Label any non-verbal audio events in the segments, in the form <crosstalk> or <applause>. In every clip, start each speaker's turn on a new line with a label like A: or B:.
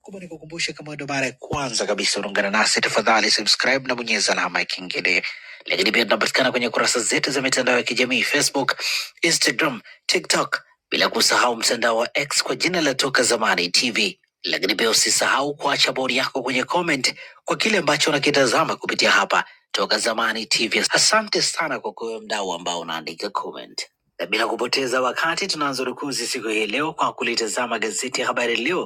A: Kubwa ni kukumbusha, kama ndo mara ya kwanza kabisa unaungana nasi, tafadhali subscribe na bonyeza alama ya kengele. Lakini pia tunapatikana kwenye kurasa zetu za mitandao ya kijamii Facebook, Instagram, TikTok, bila kusahau mtandao wa X kwa jina la Toka Zamani TV. Lakini pia usisahau kuacha bodi yako kwenye comment kwa kile ambacho unakitazama kupitia hapa Toka Zamani TV. Asante sana kwa kuwe mdau ambao unaandika comment, na bila kupoteza wakati tunaanza rukuzi siku hii leo kwa kulitazama gazeti ya Habari Leo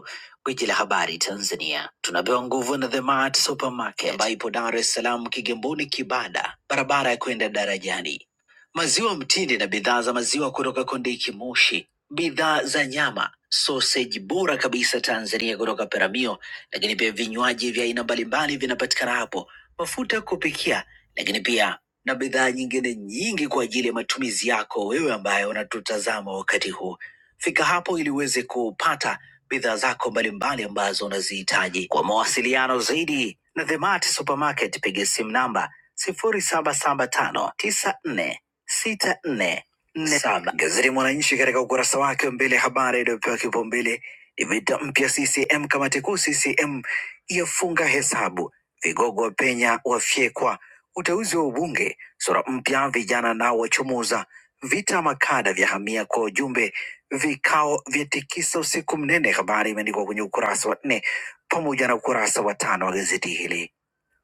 A: Gwiji la habari Tanzania tunapewa nguvu na The Mart Supermarket ambayo ipo Dar es Salaam, Kigamboni, Kibada, barabara ya kwenda darajani. Maziwa mtindi na bidhaa za maziwa kutoka Kondiki Moshi, bidhaa za nyama, soseji bora kabisa Tanzania kutoka Peramio, lakini pia vinywaji vya aina mbalimbali vinapatikana hapo, mafuta ya kupikia, lakini pia na bidhaa nyingine nyingi kwa ajili ya matumizi yako wewe ambaye unatutazama wakati huu. Fika hapo ili uweze kupata bidhaa zako mbalimbali ambazo unazihitaji. Kwa mawasiliano zaidi na The Mart Supermarket, piga simu namba sifuri saba saba tano tisa nne sita nne nne saba. Gazeti Mwananchi katika ukurasa wake wa mbele, habari iliyopewa kipaumbele ni vita mpya CCM, kamati kuu CCM yafunga hesabu, vigogo wa penya wafyekwa, uteuzi wa ubunge, sura mpya, vijana nao wachomoza, vita makada vya hamia kwa ujumbe Vikao vyatikisa usiku mnene, habari imeandikwa kwenye ukurasa wa nne pamoja na ukurasa wa tano wa gazeti hili.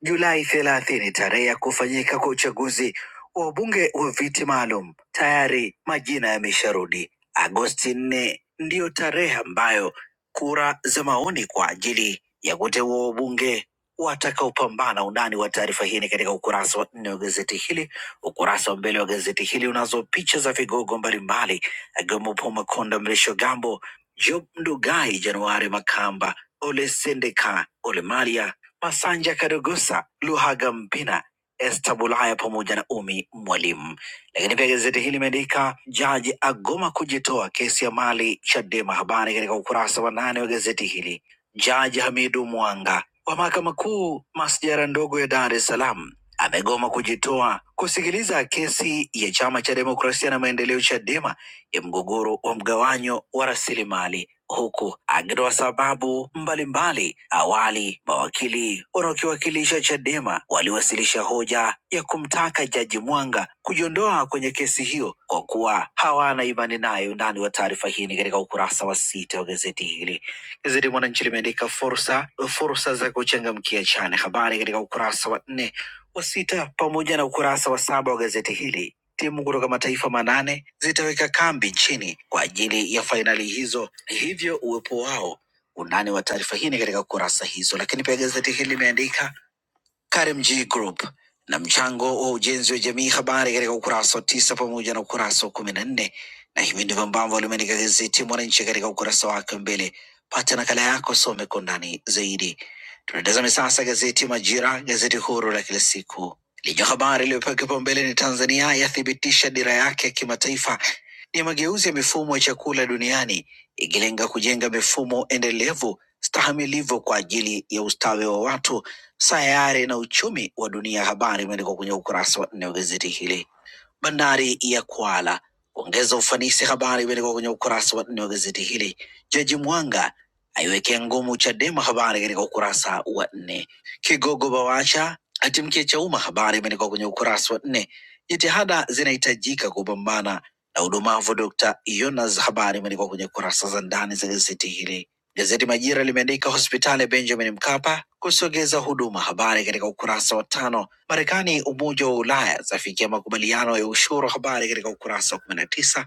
A: Julai thelathini, tarehe ya kufanyika kwa uchaguzi wa wabunge wa viti maalum. Tayari majina yamesharudi. Agosti nne ndiyo tarehe ambayo kura za maoni kwa ajili ya kuteua wabunge watakaopambana. Undani wa taarifa hii ni katika ukurasa wa nne wa gazeti hili. Ukurasa wa mbele wa gazeti hili unazo picha za vigogo mbalimbali akiwemo Paul Makonda, Mrisho Gambo, Job Ndugai, Januari Makamba, Ole Sendeka, Ole Malia Masanja Kadogosa, Luhaga Mpina, Esther Bulaya pamoja na Umi Mwalimu. Lakini pia gazeti hili limeandika jaji agoma kujitoa kesi ya mali Chadema, habari katika ukurasa wa nane wa gazeti hili. Jaji Hamidu Mwanga wa mahakama kuu masjara ndogo ya Dar es Salaam amegoma kujitoa kusikiliza kesi ya chama cha demokrasia na maendeleo Chadema ya mgogoro wa mgawanyo wa rasilimali huku akitoa sababu mbalimbali. Awali mawakili wanaokiwakilisha Chadema waliwasilisha hoja ya kumtaka Jaji Mwanga kujiondoa kwenye kesi hiyo kwa kuwa hawana imani naye. Undani wa taarifa hii ni katika ukurasa wa sita wa gazeti hili. Gazeti Mwananchi limeandika fursa fursa za kuchangamkia chane, habari katika ukurasa wa nne wa sita pamoja na ukurasa wa saba wa gazeti hili Timu kutoka mataifa manane zitaweka kambi nchini kwa ajili ya fainali hizo, hivyo uwepo wao. Undani wa taarifa hii ni katika kurasa hizo, lakini pia gazeti hili limeandika Karimjee Group na mchango wa ujenzi wa jamii, habari katika ukurasa wa tisa pamoja na ukurasa wa kumi na nne na hivi ndivyo ambavyo limeandika gazeti Mwananchi katika ukurasa wake wa mbele. Pata nakala yako, some kwa undani zaidi. Tunatazame sasa gazeti Majira, gazeti huru la kila siku lenye habari iliyopewa kipaumbele ni Tanzania yathibitisha dira yake ya kimataifa ni mageuzi ya mifumo ya chakula duniani ikilenga kujenga mifumo endelevu stahamilivu kwa ajili ya ustawi wa watu Sayari na uchumi wa dunia, habari imeandikwa kwenye ukurasa wa nne wa gazeti hili. Bandari ya Kwala kuongeza ufanisi, habari imeandikwa kwenye ukurasa wa nne wa gazeti hili. Jaji Mwanga aiwekea ngumu Chadema, habari katika ukurasa wa nne. Kigogo Bawacha atimkia Chauma, habari imeandikwa kwenye ukurasa wa nne. Jitihada zinahitajika kupambana na udumavu, Dr. Yonas, habari imeandikwa kwenye kurasa za ndani za gazeti hili. Gazeti Majira limeandika hospitali ya Benjamin Mkapa kusogeza huduma, habari katika ukurasa wa tano. Marekani, Umoja wa Ulaya zafikia makubaliano ya ushuru, habari katika ukurasa wa kumi na tisa.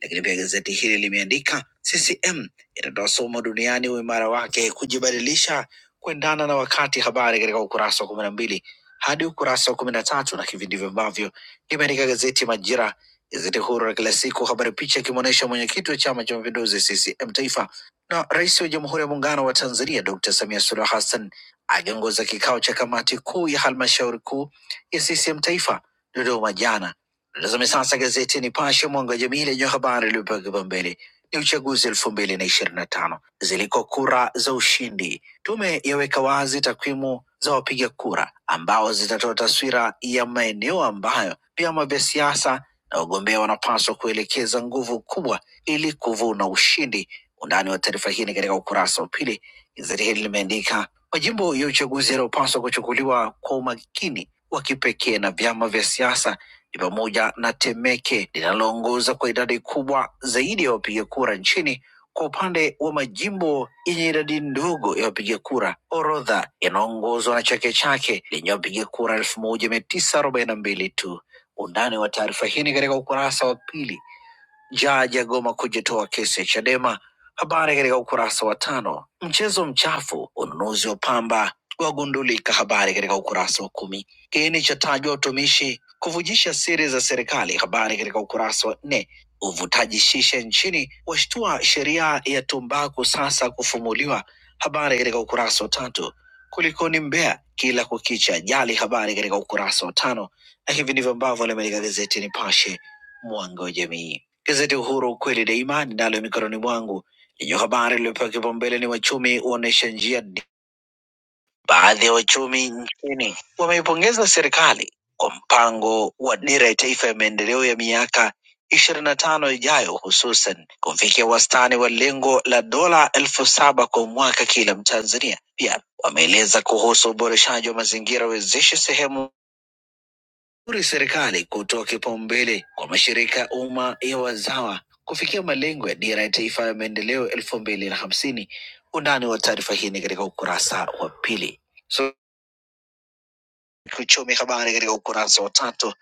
A: Lakini pia gazeti hili limeandika CCM itatoa somo duniani uimara wake kujibadilisha kuendana na wakati, habari katika ukurasa wa kumi na mbili hadi ukurasa wa kumi na tatu. Na hivi ndivyo ambavyo limeandika gazeti Majira, gazeti huru la kila siku, habari picha ikimwonyesha mwenyekiti wa Chama cha Mapinduzi CCM taifa na Rais wa Jamhuri ya Muungano wa Tanzania Dr. Samia Suluhu Hassan akiongoza kikao cha kamati kuu ya halmashauri kuu ya CCM Taifa Dodoma jana. Tazame sasa gazeti Nipashe mwanga wa jamii lenye habari iliyopewa kipaumbele ni uchaguzi elfu mbili na ishirini na tano ziliko kura za ushindi. Tume yaweka wazi takwimu za wapiga kura ambao zitatoa taswira ya maeneo ambayo vyama vya siasa na wagombea wanapaswa kuelekeza nguvu kubwa ili kuvuna ushindi Undani wa taarifa hii ni katika ukurasa wa pili. Gazeti hili limeandika majimbo ya uchaguzi yanayopaswa kuchukuliwa kwa umakini wa kipekee na vyama vya siasa ni pamoja na Temeke linaloongoza kwa idadi kubwa zaidi ya wapiga kura nchini. Kwa upande wa majimbo yenye idadi ndogo ya wapiga kura, orodha inaongozwa na Chake Chake lenye wapiga kura elfu moja mia tisa arobaini na mbili tu. Undani wa taarifa hii ni katika ukurasa wa pili. Jaji agoma kujitoa kesi ya Chadema. Habari katika ukurasa wa tano. Mchezo mchafu, ununuzi wa pamba wagundulika. Habari katika ukurasa wa kumi. Kiini cha tajwa utumishi kuvujisha siri za serikali. Habari katika ukurasa wa nne. Uvutaji shisha nchini washtua, sheria ya tumbaku sasa kufumuliwa. Habari katika ukurasa wa tatu. Kulikoni Mbeya, kila kukicha ajali. Habari katika ukurasa wa tano, na hivi ndivyo ambavyo limeandika gazeti Nipashe, mwanga wa jamii. Gazeti Uhuru kweli daima ninalo mikononi mwangu lenye habari iliyopewa kipaumbele ni wachumi huonesha njia. ndi- Baadhi ya wachumi nchini wameipongeza serikali kwa mpango wa dira ya taifa ya maendeleo ya miaka ishirini na tano ijayo, hususan kufikia wastani wa lengo la dola elfu saba kwa mwaka kila Mtanzania. Pia wameeleza kuhusu uboreshaji wa mazingira wezeshi sehemu uri serikali kutoa kipaumbele kwa mashirika ya umma ya wazawa kufikia malengo ya dira ya taifa ya maendeleo elfu mbili na hamsini. Undani wa taarifa hii ni katika ukurasa wa pili. So Kiuchumi. Habari katika ukurasa wa tatu.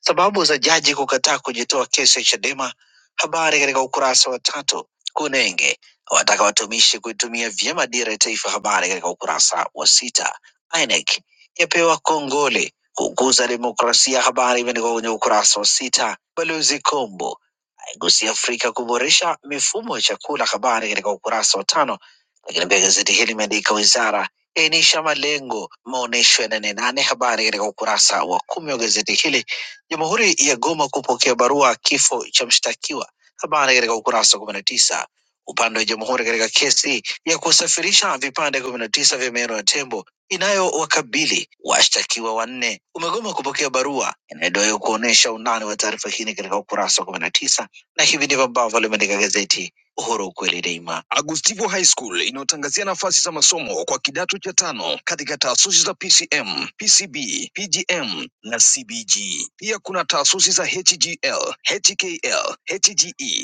A: Sababu za jaji kukataa kujitoa kesi ya Chadema. Habari katika ukurasa wa tatu. Kunenge wataka watumishi kuitumia vyema dira ya taifa. Habari katika ukurasa wa sita. INEC yapewa kongole kukuza demokrasia. Habari imeandikwa kwenye ukurasa wa sita. Balozi Kombo aigusia Afrika kuboresha mifumo ya chakula, habari katika ukurasa wa tano. Lakini pia gazeti hili limeandika wizara yaainisha malengo maonyesho ya nane nane, habari katika ukurasa wa kumi wa gazeti hili. Jamhuri ya Goma kupokea barua kifo cha mshtakiwa, habari katika ukurasa wa kumi na tisa. Upande wa jamhuri katika kesi ya kusafirisha vipande kumi na tisa vya meno ya tembo inayowakabili washtakiwa wanne umegoma kupokea barua inayodaiwa kuonyesha undani wa taarifa hii ni katika ukurasa wa 19 na hivi ndivyo ambavyo limeandika gazeti Uhuru ukweli daima. Agu High School nafasi za masomo kwa kidano KADM, PCB, PGM na CG, PPL, HTL, HGE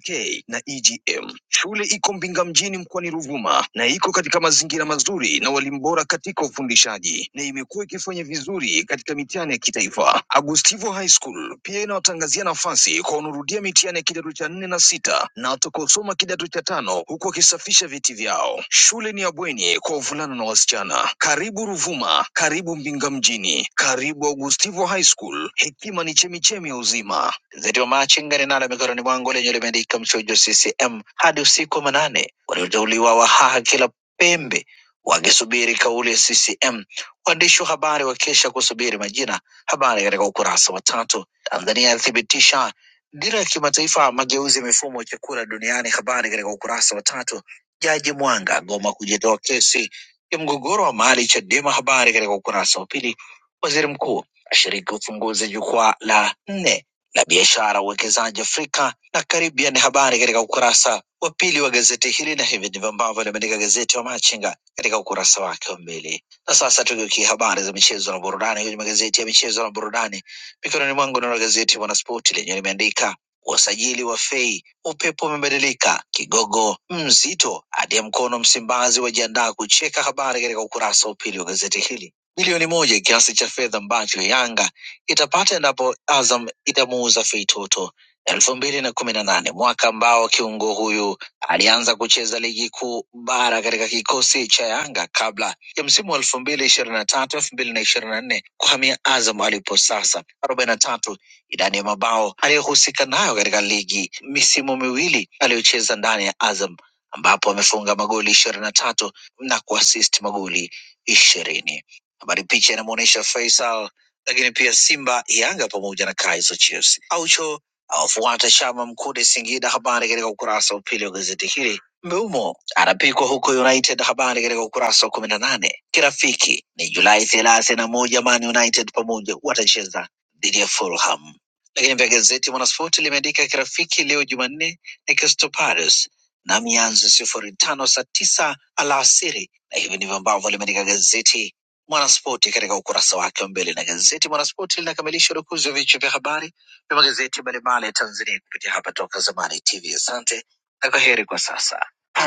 A: GK na EGM. Shule iko Mbinga mjini mkoani Ruvuma na iko katika mazingira mazuri na walimu bora katika ufundishaji na imekuwa ikifanya vizuri katika mitihani ya kitaifa. Agustivo High School pia inawatangazia nafasi kwa wanaorudia mitihani ya kidato cha nne na sita na watakaosoma kidato cha tano huku wakisafisha viti vyao. Shule ni ya bweni kwa wavulana na wasichana. Karibu Ruvuma, karibu Mbinga mjini, karibu Agustivo High School. Hekima ni chemichemi ya uzima. Gazeti wa Machinga ninalo mikononi mwangu lenye limeandika mchujo CCM hadi usiku wa manane, walioteuliwa wahaha kila pembe wakisubiri kauli ya CCM. Waandishi wa habari wakesha kusubiri majina. Habari katika ukurasa wa tatu. Tanzania yathibitisha dira ya kimataifa mageuzi ya mifumo ya chakula duniani. Habari katika ukurasa wa tatu. Jaji Mwanga agoma kujitoa kesi ya mgogoro wa mali Chadema. Habari katika ukurasa wa pili. Waziri mkuu ashiriki ufunguzi jukwaa la nne la biashara, uwekezaji Afrika na Caribbean. Habari katika ukurasa wa pili wa gazeti hili, na hivi ndivyo ambavyo limeandika gazeti wa Machinga katika ukurasa wake wa mbele. Na sasa tugeukie habari za michezo na burudani kwenye magazeti ya michezo na burudani. Mikononi mwangu nalo gazeti Mwanaspoti lenyewe limeandika wasajili wa fei, upepo umebadilika, kigogo mzito hadi ya mkono Msimbazi wajiandaa kucheka. Habari katika ukurasa wa pili wa gazeti hili. Milioni moja kiasi cha fedha ambacho Yanga itapata endapo Azam itamuuza Feitoto elfu mbili na kumi na nane, mwaka ambao kiungo huyu alianza kucheza ligi kuu bara katika kikosi cha Yanga kabla ya msimu wa elfu mbili ishirini na tatu elfu mbili na ishirini na nne kuhamia Azam alipo sasa, arobaini na tatu idadi ya mabao aliyohusika nayo katika ligi misimu miwili aliyocheza ndani ya Azam ambapo amefunga magoli ishirini na tatu na kuasisti magoli ishirini. Habari picha inamwonyesha Faisal lakini pia Simba, Yanga pamoja na Kaizer Chiefs. Aucho awafuata Chama Mkude Singida, habari katika ukurasa wa pili wa gazeti hili. Mbeumo anapikwa huko United, habari katika ukurasa wa kumi na nane. Kirafiki ni Julai thelathini na moja, Man United pamoja watacheza dhidi ya Fulham. Lakini pia gazeti Mwanaspoti limeandika kirafiki leo Jumanne ni Crystal Palace na mianzo sifuri tano saa tisa alasiri, na hivi ndivyo ambavyo limeandika gazeti Mwanaspoti katika ukurasa wake wa mbele na gazeti Mwanaspoti linakamilisha urukuzi wa vichwa vya habari vya magazeti mbalimbali ya Tanzania kupitia hapa Toka Zamani TV. Asante na kwa heri kwa sasa.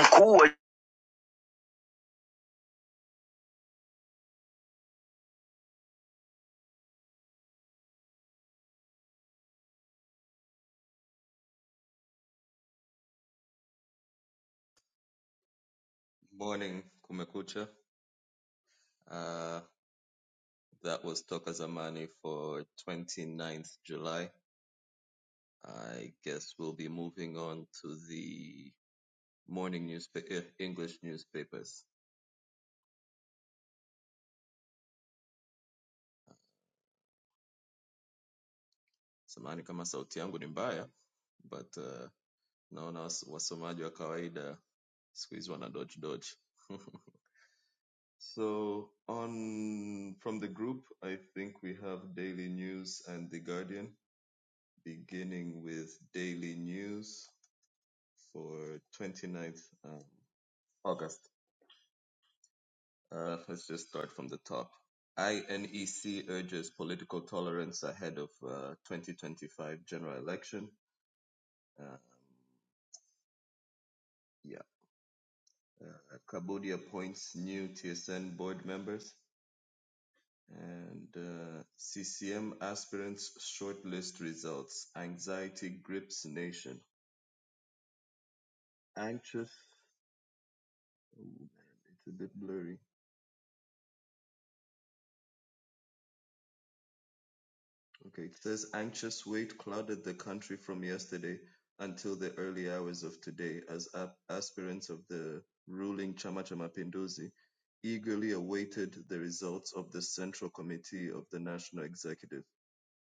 A: Mkuu wa
B: Morning, Kumekucha. Uh, that was Toka Zamani for 29th July. I guess we'll be moving on to the morning newspaper, English newspapers. Samani kama sauti yangu ni mbaya, but uh, naona was- wasomaji wa kawaida siku hizi wana dodge dodge. <laughs> So on from the group, I think we have Daily News and The Guardian, beginning with Daily News. for 29th um, August. Uh, let's just start from the top. INEC urges political tolerance ahead of uh, 2025 general election. Uh, yeah. Uh, Cambodia appoints new TSN board members. And uh, CCM aspirants shortlist results. Anxiety grips nation. Anxious. Oh man, it's a bit blurry Okay, it says anxious wait clouded the country from yesterday until the early hours of today as ap- aspirants of the ruling Chama cha Mapinduzi eagerly awaited the results of the Central Committee of the National Executive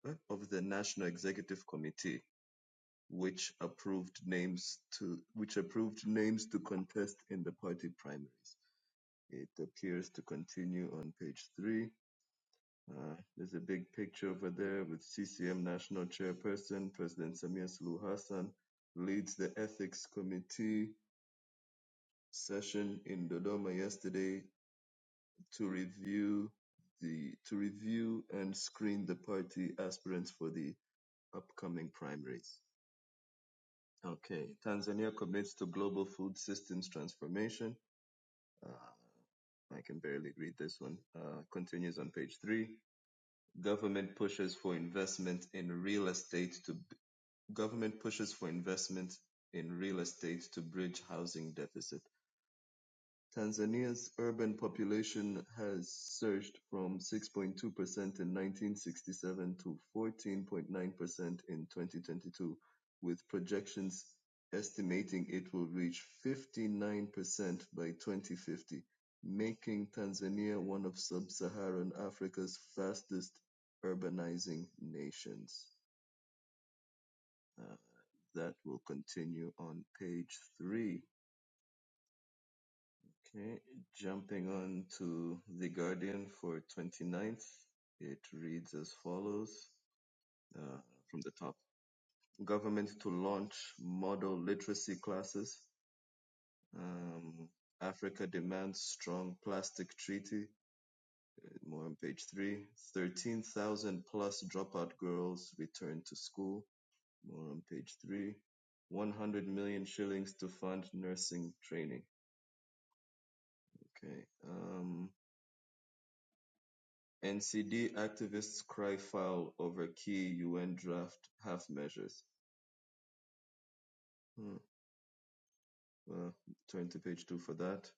B: eh, of the National Executive Committee which approved names to which approved names to contest in the party primaries. It appears to continue on page 3. Uh, there's a big picture over there with CCM National Chairperson, President Samia Suluhu Hassan, leads the Ethics Committee session in Dodoma yesterday to review the to review and screen the party aspirants for the upcoming primaries. Okay, Tanzania commits to global food systems transformation. I can barely read this one. Uh, continues on page three. Government pushes for investment in real estate to Government pushes for investment in real estate to bridge housing deficit. Tanzania's urban population has surged from 6.2% in 1967 to 14.9% in 2022, with projections estimating it will reach 59% by 2050, making Tanzania one of sub-Saharan Africa's fastest urbanizing nations. That will continue on page three. Okay, jumping on to The Guardian for 29th, it reads as follows uh, from the top Government to launch model literacy classes. Um, Africa demands strong plastic treaty. More on page three. 13,000 plus dropout girls return to school. More on page three. 100 million shillings to fund nursing training Okay. Um, NCD activists cry foul over key UN draft half measures. Hmm, Well, turn to page two for that.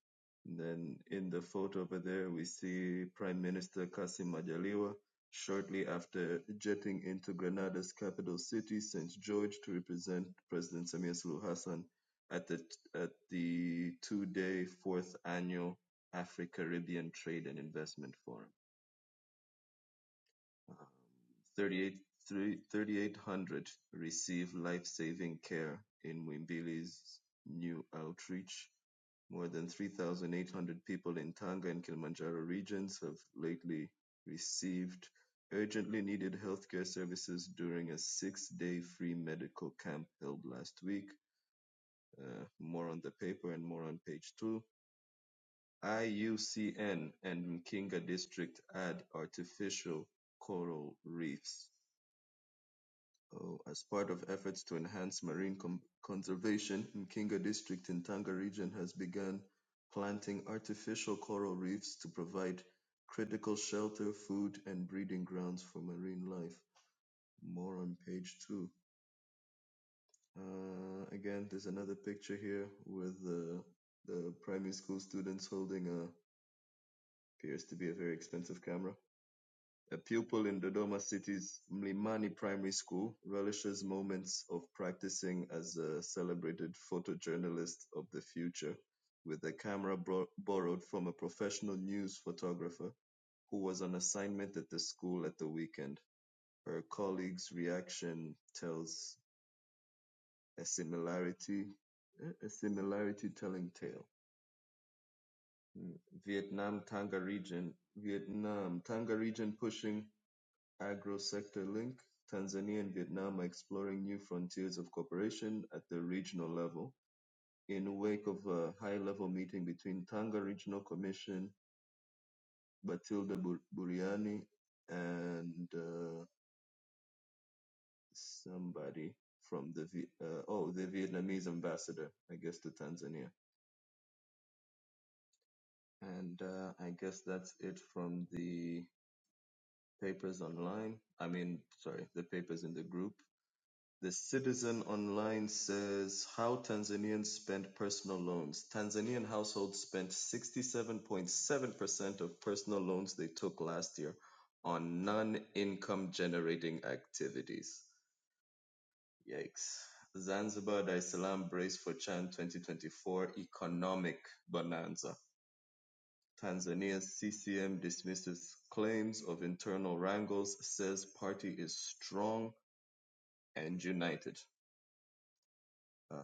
B: And then in the photo over there, we see Prime Minister Kasim Majaliwa shortly after jetting into Grenada's capital city, St. George, to represent President Samir Sulu Hassan at the, at the two day fourth annual Afro Caribbean Trade and Investment Forum. 3,800 receive life-saving care in Mwimbili's new outreach. More than 3,800 people in Tanga and Kilimanjaro regions have lately received urgently needed healthcare services during a six-day free medical camp held last week. Uh, more on the paper and more on page two. IUCN and Mkinga District add artificial coral reefs. Oh, as part of efforts to enhance marine com- conservation, Mkinga District in Tanga Region has begun planting artificial coral reefs to provide critical shelter, food, and breeding grounds for marine life. More on page two. Uh, again, there's another picture here with the, the primary school students holding a appears to be a very expensive camera. A pupil in Dodoma City's Mlimani Primary School, relishes moments of practicing as a celebrated photojournalist of the future with a camera bro- borrowed from a professional news photographer who was on assignment at the school at the weekend. Her colleague's reaction tells a similarity, a similarity telling tale. Vietnam Tanga region, Vietnam Tanga region pushing Agro-sector-link, Tanzania and Vietnam are exploring new frontiers of cooperation at the regional level. In wake of a high-level meeting between Tanga Regional Commission, Batilda Buriani, and uh, somebody from the Vi- uh, oh the Vietnamese ambassador, I guess, to Tanzania. And uh, I guess that's it from the papers online. I mean, sorry, the papers in the group. The Citizen Online says how Tanzanians spend personal loans. Tanzanian households spent 67.7% of personal loans they took last year on non-income generating activities. Yikes. Zanzibar, Dar es Salaam brace for Chan 2024 economic bonanza. Tanzania's CCM dismisses claims of internal wrangles, says party is strong and united. Uh,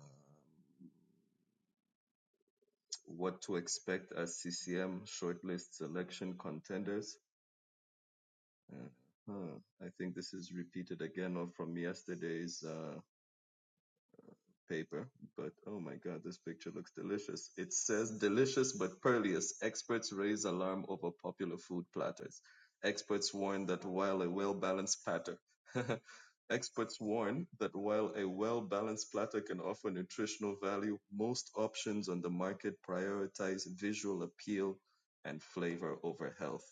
B: what to expect as CCM shortlist selection contenders. Uh, huh. I think this is repeated again from yesterday's uh, paper, but oh my god, this picture looks delicious. It says delicious but pearlious. Experts raise alarm over popular food platters. Experts warn that while a well-balanced platter <laughs> Experts warn that while a well-balanced platter can offer nutritional value, most options on the market prioritize visual appeal and flavor over health.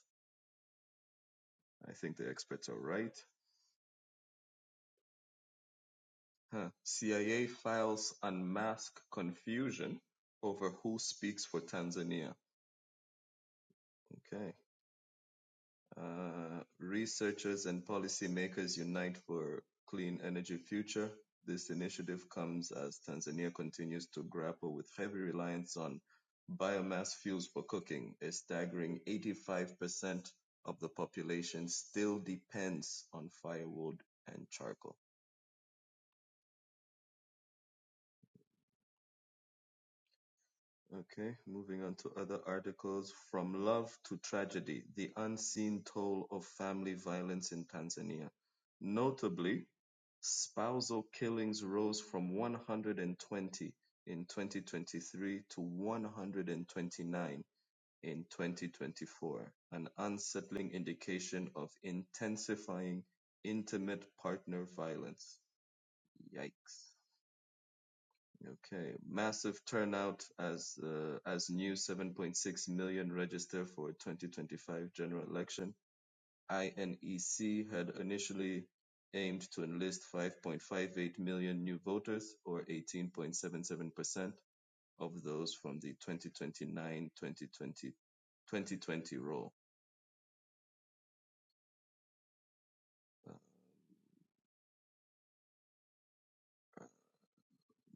B: I think the experts are right. CIA files unmask confusion over who speaks for Tanzania. Okay. Uh, researchers and policymakers unite for clean energy future. This initiative comes as Tanzania continues to grapple with heavy reliance on biomass fuels for cooking. A staggering 85% of the population still depends on firewood and charcoal. Okay, moving on to other articles. From Love to Tragedy The Unseen Toll of Family Violence in Tanzania. Notably, spousal killings rose from 120 in 2023 to 129 in 2024, an unsettling indication of intensifying intimate partner violence. Yikes. Okay, massive turnout as uh, as new 7.6 million register for 2025 general election. INEC had initially aimed to enlist 5.58 million new voters, or 18.77% of those from the 2029-2020 2020 roll.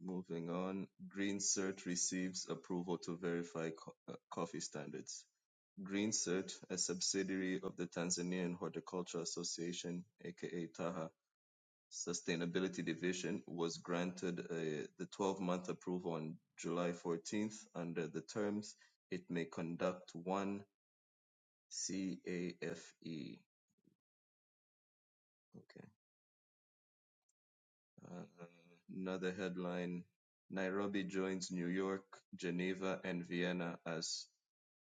B: Moving on, Green Cert receives approval to verify co- uh, coffee standards. Greensert, a subsidiary of the Tanzanian Horticulture Association aka Taha Sustainability Division, was granted a- the 12-month approval on July 14th. Under the terms, it may conduct one CAFE. Okay. Uh, Another headline, Nairobi joins New York, Geneva, and Vienna as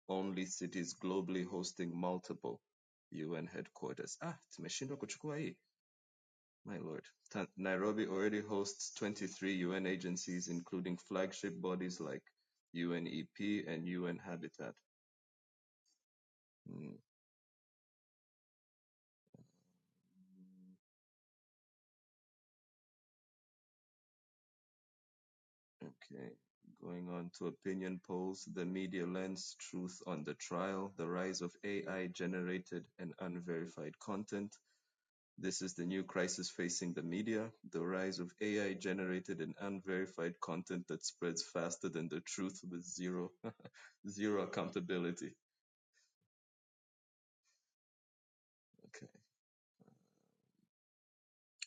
B: only cities globally hosting multiple UN headquarters. Ah, tumeshindwa kuchukua hii. My lord, Nairobi already hosts 23 UN agencies, including flagship bodies like UNEP and UN Habitat. Mm, okay, going on to opinion polls, the media lens, truth on the trial, the rise of AI generated and unverified content. This is the new crisis facing the media, the rise of AI generated and unverified content that spreads faster than the truth with zero, <laughs> zero accountability. Okay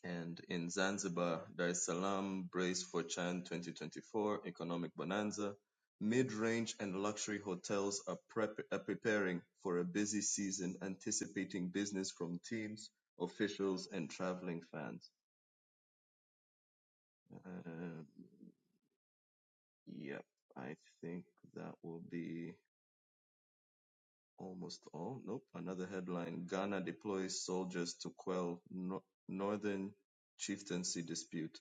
B: And in Zanzibar, Dar es Salaam braced for Chan 2024 economic bonanza. Mid-range and luxury hotels are, prep- are preparing for a busy season, anticipating business from teams, officials, and traveling fans. Uh, yep, I think that will be almost all. Nope, another headline: Ghana deploys soldiers to quell no- northern chieftaincy dispute.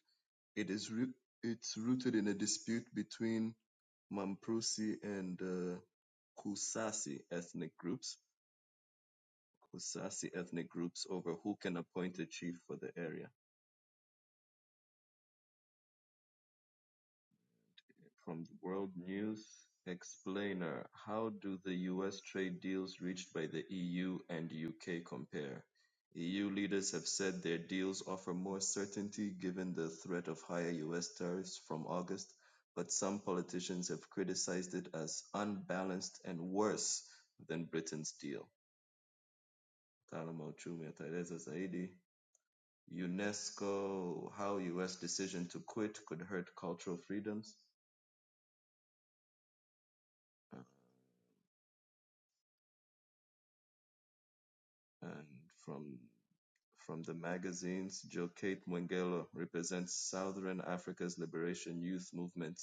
B: It is roo- it's rooted in a dispute between Mamprasi and uh, Kusasi ethnic groups, Kusasi ethnic groups over who can appoint a chief for the area. From the World News Explainer: How do the US trade deals reached by the EU and UK compare? EU leaders have said their deals offer more certainty given the threat of higher US tariffs from August, but some politicians have criticized it as unbalanced and worse than Britain's deal. Mtaalamu wa uchumi ataeleza zaidi. UNESCO, how US decision to quit could hurt cultural freedoms. And from From the magazines, Jokate Mwegelo represents Southern Africa's liberation youth movement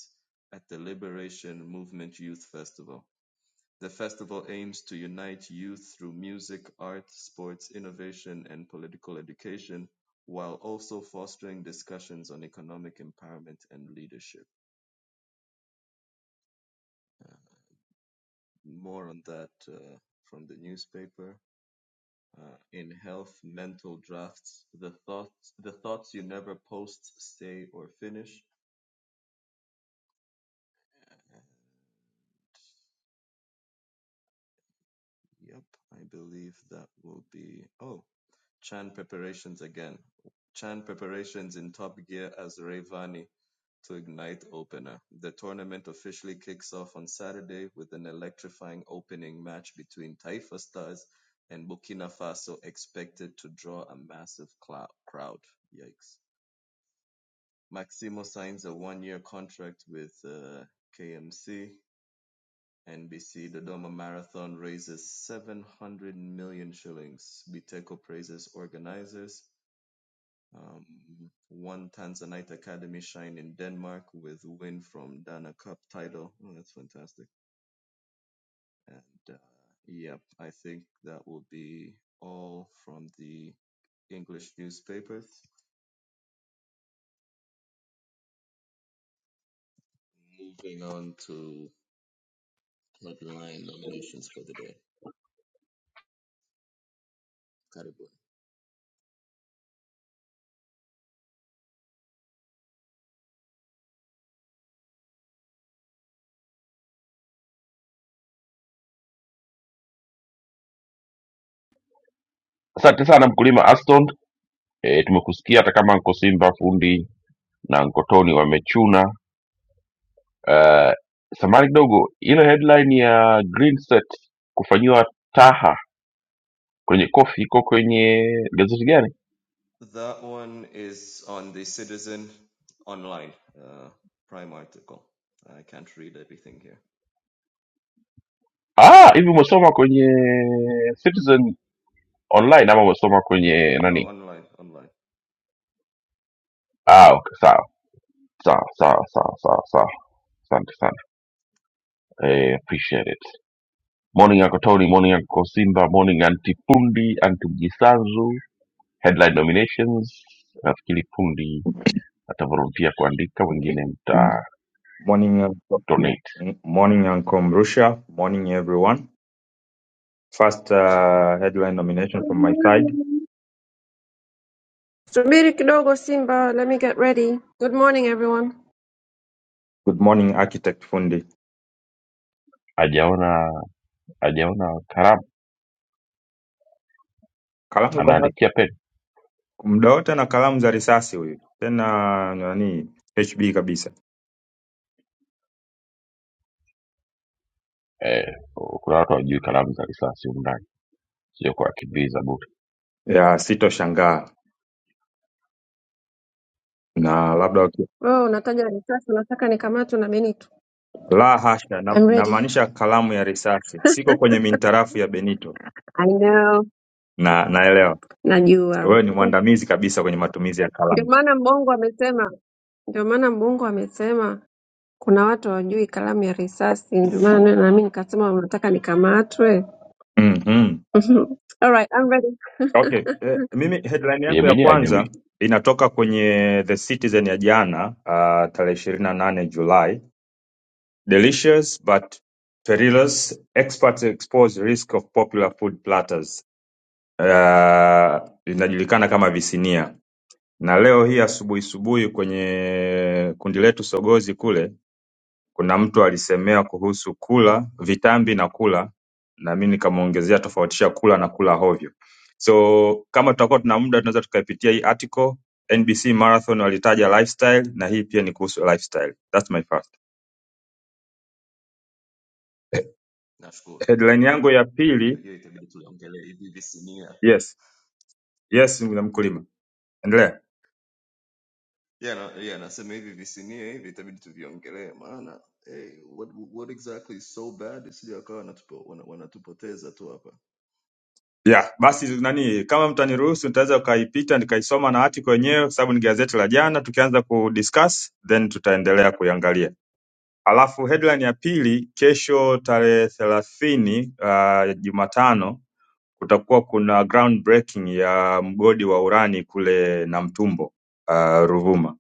B: at the Liberation Movement Youth Festival. The festival aims to unite youth through music, art, sports, innovation, and political education, while also fostering discussions on economic empowerment and leadership. More on that uh, from the newspaper. Uh, in health, mental drafts, the thoughts, the thoughts you never post, say, or finish, Yep, I believe that will be. Oh, Chan preparations again. Chan preparations in top gear as Rayvani to ignite opener. The tournament officially kicks off on Saturday with an electrifying opening match between Taifa Stars and Burkina Faso, expected to draw a massive clou- crowd. Yikes. Maximo signs a one year contract with uh, KMC. NBC The Dodoma Marathon raises 700 million shillings. Biteko praises organizers. Um, one Tanzanite Academy shine in Denmark with win from Dana Cup title. Oh, that's fantastic. And uh, yep, I think that will be all from the English newspapers. Moving on to headline nominations for the day. Karibu.
A: Asante sana mkulima Aston. E, tumekusikia hata kama nko Simba fundi na nko Tony wamechuna. Uh, samani kidogo, ile headline ya Greenset kufanyiwa taha kwenye kofi iko kwenye gazeti gani?
B: That one is on the Citizen online, uh, Prime article. I can't read everything here.
A: Ah, hivi umesoma kwenye Citizen online ama umesoma kwenye
B: No,
A: nani?
B: online, online.
A: Ah, okay, sawa sawa sawa sawa sawa sawa. Asante sana eh, appreciate it. Morning yako Tony, morning yako Simba, morning anti Pundi, anti Mjisanzu. Headline nominations nafikiri Pundi atavolunteer kuandika, wengine
C: M-
A: mta
C: Morning, Uncle-
A: donate.
C: m- morning, Uncle Mrusha. Morning, everyone. First uh, headline nomination from my side.
D: Subiri kidogo Simba, let me get ready. Good morning everyone.
C: Good morning, Architect Fundi.
A: Hajaona hajaona kalamu,
C: Kalamu kwa na-
A: anaandikia pen
C: muda wote na kalamu za risasi huyu, tena nani HB kabisa.
A: eh, kuna watu hawajui kalamu za risasi humu ndani, sio kuwakimbiza
C: Ya sitoshangaa na labda waki-
D: Wewe unataja risasi, unataka nikamatwe na Benito.
C: la hasha, na-
D: I'm ready.
C: namaanisha kalamu ya risasi. Siko kwenye mintarafu ya Benito
D: I know.
C: na naelewa
D: Najua.
C: wewe ni mwandamizi kabisa kwenye matumizi ya
D: Ndio
C: kalamu.
D: maana Mbongo amesema, ndio maana Mbongo amesema kuna watu hawajui kalamu ya risasi, ndio maana na mimi nikasema unataka nikamatwe. <laughs>
C: Mhm.
D: Mhm. All right, I'm ready.
C: Okay. Eh, mimi headline
A: yeye
C: yangu ya
A: mwenyewe
C: kwanza
A: hajui
C: inatoka kwenye The Citizen ya jana uh, tarehe ishirini na nane Julai. Delicious but perilous, experts expose risk of popular food platters. Uh, inajulikana kama visinia. Na leo hii asubuhi subuhi kwenye kundi letu Sogozi kule kuna mtu alisemea kuhusu kula vitambi na kula na mimi nikamwongezea tofautisha kula na kula hovyo. So kama tutakuwa tuna muda tunaweza tukaipitia hii article NBC Marathon walitaja lifestyle na hii pia ni kuhusu lifestyle. That's my first.
B: Nashkuru.
C: Headline yangu ya
B: Yeah, hiyo
C: pili,
B: hiyo itabidi tuliongelee hivi hivi sinia.
C: yes. Yes, na mkulima. Endelea.
B: Yeah, na, yeah, nasema hivi hivi sinia hivi itabidi tuviongelee maana hey, what what exactly is so bad isije akawa wanatupo, wana, wanatupoteza tu hapa.
C: Yeah, basi nani kama mtaniruhusu nitaweza ukaipita nikaisoma na article yenyewe kwa sababu ni gazeti la jana tukianza kudiscuss then tutaendelea kuiangalia. Alafu headline ya pili, kesho tarehe thelathini uh, Jumatano kutakuwa kuna ground breaking ya mgodi wa urani kule Namtumbo uh, Ruvuma.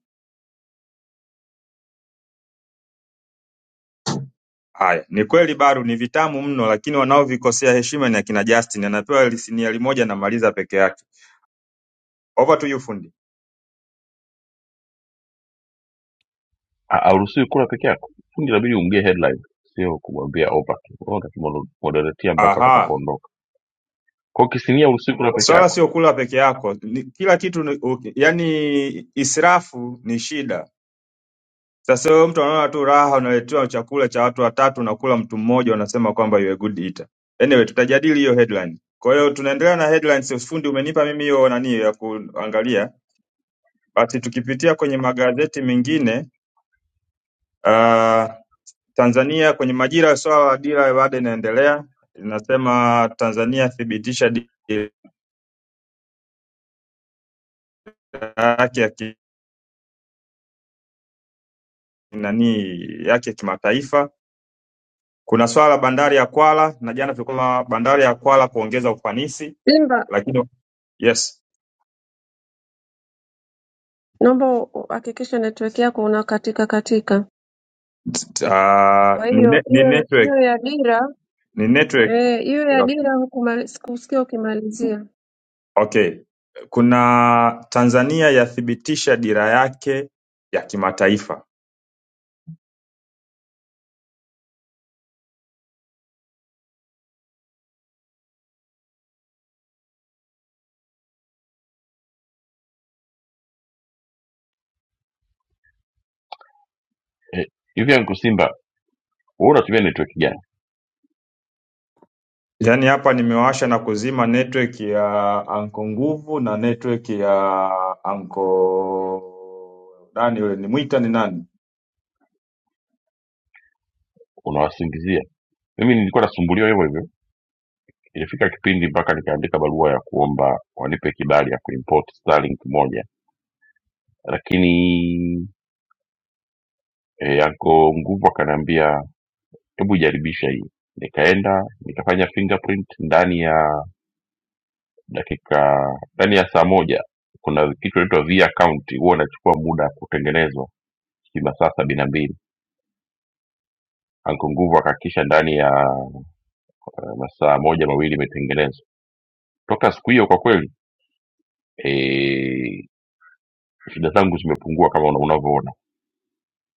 C: Haya, ni kweli Baru ni vitamu mno, lakini wanaovikosea heshima ni akina Justin, anapewa siniali moja namaliza peke yake. Over to you fundi.
A: hauruhusiwi kula peke yako fundi inabidi umgie headline sio kumwambia overkill wewe utamoderetia mpaka
C: Aha,
A: utakapoondoka kwa hiyo kisinia hauruhusiwi kula peke
C: swala
A: yako
C: sio kula peke yako, ni, kila kitu ni, okay. yani israfu ni shida Sasa wewe mtu anaona tu raha unaletewa chakula cha watu watatu unakula mtu mmoja unasema kwamba you are a good eater. Anyway, tutajadili hiyo headline. Kwa hiyo tunaendelea na headlines fundi umenipa mimi hiyo nani ya kuangalia. Basi tukipitia kwenye magazeti mengine uh, Tanzania kwenye Majira swala la dira bado inaendelea. Inasema Tanzania thibitisha dira yake ya ki- nani yake ya kimataifa. Kuna swala la bandari ya Kwala na jana tulikuwa na bandari ya Kwala kuongeza ufanisi
D: Simba,
C: lakini Yes.
D: naomba uhakikishe network yako unakatika katika.
C: T- Uh,
D: Kwa
C: ni,
D: hiyo
C: ne- ni
D: hiyo
C: network
D: hiyo ya dira
C: ni network.
D: Eh, hiyo ya dira hukuma- sikusikia ukimalizia.
C: Okay. Kuna Tanzania yathibitisha dira yake ya kimataifa.
A: Eh, hivi eh, simba wewe unatumia network gani
C: Yaani hapa nimewasha na kuzima network ya Anko Nguvu na network ya Anko nani yule nimwita ni nani?
A: unawasingizia mimi nilikuwa nasumbuliwa hivyo hivyo ilifika kipindi mpaka nikaandika barua ya kuomba wanipe kibali ya kuimport starlink moja lakini eh, anko nguvu akaniambia hebu jaribisha hii nikaenda nikafanya fingerprint ndani ya dakika ndani ya saa moja kuna kitu inaitwa v account huwa unachukua muda kutengenezwa si masaa sabini na mbili anko nguvu akahakikisha ndani ya eh, masaa moja mawili imetengenezwa toka siku hiyo kwa kweli eh, shida zangu zimepungua kama una- unavyoona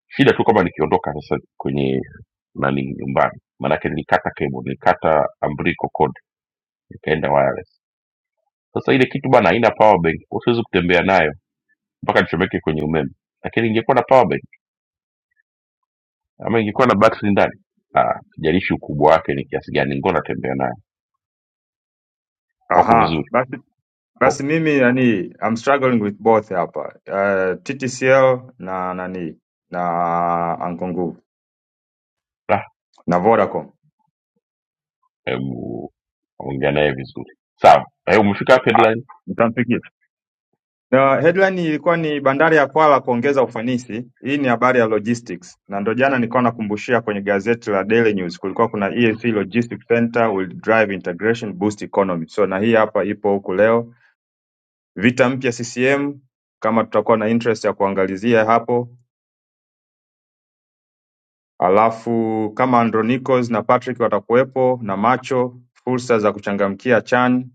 A: shida tu kama nikiondoka sasa kwenye nani nyumbani maanake nilikata cable nilikata ambriko cord ikaenda wireless sasa ile kitu bana haina power bank usiwezi kutembea nayo mpaka nichomeke kwenye umeme lakini ingekuwa na power bank ama ingekuwa na battery ndani ah, sijalishi ukubwa wake ni kiasi gani ngona natembea nayo wako
C: Aha,
A: vizuri
C: basi
A: oh,
C: basi mimi yani I'm struggling with both hapa. Uh, TTCL na nani na Anko Nguvu
A: ah,
C: na Vodacom.
A: hebu ongea naye vizuri sawa na hiyo umefika hapo headline
C: Ah, Na headline ilikuwa ni bandari ya Kwala kuongeza ufanisi. Hii ni habari ya logistics, na ndo jana nilikuwa nakumbushia kwenye gazeti la Daily News kulikuwa kuna EAC Logistics Center will drive integration boost economy. So na hii hapa ipo huku leo, vita mpya CCM, kama tutakuwa na interest ya kuangalizia hapo, alafu kama Andronicos na Patrick watakuwepo na macho, fursa za kuchangamkia CHAN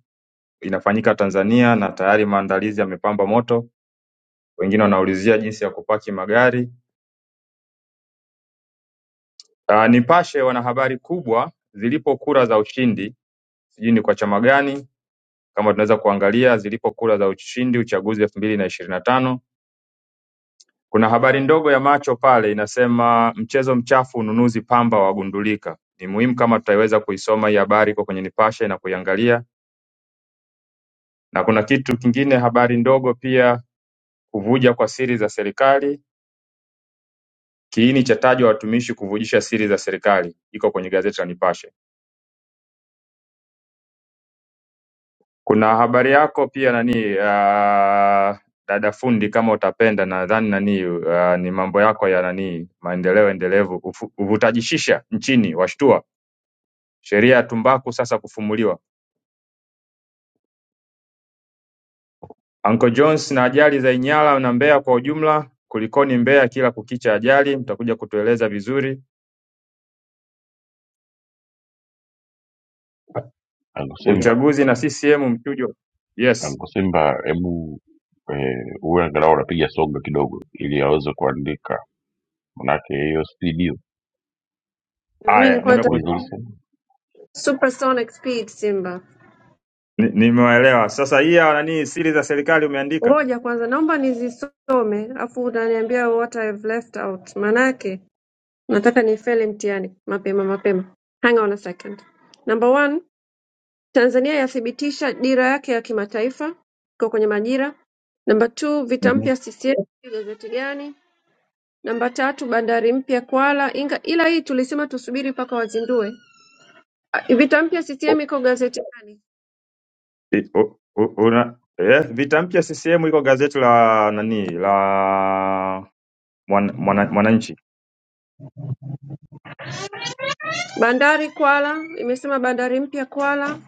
C: inafanyika Tanzania na tayari maandalizi yamepamba moto, wengine wanaulizia jinsi ya kupaki magari Ah, Nipashe wana habari kubwa zilipo kura za ushindi, sijui ni kwa chama gani, kama tunaweza kuangalia zilipo kura za ushindi uchaguzi elfu mbili na ishirini na tano. Kuna habari ndogo ya macho pale inasema mchezo mchafu ununuzi pamba wagundulika. Ni muhimu kama tutaiweza kuisoma hii habari iko kwenye Nipashe na kuiangalia, na kuna kitu kingine, habari ndogo pia, kuvuja kwa siri za serikali, kiini cha tajwa watumishi kuvujisha siri za serikali, iko kwenye gazeti la Nipashe. Kuna habari yako pia nani uh, dada fundi kama utapenda nadhani nani uh, ni mambo yako ya nani maendeleo endelevu ufu- uvutaji shisha nchini washtua sheria ya tumbaku sasa kufumuliwa. Uncle Jones na ajali za Inyala na Mbeya kwa ujumla kulikoni Mbeya kila kukicha ajali mtakuja kutueleza vizuri.
A: angu simba
C: Uchaguzi na CCM mchujo. Yes.
A: Anko Simba, hebu eh, uwe angalau unapiga soga kidogo, ili aweze kuandika, manake hiyo studio
D: Na mimi
C: Haya
D: nilikuwa nata
C: nimeku
A: atakuuliza usi
D: supersonic speed Simba.
C: ni- nimewaelewa. Sasa hii ya nani siri za serikali umeandika?
D: Ngoja kwanza, naomba nizisome afu utaniambia what I've left out. Manake nataka nifeli mtihani mapema mapema. Hang on a second. Number one, Tanzania yathibitisha dira yake ya kimataifa iko kwenye majira. Number two, vita
C: Mhm.
D: mpya CCM gazeti gani? Namba tatu, bandari mpya Kwala. Inga, ila hii tulisema tusubiri mpaka wazindue. Vita mpya CCM iko gazeti gani?
C: Vi- u- u- una- eh, Vita mpya CCM iko gazeti la nani la Mwan- Mwana- Mwananchi.
D: Bandari Kwala imesema bandari mpya Kwala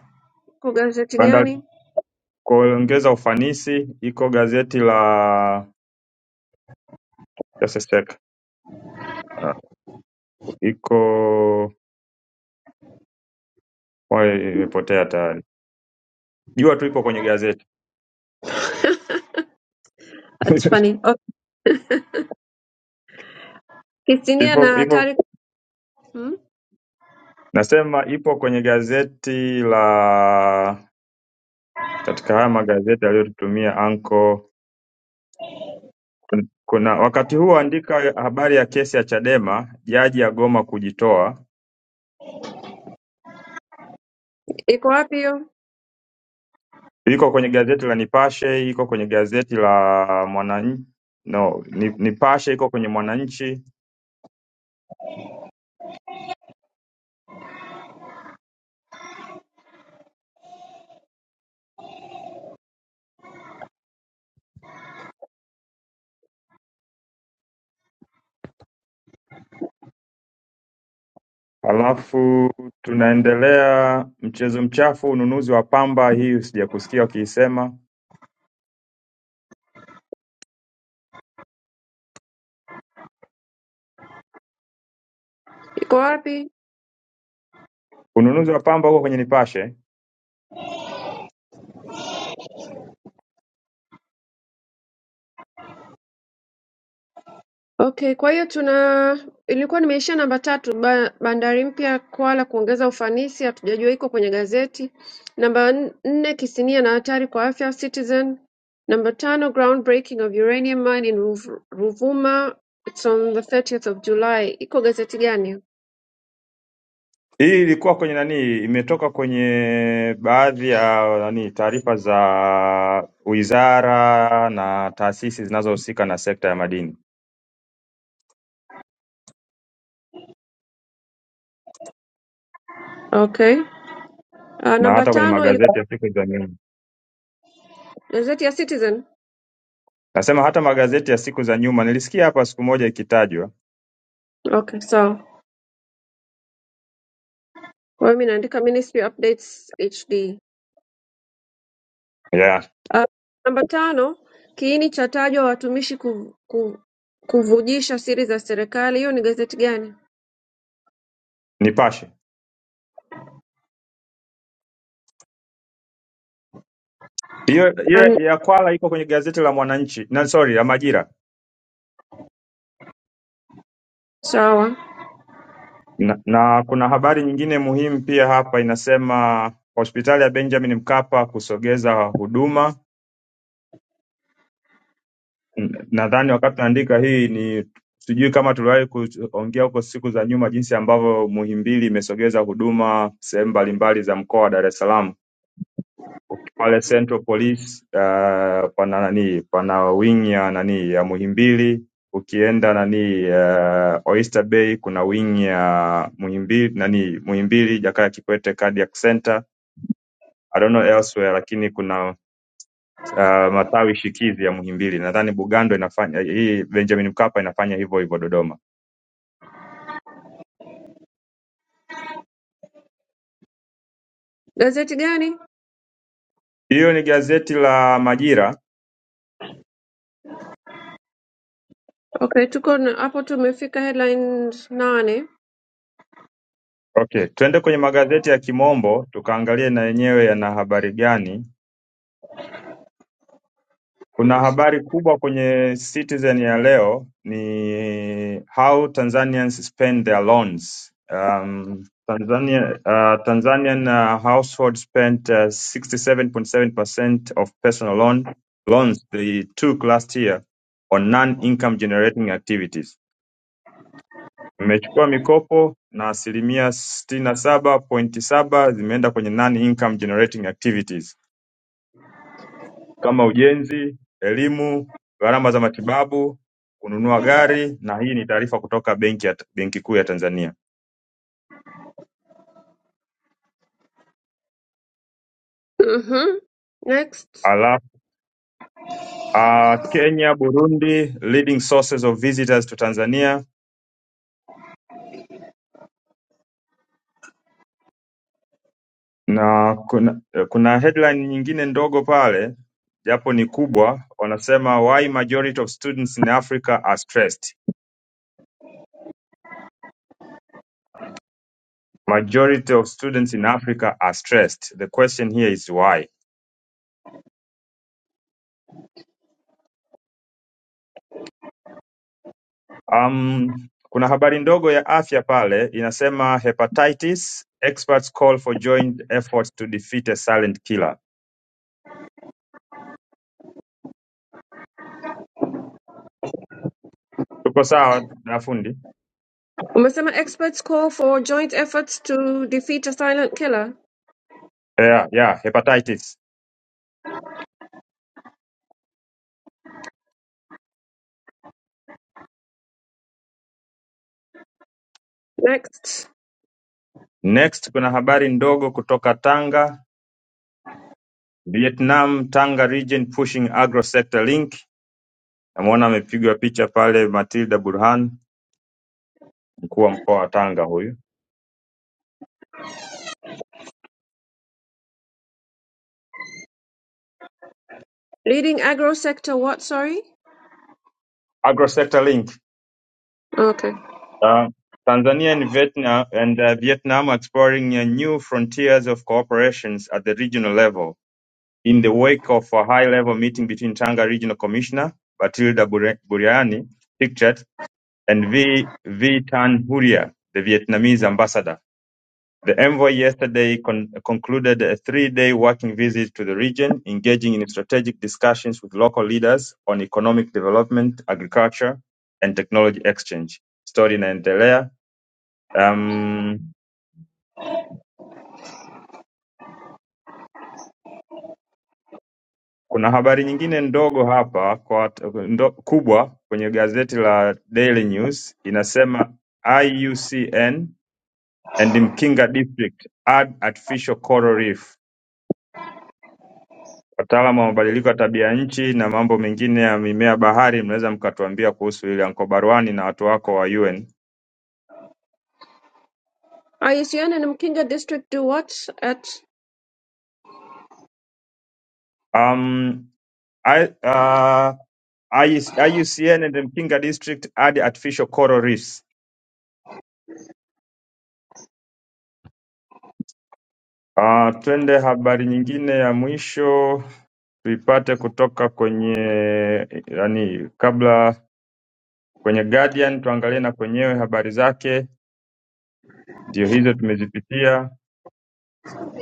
D: iko gazeti
C: Bandari
D: gani?
C: kuongeza ufanisi iko gazeti la just a sec. Ah, iko wapi imepotea tayari. Jua tu ipo kwenye gazeti.
D: That's
C: <laughs>
D: funny. Okay. Kisinia
C: Ipo
D: na
C: ipo
D: hatari hmm?
C: nasema ipo kwenye gazeti la katika haya magazeti aliyotutumia anko Kun- kuna wakati huu andika habari ya kesi ya Chadema, jaji agoma kujitoa
D: Iko wapi hiyo?
C: Iko kwenye gazeti la Nipashe, iko kwenye gazeti la Mwananchi. No, Ni- Nipashe iko kwenye Mwananchi. Halafu tunaendelea mchezo mchafu, ununuzi wa pamba. Hii sijakusikia wakiisema.
D: Iko wapi?
C: Ununuzi wa pamba huko kwenye Nipashe.
D: Okay, kwa hiyo tuna ilikuwa nimeishia namba tatu ba, bandari mpya Kwala kuongeza ufanisi, hatujajua iko kwenye gazeti. Namba n- nne kisinia na hatari kwa afya Citizen. Namba tano groundbreaking of uranium mine in Ruv- Ruvuma, it's on the 30th of July. Iko gazeti gani?
C: Hii ilikuwa kwenye nani, imetoka kwenye baadhi ya nani taarifa za wizara na taasisi zinazohusika na sekta ya madini
D: Okay. Uh,
C: na
D: namba
C: hata kwenye
D: tano ilikuwa
C: magazeti ya siku za nyuma.
D: gazeti ya Citizen.
C: Nasema hata magazeti ya siku za nyuma nilisikia hapa siku moja ikitajwa
D: Okay, sawa. Kwa hiyo mimi naandika Ministry Updates HD.
C: yeah.
D: Uh, namba tano, kiini cha tajwa watumishi ku, ku, kuvujisha siri za serikali. Hiyo ni gazeti gani?
C: Nipashe hiyo hiyo
D: An-
C: ya Kwala iko kwenye gazeti la Mwananchi na sorry la Majira
D: Sawa.
C: na, na kuna habari nyingine muhimu pia hapa inasema hospitali ya Benjamin Mkapa kusogeza huduma. N- Nadhani wakati tunaandika hii ni sijui kama tuliwahi kuongea huko siku za nyuma jinsi ambavyo Muhimbili imesogeza huduma sehemu mbalimbali za mkoa wa Dar es Salaam Ok, pale Central Police uh, pana nani pana wing ya nani ya Muhimbili. Ukienda nani uh, Oyster Bay kuna wing ya Muhimbili nani Muhimbili Jakaya Kikwete Cardiac Center. I don't know elsewhere, lakini kuna uh, matawi shikizi ya Muhimbili. Nadhani Bugando inafanya hii, Benjamin Mkapa inafanya hivyo hivyo Dodoma.
D: Gazeti gani?
C: Hiyo ni gazeti la Majira.
D: Okay, tuko na- hapo tumefika headline nane.
C: Okay, twende kwenye magazeti ya Kimombo tukaangalie na yenyewe yana habari gani Kuna habari kubwa kwenye Citizen ya leo ni how Tanzanians spend their loans. Um, Tanzania, uh, Tanzanian uh, household spent uh, 67.7% of personal loan loans they took last year on non-income generating activities. Mmechukua mikopo na asilimia sitini na saba pointi saba zimeenda kwenye non-income generating activities. kama ujenzi, elimu, gharama za matibabu, kununua gari na hii ni taarifa kutoka Benki ya Benki Kuu ya Tanzania.
D: Mhm. Next.
C: Ala, uh, Kenya, Burundi, leading sources of visitors to Tanzania na kuna, kuna headline nyingine ndogo pale japo ni kubwa, wanasema why majority of students in Africa are stressed. Majority of students in Africa are stressed. The question here is why. Um, kuna habari ndogo ya afya pale inasema hepatitis, experts call for joint efforts to defeat a silent killer. Tuko sawa na fundi?
D: Umesema experts call for joint efforts to defeat a silent killer.
C: Yeah, yeah, hepatitis.
D: Next.
C: Next kuna habari ndogo kutoka Tanga, Vietnam, Tanga region pushing agro sector link. Namuona amepigwa picha pale Matilda Burhan, mkuu wa mkoa wa Tanga huyu.
D: Leading agro sector what, sorry?
C: Agro sector link.
D: Okay.
C: Uh, Tanzania and Vietnam and uh, Vietnam are exploring uh, new frontiers of cooperations at the regional level in the wake of a high-level meeting between Tanga Regional Commissioner Batilda Bure- Buriani, pictured, and V. V. Tan Huria, the Vietnamese ambassador. The envoy yesterday con- concluded a three-day working visit to the region, engaging in strategic discussions with local leaders on economic development, agriculture, and technology exchange. Story inaendelea Um, kuna habari nyingine ndogo hapa kwa, ndo, kubwa kwenye gazeti la Daily News inasema IUCN and Mkinga District add artificial coral reef. Wataalamu wa mabadiliko ya tabia nchi na mambo mengine ya mimea bahari, mnaweza mkatuambia kuhusu ile Anko Barwani na watu wako wa UN.
D: aisiane na mkinga district to what at
C: Um, I, uh, IUCN and Mkinga District add artificial coral reefs. Uh, twende habari nyingine ya mwisho. tuipate kutoka kwenye yani kabla kwenye Guardian tuangalie na kwenyewe habari zake, ndio hizo tumezipitia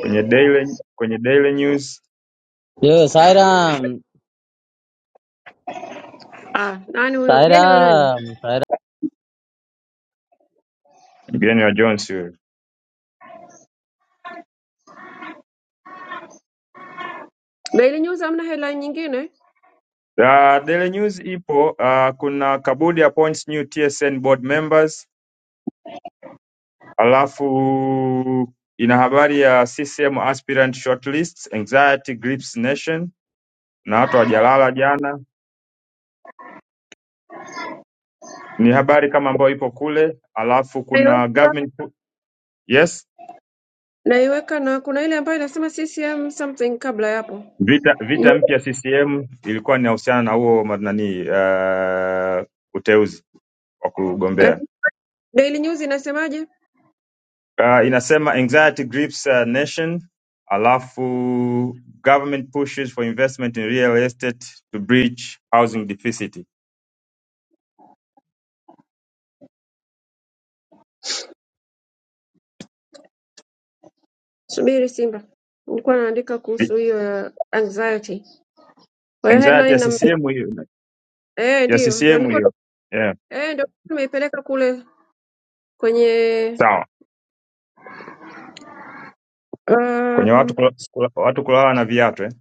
C: kwenye Daily, kwenye Daily News
E: Yo, Sairam,
D: ah, nani huyo mgeni wa nani
E: Sairam, Sairam.
C: mgeni wa Jones huyo.
D: daily news amna headline nyingine
C: The Daily News ipo uh, kuna Kabudi appoints new TSN board members, alafu ina habari ya CCM aspirant shortlist, anxiety grips nation na watu hawajalala jana. Ni habari kama ambayo ipo kule, alafu kuna
D: naiweka
C: government yes
D: naiweka na kuna ile ambayo inasema ccm something kabla ya hapo
C: Vita vita
D: Nyu-
C: mpya CCM ilikuwa inahusiana na huo ma- nani uh, uteuzi wa
D: eh,
C: kugombea.
D: daily news inasemaje
C: Uh, inasema anxiety grips a nation, alafu government pushes for investment in real estate to bridge housing deficit.
D: subiri simba nilikuwa naandika kuhusu hiyo ya anxiety kwa hiyo
C: Anxiety
D: headline
C: ya
D: na
C: CCM hiyo
D: eh
C: ya
D: ndio ndio
C: CCM
D: nilikuwa
C: hiyo. Yeah,
D: eh ndio nimeipeleka kule kwenye
C: sawa. Kwenye watu
D: um,
C: kula, kula, watu kulala na viatu eh?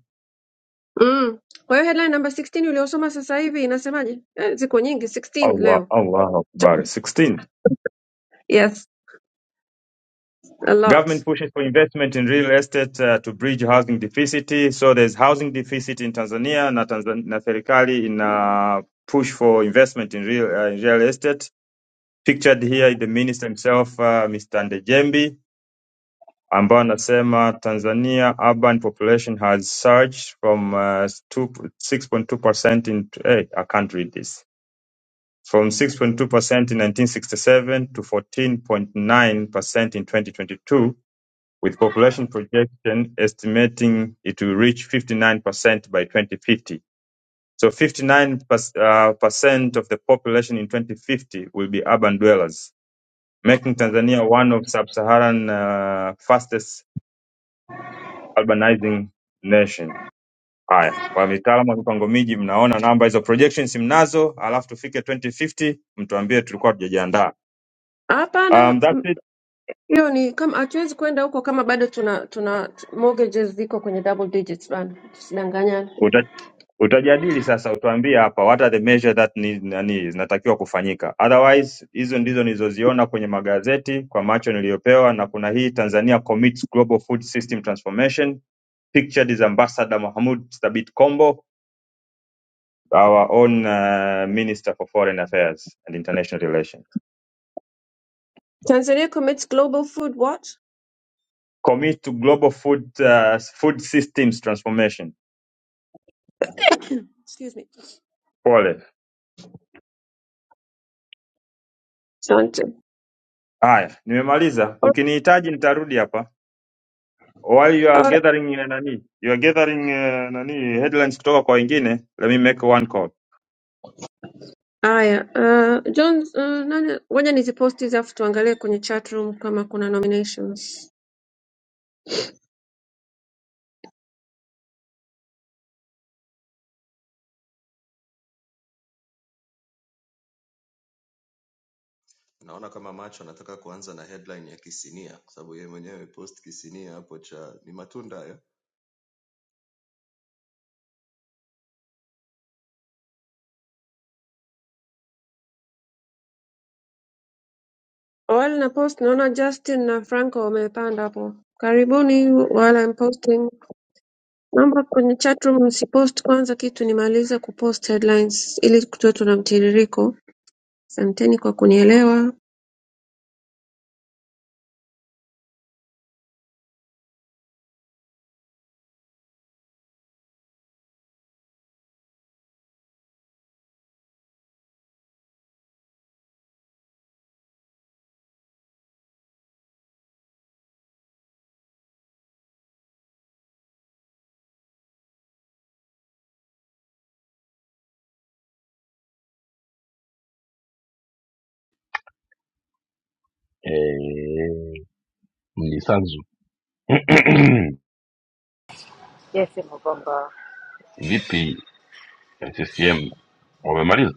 D: mm. kwa hiyo headline number 16 uliosoma sasa hivi inasemaje eh, ziko nyingi 16
C: Allah
D: leo
C: Allahu Akbar. 16
D: Yes, a lot.
C: Government pushes for investment in real estate uh, to bridge housing deficit. So there's housing deficit in Tanzania na, Tanzan- na serikali ina push for investment in real, uh, in real estate. Pictured here is the minister himself uh, Mr. Ndejembi ambao anasema Tanzania urban population has surged from uh, two- 6.2% in hey, I can't read this. From 6.2% in 1967 to 14.9% in 2022 with population projection estimating it will reach 59% by 2050. So 59% uh, of the population in 2050 will be urban dwellers, making Tanzania one of sub-Saharan uh, fastest urbanizing nation. Haya, kwa mitaalamu wa mipango miji mnaona namba hizo projections mnazo, alafu tufike 2050 mtuambie tulikuwa tujajiandaa.
D: Hapana,
C: Um, that's
D: m- hiyo ni kama hatuwezi kwenda huko kama bado tuna tuna mortgages ziko kwenye double digits bana, tusidanganyane.
C: it. utajadili sasa utuambie hapa what are the measure that ni, nani zinatakiwa kufanyika otherwise hizo ndizo nilizoziona kwenye magazeti kwa macho niliyopewa na kuna hii Tanzania commits global food system transformation pictured is ambassador Mahmoud Thabit Kombo our own uh, minister for foreign affairs and international relations
D: Tanzania commits global food what?
C: commit to global food uh, food systems transformation
D: Excuse me.
C: pole
D: Asante.
C: haya nimemaliza
D: Or-
C: ukinihitaji nitarudi hapa While you are
D: or-
C: gathering uh, nani, you are gathering uh, nani headlines kutoka kwa wengine, let me make one call.
D: Haya, uh, John, uh, nani, ngoja niziposti hizi afu tuangalie kwenye chat room kama kuna nominations.
B: Naona kama macho anataka kuanza na headline ya kisinia kwa sababu yeye mwenyewe post kisinia hapo cha ni matunda hayo.
D: Awali na post naona Justin na Franco wamepanda hapo. Karibuni wale I'm posting. Mambo kwenye chatroom msipost kwanza kitu nimalize kupost headlines ili tuwe tuna mtiririko asanteni kwa kunielewa
A: eh, mnisanzu <clears throat>
F: Yes, Mkomboa,
A: vipi CCM wamemaliza?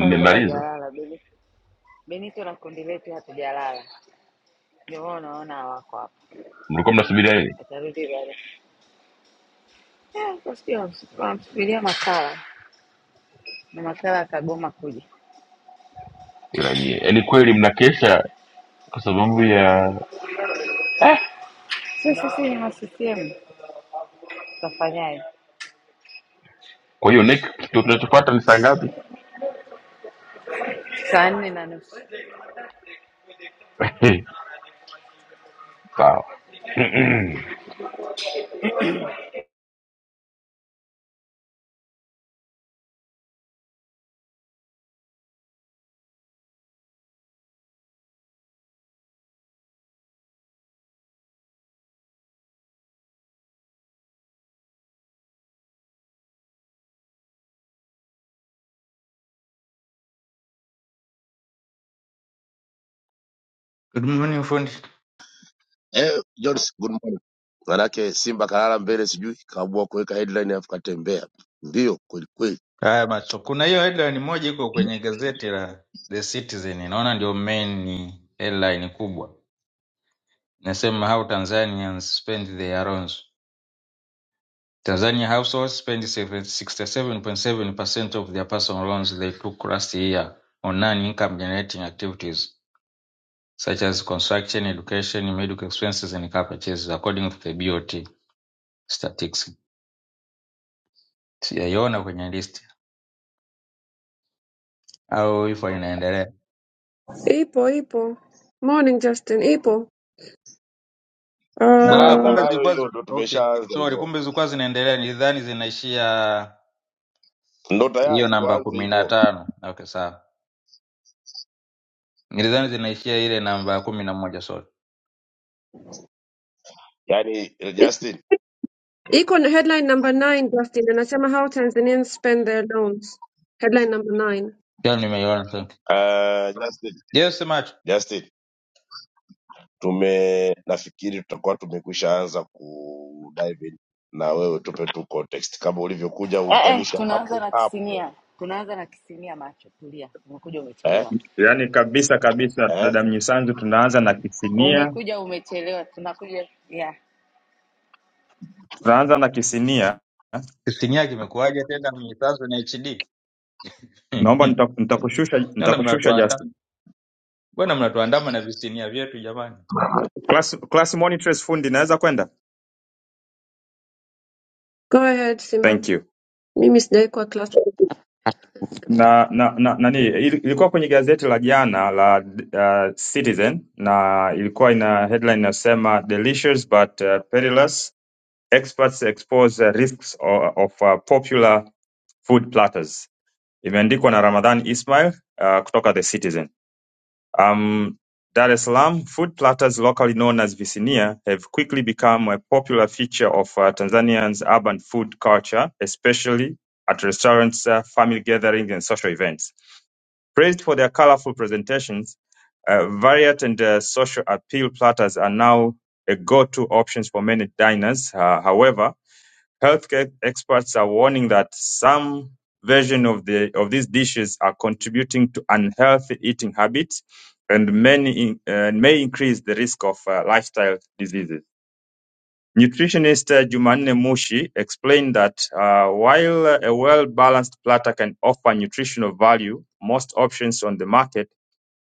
F: watu hawajalala. Beni- Benito na kundi letu hatujalala, ndio maana unaona hawako hapa,
A: mlikuwa mnasubiria nini?
F: atarudi baada. Eh, Kusikia wamsu- wamsubiria makala na makala akagoma kuja.
A: Ila nyie yaani kweli mnakesha kwa sababu ya eh,
F: Sio sisi ni ma CCM tutafanyaje?
A: kwa hiyo next kitu kinachofuata ni saa ngapi?
F: Saa nne na nusu
A: <laughs> Sawa. <clears throat>
G: Good morning fundi.
H: Eh, Jones, good morning. Manake Simba kalala mbele, sijui kaamua kuweka headline afu katembea mbio kwelikweli.
G: Haya macho. Kuna hiyo headline moja iko kwenye gazeti la The Citizen. Naona ndio main headline kubwa. Nasema how Tanzanians spend their loans. Tanzania households spend 67.7% of their personal loans they took last year on non-income generating activities such as construction, education, medical expenses and car purchases according to the BOT statistics. Sijaiona kwenye list au ipo inaendelea.
D: ipo ipo morning Justin ipo
H: ndo
G: Ah,
H: anza
G: kumbe
D: uh,
H: nayo
G: zilikuwa
H: hiyo,
G: zi-
H: ndo
G: okay.
H: tumeshaanza
G: Sorry,
H: hivyo,
G: kumbe zilikuwa zinaendelea. Nilidhani zinaishia
H: ndo
G: hiyo
H: tayari
G: namba
H: tuanze
G: kumi na
H: hivyo.
G: tano. Okay, sawa. Nilidhani zinaishia ile namba kumi na moja. Sorry,
H: Yani eh,
D: i-
H: Justin,
D: iko na headline number 9 Justin anasema how Tanzanians spend their loans headline number 9
G: pia nimeiona. Thank you.
H: uh, Justin,
G: Je, semacho
H: Justin, tume nafikiri tutakuwa tumekwisha anza ku dive in na wewe, tupe tu context kama ulivyokuja
F: eh, eh,
H: uunganisha
F: tunaanza
H: hapo
F: na
H: hapo
F: kisinia, tunaanza na kisinia. Macho tulia, umekuja
H: eh?
F: umechelewa,
C: Yaani kabisa kabisa,
H: Eh?
C: dada Mnyisanzu, tunaanza na Kisinia,
F: umekuja umechelewa, tunakuja yeah.
C: tunaanza na Kisinia.
G: kisinia kimekuwaje tena mnyisazo na HD?
C: Naomba nita- nitakushusha
G: Naona <laughs>
C: nitakushusha
G: mnatuandaa
C: Justin.
G: bwana, mnatuandama na visinia vyetu jamani,
C: Class class monitors fundi, naweza kwenda?
D: go ahead Simba
C: Thank you.
D: mimi sijaikuwa class
C: Na na, na nani ili- ilikuwa kwenye gazeti la jana la uh, Citizen na ilikuwa ina headline inasema delicious but uh, perilous experts expose uh, risks of, of uh, popular Food Platters imeandikwa na Ramadhan Ismail uh, kutoka The Citizen. Um, Dar es Salaam food platters, locally known as visinia, have quickly become a popular feature of uh, Tanzanians' urban food culture, especially at restaurants, uh, family gatherings, and social events. Praised for their colorful presentations, uh, varied and uh, social appeal platters are now a go-to options for many diners. Uh, however, Healthcare experts are warning that some version of the of these dishes are contributing to unhealthy eating habits and many in, uh, may increase the risk of uh, lifestyle diseases. Nutritionist uh, Jumanne Mushi explained that uh, while uh, a well-balanced platter can offer nutritional value, most options on the market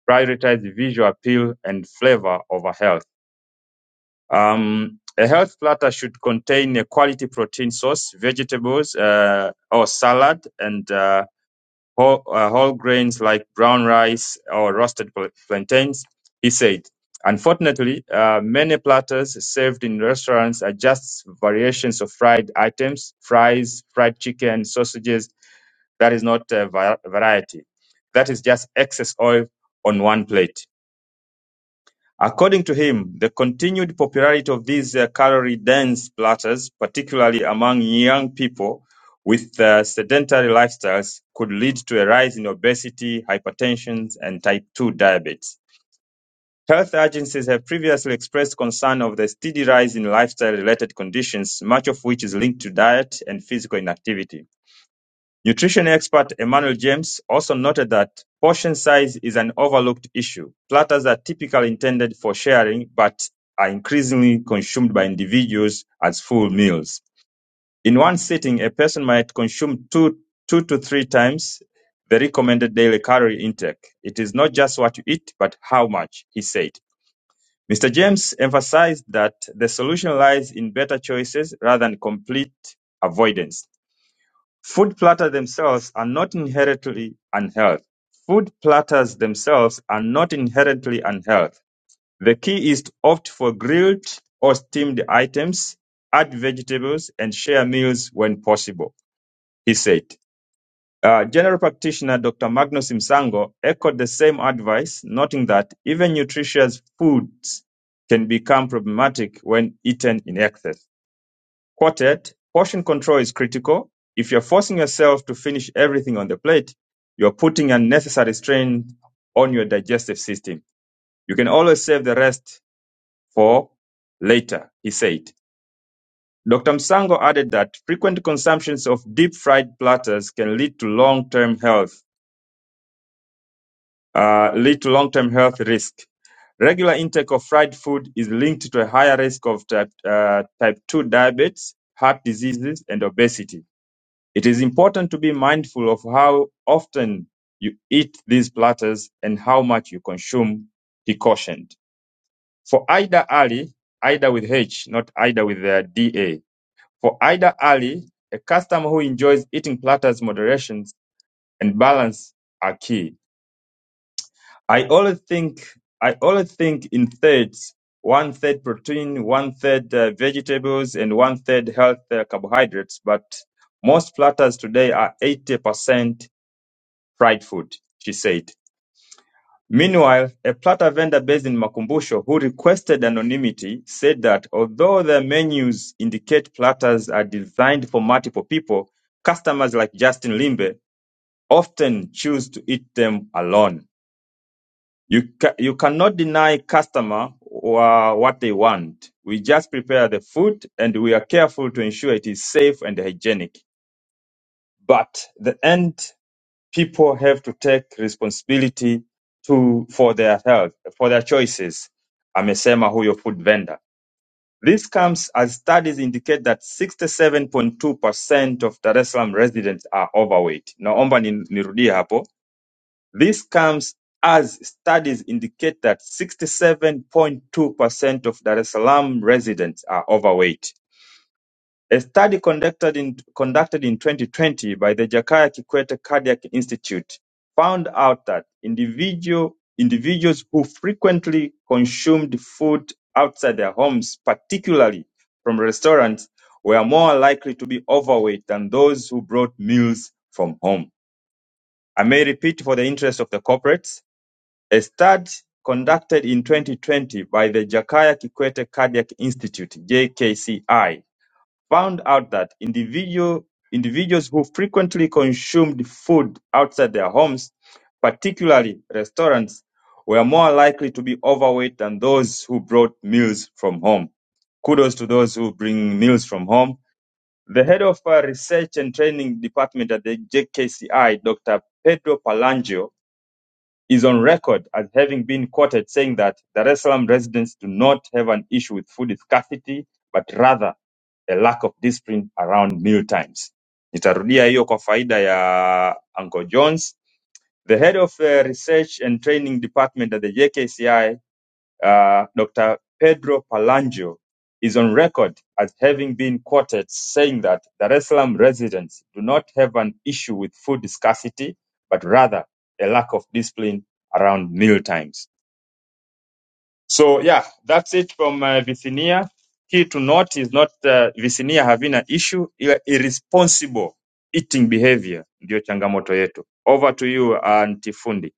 C: prioritize visual appeal and flavor over health. Um, a health platter should contain a quality protein source, vegetables uh, or salad, and uh, whole, uh, whole grains like brown rice or roasted pl- plantains, he said. Unfortunately, uh, many platters served in restaurants are just variations of fried items, fries, fried chicken, sausages. That is not a va- variety. That is just excess oil on one plate. According to him, the continued popularity of these uh, calorie-dense platters, particularly among young people with uh, sedentary lifestyles, could lead to a rise in obesity, hypertension, and type 2 diabetes. Health agencies have previously expressed concern of the steady rise in lifestyle-related conditions, much of which is linked to diet and physical inactivity. Nutrition expert Emmanuel James also noted that portion size is an overlooked issue. Platters are typically intended for sharing, but are increasingly consumed by individuals as full meals. In one sitting, a person might consume two, two to three times the recommended daily calorie intake. It is not just what you eat, but how much, he said. Mr. James emphasized that the solution lies in better choices rather than complete avoidance. Food platters themselves are not inherently unhealthy. Food platters themselves are not inherently unhealthy. The key is to opt for grilled or steamed items, add vegetables, and share meals when possible, he said. Uh, General practitioner Dr. Magnus Msango echoed the same advice, noting that even nutritious foods can become problematic when eaten in excess. Quartet, portion control is critical. If you're forcing yourself to finish everything on the plate, you're putting unnecessary strain on your digestive system. You can always save the rest for later, he said. Dr. Msango added that frequent consumptions of deep fried platters can lead to long-term health, uh, lead to long-term health risk. Regular intake of fried food is linked to a higher risk of type, uh, type 2 diabetes, heart diseases, and obesity. It is important to be mindful of how often you eat these platters and how much you consume, he cautioned. For Ida Ali, Ida with H, not Ida with the DA. For Ida Ali, a customer who enjoys eating platters, moderation and balance are key. I always think, I always think in thirds, one third protein, one third uh, vegetables, and one third health uh, carbohydrates, but most platters today are 80% fried food, she said. Meanwhile, a platter vendor based in Makumbusho who requested anonymity said that although their menus indicate platters are designed for multiple people, customers like Justin Limbe often choose to eat them alone. You, ca- you cannot deny customer wha- what they want. We just prepare the food and we are careful to ensure it is safe and hygienic. But the end people have to take responsibility to for their health, for their choices, amesema huyo food vendor. This comes as studies indicate that 67.2% of Dar es Salaam residents are overweight. Naomba ni- nirudie hapo. This comes as studies indicate that 67.2% of Dar es Salaam residents are overweight. A study conducted in, conducted in 2020 by the Jakaya Kikwete Cardiac Institute found out that individual, individuals who frequently consumed food outside their homes, particularly from restaurants, were more likely to be overweight than those who brought meals from home. I may repeat for the interest of the corporates. A study conducted in 2020 by the Jakaya Kikwete Cardiac Institute, JKCI, found out that individual, individuals who frequently consumed food outside their homes, particularly restaurants, were more likely to be overweight than those who brought meals from home. Kudos to those who bring meals from home. The head of uh, research and training department at the JKCI, Dr. Pedro Palangio, is on record as having been quoted saying that Dar es Salaam residents do not have an issue with food scarcity, but rather a lack of discipline around meal times. Nitarudia hiyo kwa faida ya Uncle Jones. The head of uh, research and training department at the JKCI, uh, Dr. Pedro Palangio, is on record as having been quoted saying that Dar es Salaam residents do not have an issue with food scarcity, but rather a lack of discipline around meal times. So yeah, that's it from uh, Bithinia. Key to note is not uh, Bithinia having an issue, ila irresponsible eating behavior ndio changamoto yetu. Over to you anti fundi.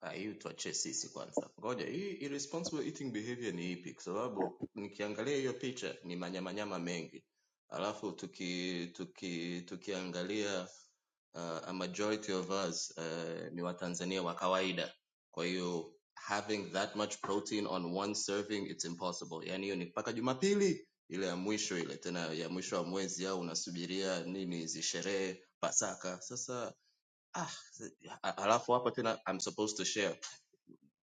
B: Ah, hiyo tuachie sisi kwanza, ngoja hii irresponsible eating behavior ni ipi? Kwa sababu nikiangalia hiyo picha ni manyamanyama mengi, alafu tuki tuki tukiangalia uh, a majority of us uh, ni Watanzania wa kawaida, kwa hiyo having that much protein on one serving it's impossible. Yani hiyo ni mpaka Jumapili ile ya mwisho ile tena ya mwisho wa mwezi, au unasubiria nini hizi sherehe Pasaka sasa Ah, alafu hapa tena I'm supposed to share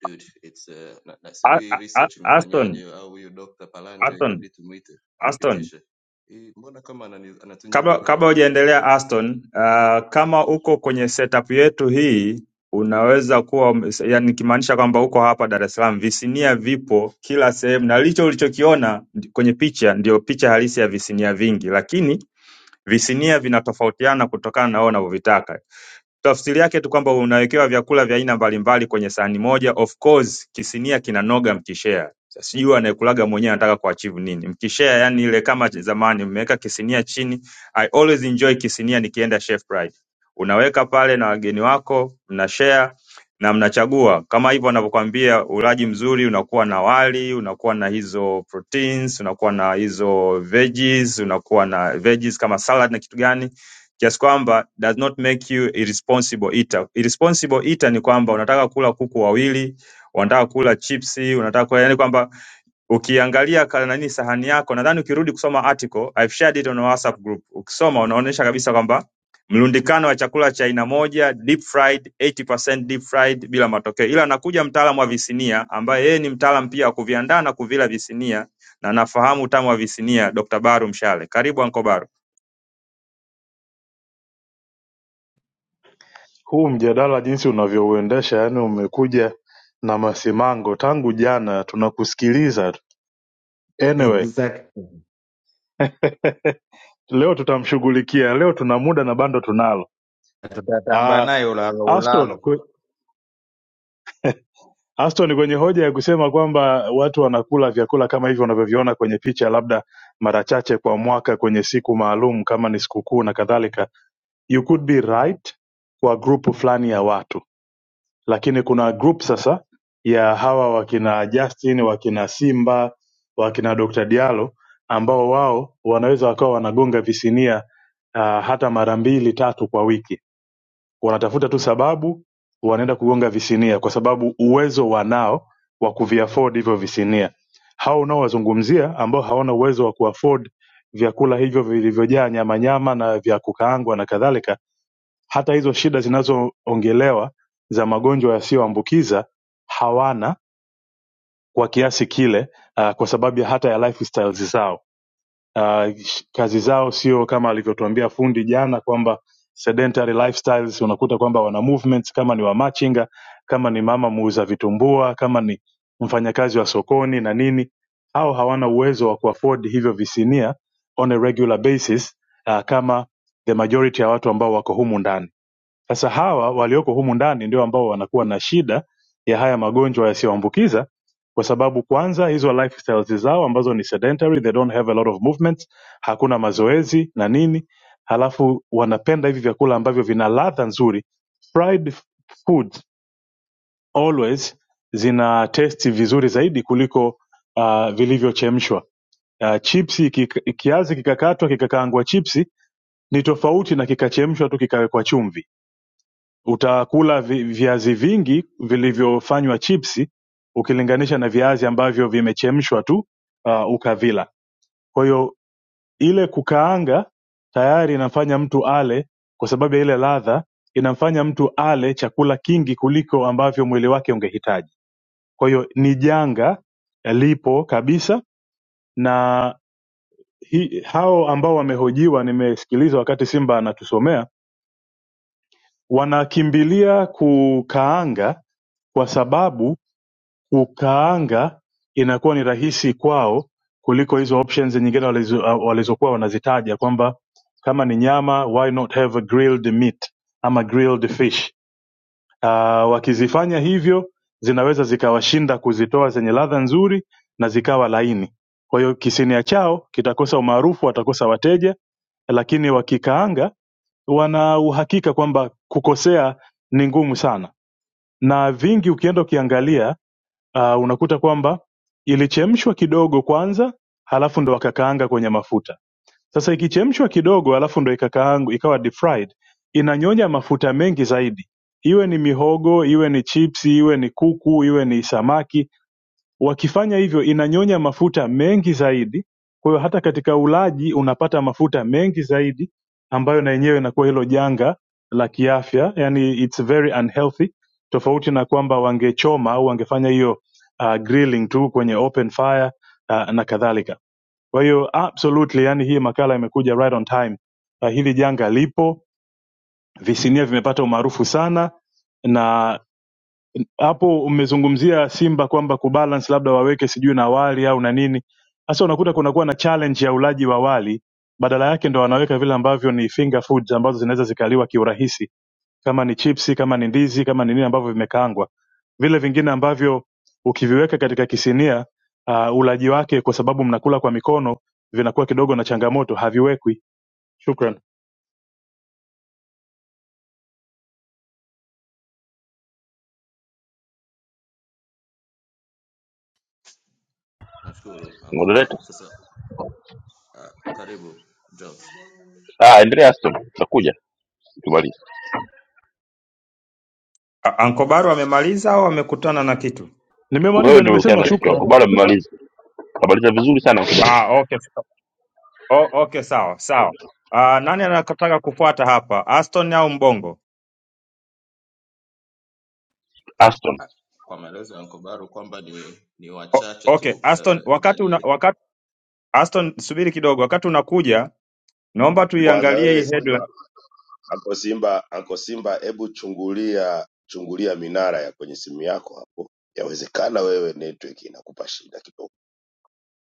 B: dude it's uh, na, na
C: A-
B: sijui
C: A-
B: research
C: A- Aston,
B: imefanyaje au huyu Dr. Palanje
C: Aston,
B: itabidi tumwite
C: Aston.
B: anipitishe hii mbona kama anani, anatunyima
C: Kabla
B: raha
C: kabla hujaendelea Aston, uh, kama uko kwenye setup yetu hii unaweza kuwa yani nikimaanisha kwamba uko hapa Dar es Salaam, visinia vipo kila sehemu, na licho ulichokiona ndi- kwenye picha ndio picha halisi ya visinia vingi, lakini Visinia vinatofautiana kutokana na wewe unavyovitaka Tafsiri yake tu kwamba unawekewa vyakula vya aina mbalimbali kwenye sahani moja. Of course kisinia kinanoga mkishare. Sasa Sijui anayekulaga mwenyewe anataka kuachieve nini. Mkishare yani ile kama zamani mmeweka kisinia chini. I always enjoy kisinia nikienda Chef Pride. Unaweka pale na wageni wako, mnashare na mnachagua kama hivyo wanavyokwambia, ulaji mzuri unakuwa na wali, unakuwa na hizo proteins, unakuwa na hizo veggies, unakuwa na veggies kama salad na kitu gani kiasi kwamba does not make you irresponsible eater. Irresponsible eater ni kwamba unataka kula kuku wawili, unataka kula chipsi, unataka kula yani kwamba ukiangalia kana nani sahani yako, nadhani ukirudi kusoma article I've shared it on our WhatsApp group. Ukisoma unaonesha kabisa kwamba mlundikano wa chakula cha aina moja deep fried 80% deep fried bila matokeo, ila anakuja mtaalamu wa visinia ambaye yeye ni mtaalam pia wa kuviandaa na kuvila visinia na nafahamu utamu wa visinia, Dr. Baru Mshale. Karibu Anko Baru.
I: huu mjadala jinsi unavyouendesha yaani umekuja na masimango tangu jana tunakusikiliza tu. anyway
G: Exactly.
I: <laughs> leo tutamshughulikia leo tuna muda na bando tunalo
G: tutatamba
I: ah
G: naye ulalo
I: aston
G: ulalo,
I: kwe- <laughs> aston kwenye hoja ya kusema kwamba watu wanakula vyakula kama hivyo unavyoviona kwenye picha labda mara chache kwa mwaka kwenye siku maalum kama ni sikukuu na kadhalika you could be right kwa grupu fulani ya watu lakini kuna group sasa ya hawa wakina Justin wakina Simba wakina Dr. Diallo ambao wao wanaweza wakawa wanagonga visinia uh, hata mara mbili tatu kwa wiki. Wanatafuta tu sababu wanaenda kugonga visinia, kwa sababu uwezo wanao wa kuviafford hivyo visinia. Hao unaowazungumzia ambao hawana uwezo wa kuafford vyakula hivyo vilivyojaa nyama nyama na vya kukaangwa na kadhalika hata hizo shida zinazoongelewa za magonjwa yasiyoambukiza hawana kwa kiasi kile, uh, kwa sababu ya hata ya lifestyles zao. Uh, sh- kazi zao sio kama alivyotuambia fundi jana kwamba sedentary lifestyles, unakuta kwamba wana movements, kama ni wamachinga, kama ni mama muuza vitumbua, kama ni mfanyakazi wa sokoni na nini, au hawana uwezo wa kuafford hivyo visinia on a regular basis, uh, kama the majority ya watu ambao wako humu ndani sasa hawa walioko humu ndani ndio ambao wanakuwa na shida ya haya magonjwa yasiyoambukiza kwa sababu kwanza hizo lifestyles zao ambazo ni sedentary, they don't have a lot of movement, hakuna mazoezi na nini, halafu wanapenda hivi vyakula ambavyo vina ladha nzuri. Fried foods always zina testi vizuri zaidi kuliko uh, vilivyochemshwa. Uh, chipsi kika, kiazi kikakatwa kikakaangwa chipsi ni tofauti na kikachemshwa tu kikawekwa chumvi Utakula vi- viazi vingi vilivyofanywa chipsi ukilinganisha na viazi ambavyo vimechemshwa tu uh, ukavila. Kwa hiyo ile kukaanga tayari inamfanya mtu ale, kwa sababu ya ile ladha, inamfanya mtu ale chakula kingi kuliko ambavyo mwili wake ungehitaji. Kwa hiyo ni janga lipo kabisa, na hi, hao ambao wamehojiwa, nimesikiliza wakati Simba anatusomea, wanakimbilia kukaanga kwa sababu kukaanga inakuwa ni rahisi kwao kuliko hizo options nyingine walizo- uh, walizokuwa wanazitaja kwamba kama ni nyama why not have a grilled meat ama grilled fish uh, wakizifanya hivyo zinaweza zikawashinda kuzitoa zenye ladha nzuri na zikawa laini kwa hiyo kisinia chao kitakosa umaarufu watakosa wateja lakini wakikaanga wana uhakika kwamba kukosea ni ngumu sana na vingi ukienda ukiangalia ah, unakuta kwamba ilichemshwa kidogo kwanza halafu ndo wakakaanga kwenye mafuta sasa ikichemshwa kidogo halafu ndo ikakaang ikawa deep fried inanyonya mafuta mengi zaidi iwe ni mihogo iwe ni chipsi iwe ni kuku iwe ni samaki Wakifanya hivyo inanyonya mafuta mengi zaidi kwa hiyo hata katika ulaji unapata mafuta mengi zaidi ambayo na yenyewe inakuwa hilo janga la kiafya yani it's very unhealthy tofauti na kwamba wangechoma au wangefanya hiyo uh, grilling tu kwenye open fire uh, na kadhalika kwa hiyo absolutely yani hii makala imekuja right on time uh, hili janga lipo visinia vimepata umaarufu sana na hapo mmezungumzia Simba kwamba kubalance labda waweke sijui na wali au na nini. Sasa unakuta kunakuwa na challenge ya ulaji wa wali, badala yake ndo wanaweka vile ambavyo ni finger foods ambazo zinaweza zikaliwa kiurahisi, kama ni chipsi, kama ni ndizi, kama ni nini ambavyo vimekaangwa. Vile vingine ambavyo ukiviweka katika kisinia uh, ulaji wake kwa sababu mnakula kwa mikono vinakuwa kidogo na changamoto, haviwekwi. Shukran,
B: nashukuru Uncle
A: Moderator.
B: Baru sasa uh, karibu Jones
A: Ah, endelea Aston, tutakuja tumalize.
C: Anko Baru amemaliza au amekutana na kitu?
A: Wewe
I: nimemaliza,
A: ndio
I: nimesema
A: ukianza kichwa,
I: shukran.
A: bado mmaliza. Habari za vizuri sana mchungaji.
C: Ah, okay, sa- o, okay, sawa sawa. Ah, nani anataka kufuata hapa, Aston au Mbongo?
A: Aston,
B: Ah, kwa maelezo ya Uncle Baru kwamba ni ni
C: O,
B: wachache
C: okay,
B: tu uh,
C: Aston, wakati
B: ndani
C: una,
B: yetu
C: wakati Aston, subiri kidogo, wakati unakuja naomba
H: Kwanza
C: tuiangalie
H: wewe
C: hii
H: Simba
C: headline.
H: Anko Simba, Anko Simba, hebu chungulia chungulia minara ya kwenye simu yako hapo. Yawezekana wewe network inakupa shida kidogo,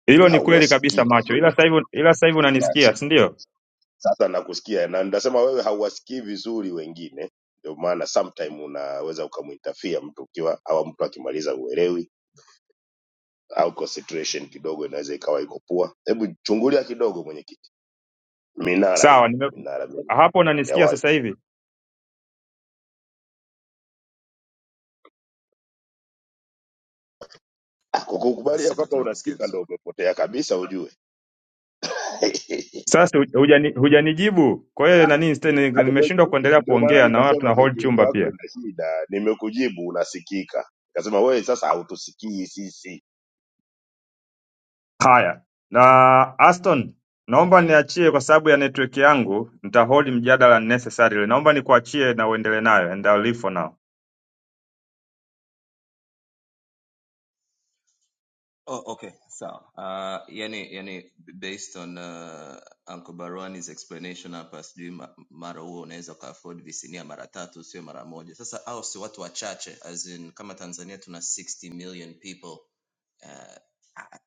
C: Hilo ni kweli
H: hauwasikii
C: kabisa macho, ila
H: vizuri.
C: sasa hivi ila sasa hivi unanisikia,
H: Sasa
C: si ndio?
H: sasa nakusikia na ndasema wewe hauwasikii vizuri wengine, ndio maana sometime unaweza ukamuinterfere mtu ukiwa au mtu akimaliza uelewi au concentration kidogo inaweza ikawa iko poa. Hebu chungulia kidogo mwenyekiti, minara
C: Sawa,
H: hiyo
C: nime
H: minara
C: hapo
H: ya
C: unanisikia
H: wifi.
C: sasa hivi.
H: Ah, Kwa
B: yes
H: kukubalia
B: sema
H: kwamba
B: tunakusikia
H: unasikika
B: vizuri
H: ndo umepotea kabisa, ujue <laughs>
C: Sasa hujani- hujanijibu, kwa hiyo nani nimeshindwa
H: Nimekuji-
C: kuendelea
H: ndio maana
C: kuongea na watu
H: nikasema
C: tuna hold
H: network
C: chumba pia.
H: yako ina shida, nimekujibu unasikika. Nikasema wewe sasa hautusikii sisi.
C: Haya na Aston naomba niachie kwa sababu ya network yangu nitahold mjadala necessarily naomba nikuachie na uendelee nayo and I'll leave for now
B: Oh, okay, sawa. Uh, yani, yani based on uh, Uncle Barwani's explanation hapa, sijui ma- mara huo unaweza ukaafford visinia mara tatu, sio mara moja. Sasa hao si watu wachache, as in kama Tanzania tuna 60 million people uh, I,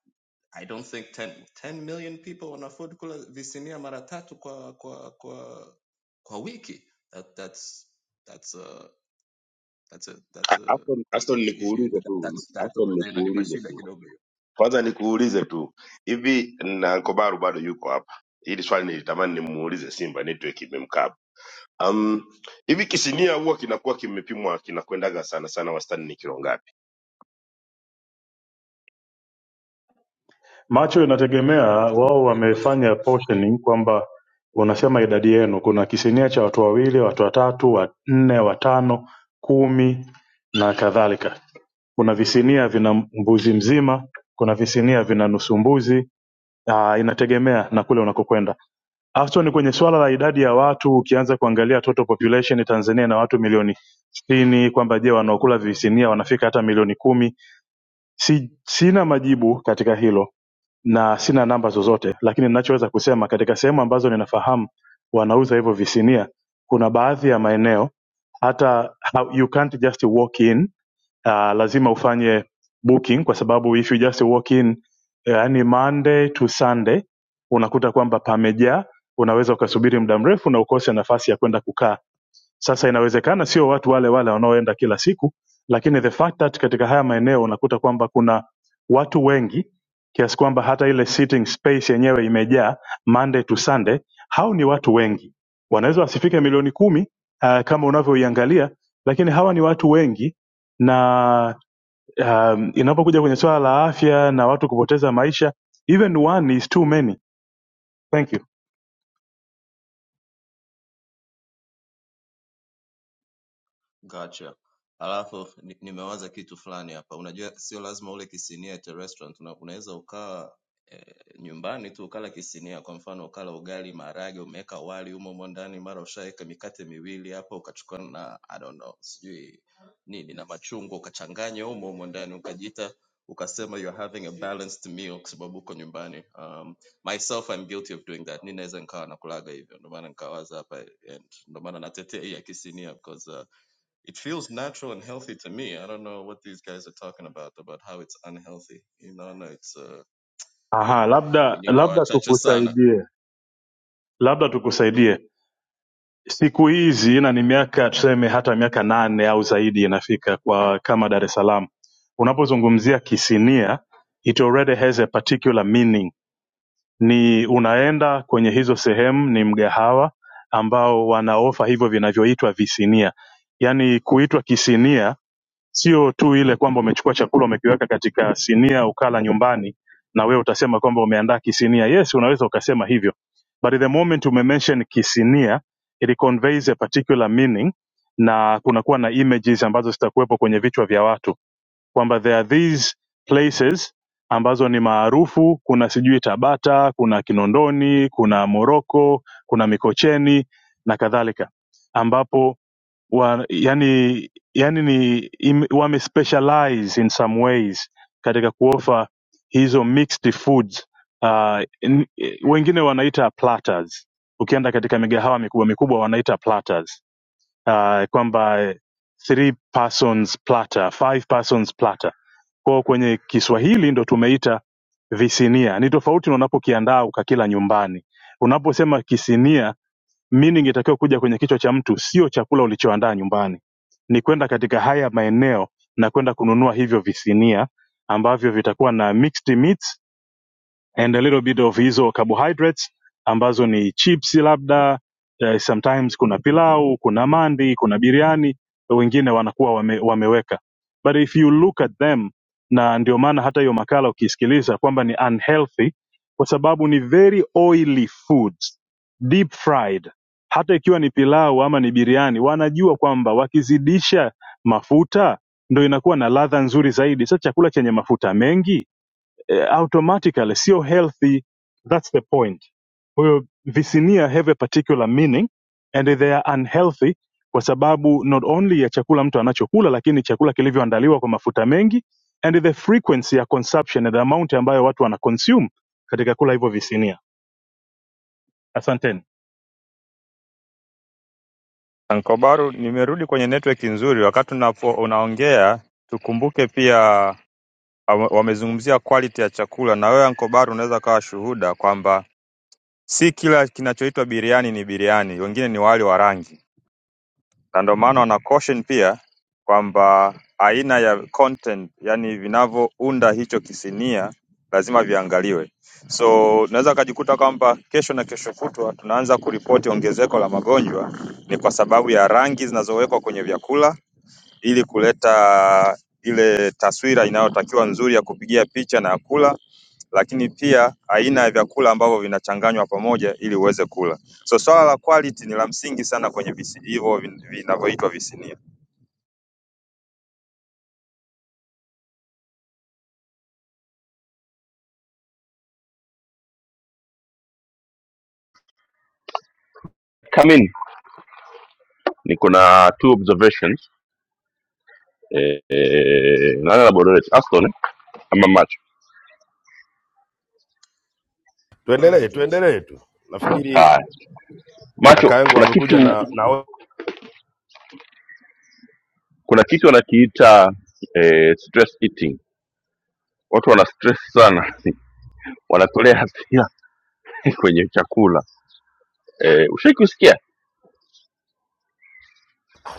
B: I don't think 10, 10 million people wana afford kula visinia mara tatu kwa kwa kwa kwa wiki. That, that's that's uh that's a,
H: A-
B: that's a,
H: Aston, Aston
B: you, you, you,
H: nikuulize tu,
B: that's that
H: Aston
B: over there
H: nikuulize
B: shida
H: tu,
B: kidogo hiyo.
H: kwanza nikuulize tu, hivi na Ankobaru bado yuko hapa? Hili swali nilitamani nimuulize Simba, network imemkaba. Um, hivi kisimia huwa kinakuwa kimepimwa kinakwendaga sana sana, wastani ni kilo ngapi?
I: macho inategemea wao
B: Great question.
I: wamefanya portioning kwamba unasema idadi yenu kuna kisinia cha watu wawili watu watatu wanne watano kumi na kadhalika kuna visinia vina mbuzi mzima kuna visinia vina nusu mbuzi ah, inategemea na kule unakokwenda Haswa ni kwenye swala la idadi ya watu, ukianza kuangalia total population Tanzania na watu milioni sitini, kwamba je, wanaokula visinia wanafika hata milioni kumi Si, sina majibu katika hilo na sina namba zozote, lakini ninachoweza kusema katika sehemu ambazo ninafahamu wanauza hivyo visinia, kuna baadhi ya maeneo hata ha- you can't just walk in uh, lazima ufanye booking kwa sababu if you just walk in yani Monday to Sunday unakuta kwamba pamejaa, unaweza ukasubiri muda mrefu na ukose nafasi ya kwenda kukaa. Sasa inawezekana sio watu wale wale wanaoenda kila siku, lakini the fact that katika haya maeneo unakuta kwamba kuna watu wengi kiasi kwamba hata ile sitting space yenyewe imejaa Monday to Sunday. Hao ni watu wengi, wanaweza wasifike milioni kumi uh, kama unavyoiangalia, lakini hawa ni watu wengi na um, inapokuja kwenye swala la afya na watu kupoteza maisha, even one is too many. Thank you.
B: Gotcha. Alafu ni- nimewaza kitu fulani hapa. Unajua sio lazima ule kisinia at a restaurant. Una, unaweza ukawa eh, nyumbani tu ukala kisinia, kwa mfano ukala ugali, maharage, umeweka wali umo umo ndani, mara ushaweka mikate miwili hapo, ukachukua na I don't know, sijui nini na machungwa ukachanganya umo umo ndani, ukajiita ukasema you're having a balanced meal kwa sababu uko nyumbani. Um, myself I'm guilty of doing that. Ninaweza nikawa nakulaga hivyo, ndio maana nikawaza hapa, and ndio maana natetea hii ya kisinia because uh, it feels natural and healthy to me. I don't know what these guys are talking about about how it's unhealthy. You know, no, it's uh
I: Aha, labda
B: nini
I: labda
B: kuachacha sana.
I: tukusaidie, labda tukusaidie siku hizi na ni miaka tuseme hata miaka nane au zaidi inafika kwa kama Dar es Salaam, unapozungumzia kisinia it already has a particular meaning. Ni unaenda kwenye hizo sehemu, ni mgahawa ambao wanaofa hivyo vinavyoitwa visinia, yaani kuitwa kisinia sio tu ile kwamba umechukua chakula umekiweka katika sinia ukala nyumbani na wewe utasema kwamba umeandaa kisinia yes unaweza ukasema hivyo but the moment umemention kisinia it conveys a particular meaning na kunakuwa na images ambazo zitakuwepo kwenye vichwa vya watu kwamba there are these places ambazo ni maarufu kuna sijui tabata kuna kinondoni kuna moroko kuna mikocheni na kadhalika ambapo wa, yani, yani ni im- wamespecialize in some ways katika kuofa hizo mixed foods uh, n, wengine wanaita platters ukienda katika migahawa mikubwa mikubwa wanaita platters uh, kwamba three persons platter, five persons platter kwao kwenye kiswahili ndo tumeita visinia ni tofauti na unapokiandaa ukakila nyumbani unaposema kisinia Meaning ingetakiwa kuja kwenye kichwa cha mtu, sio chakula ulichoandaa nyumbani, ni kwenda katika haya maeneo na kwenda kununua hivyo visinia ambavyo vitakuwa na mixed meats and a little bit of hizo carbohydrates ambazo ni chips labda uh, sometimes kuna pilau kuna mandi kuna biriani wengine wanakuwa wame, wameweka but if you look at them na ndio maana hata hiyo makala ukiisikiliza kwamba ni unhealthy kwa sababu ni very oily foods deep fried hata ikiwa ni pilau ama ni biriani wanajua kwamba wakizidisha mafuta ndo inakuwa na ladha nzuri zaidi sasa chakula chenye mafuta mengi eh, automatically sio healthy that's the point kwa hiyo visinia have a particular meaning and they are unhealthy kwa sababu not only ya chakula mtu anachokula lakini chakula kilivyoandaliwa kwa mafuta mengi and the frequency ya consumption and the amount ambayo watu wana consume katika kula hivyo visinia asanteni
C: Ankobaru nimerudi kwenye network nzuri wakati unapo unaongea tukumbuke pia wame- wamezungumzia quality ya chakula na wewe Ankobaru unaweza kawa shuhuda kwamba si kila kinachoitwa biriani ni biriani wengine ni wali wa rangi na ndio maana wana caution pia kwamba aina ya content yani vinavyounda hicho kisinia lazima viangaliwe. So unaweza ukajikuta kwamba kesho na kesho kutwa tunaanza kuripoti ongezeko la magonjwa, ni kwa sababu ya rangi zinazowekwa kwenye vyakula ili kuleta ile taswira inayotakiwa nzuri ya kupigia picha na ya kula, lakini pia aina ya vyakula ambavyo vinachanganywa pamoja ili uweze kula. So swala la quality ni la msingi sana kwenye visi, hivyo vin- vinavyoitwa visinia.
A: come in. Niko na two observations. Eh, eh, nani anamoderate? Aston eh? ama Macho?
B: Go
H: tuendelee
B: ahead, Jones.
H: tuendelee tu nafikiri
A: Haya. Macho,
H: kaka yangu
A: kuna kitu
H: amekuja na, na
A: kuna kitu wanakiita eh, stress eating. Watu wana stress sana. <laughs> Wanatolea hasira <laughs> kwenye chakula. Eh, ushai kusikia?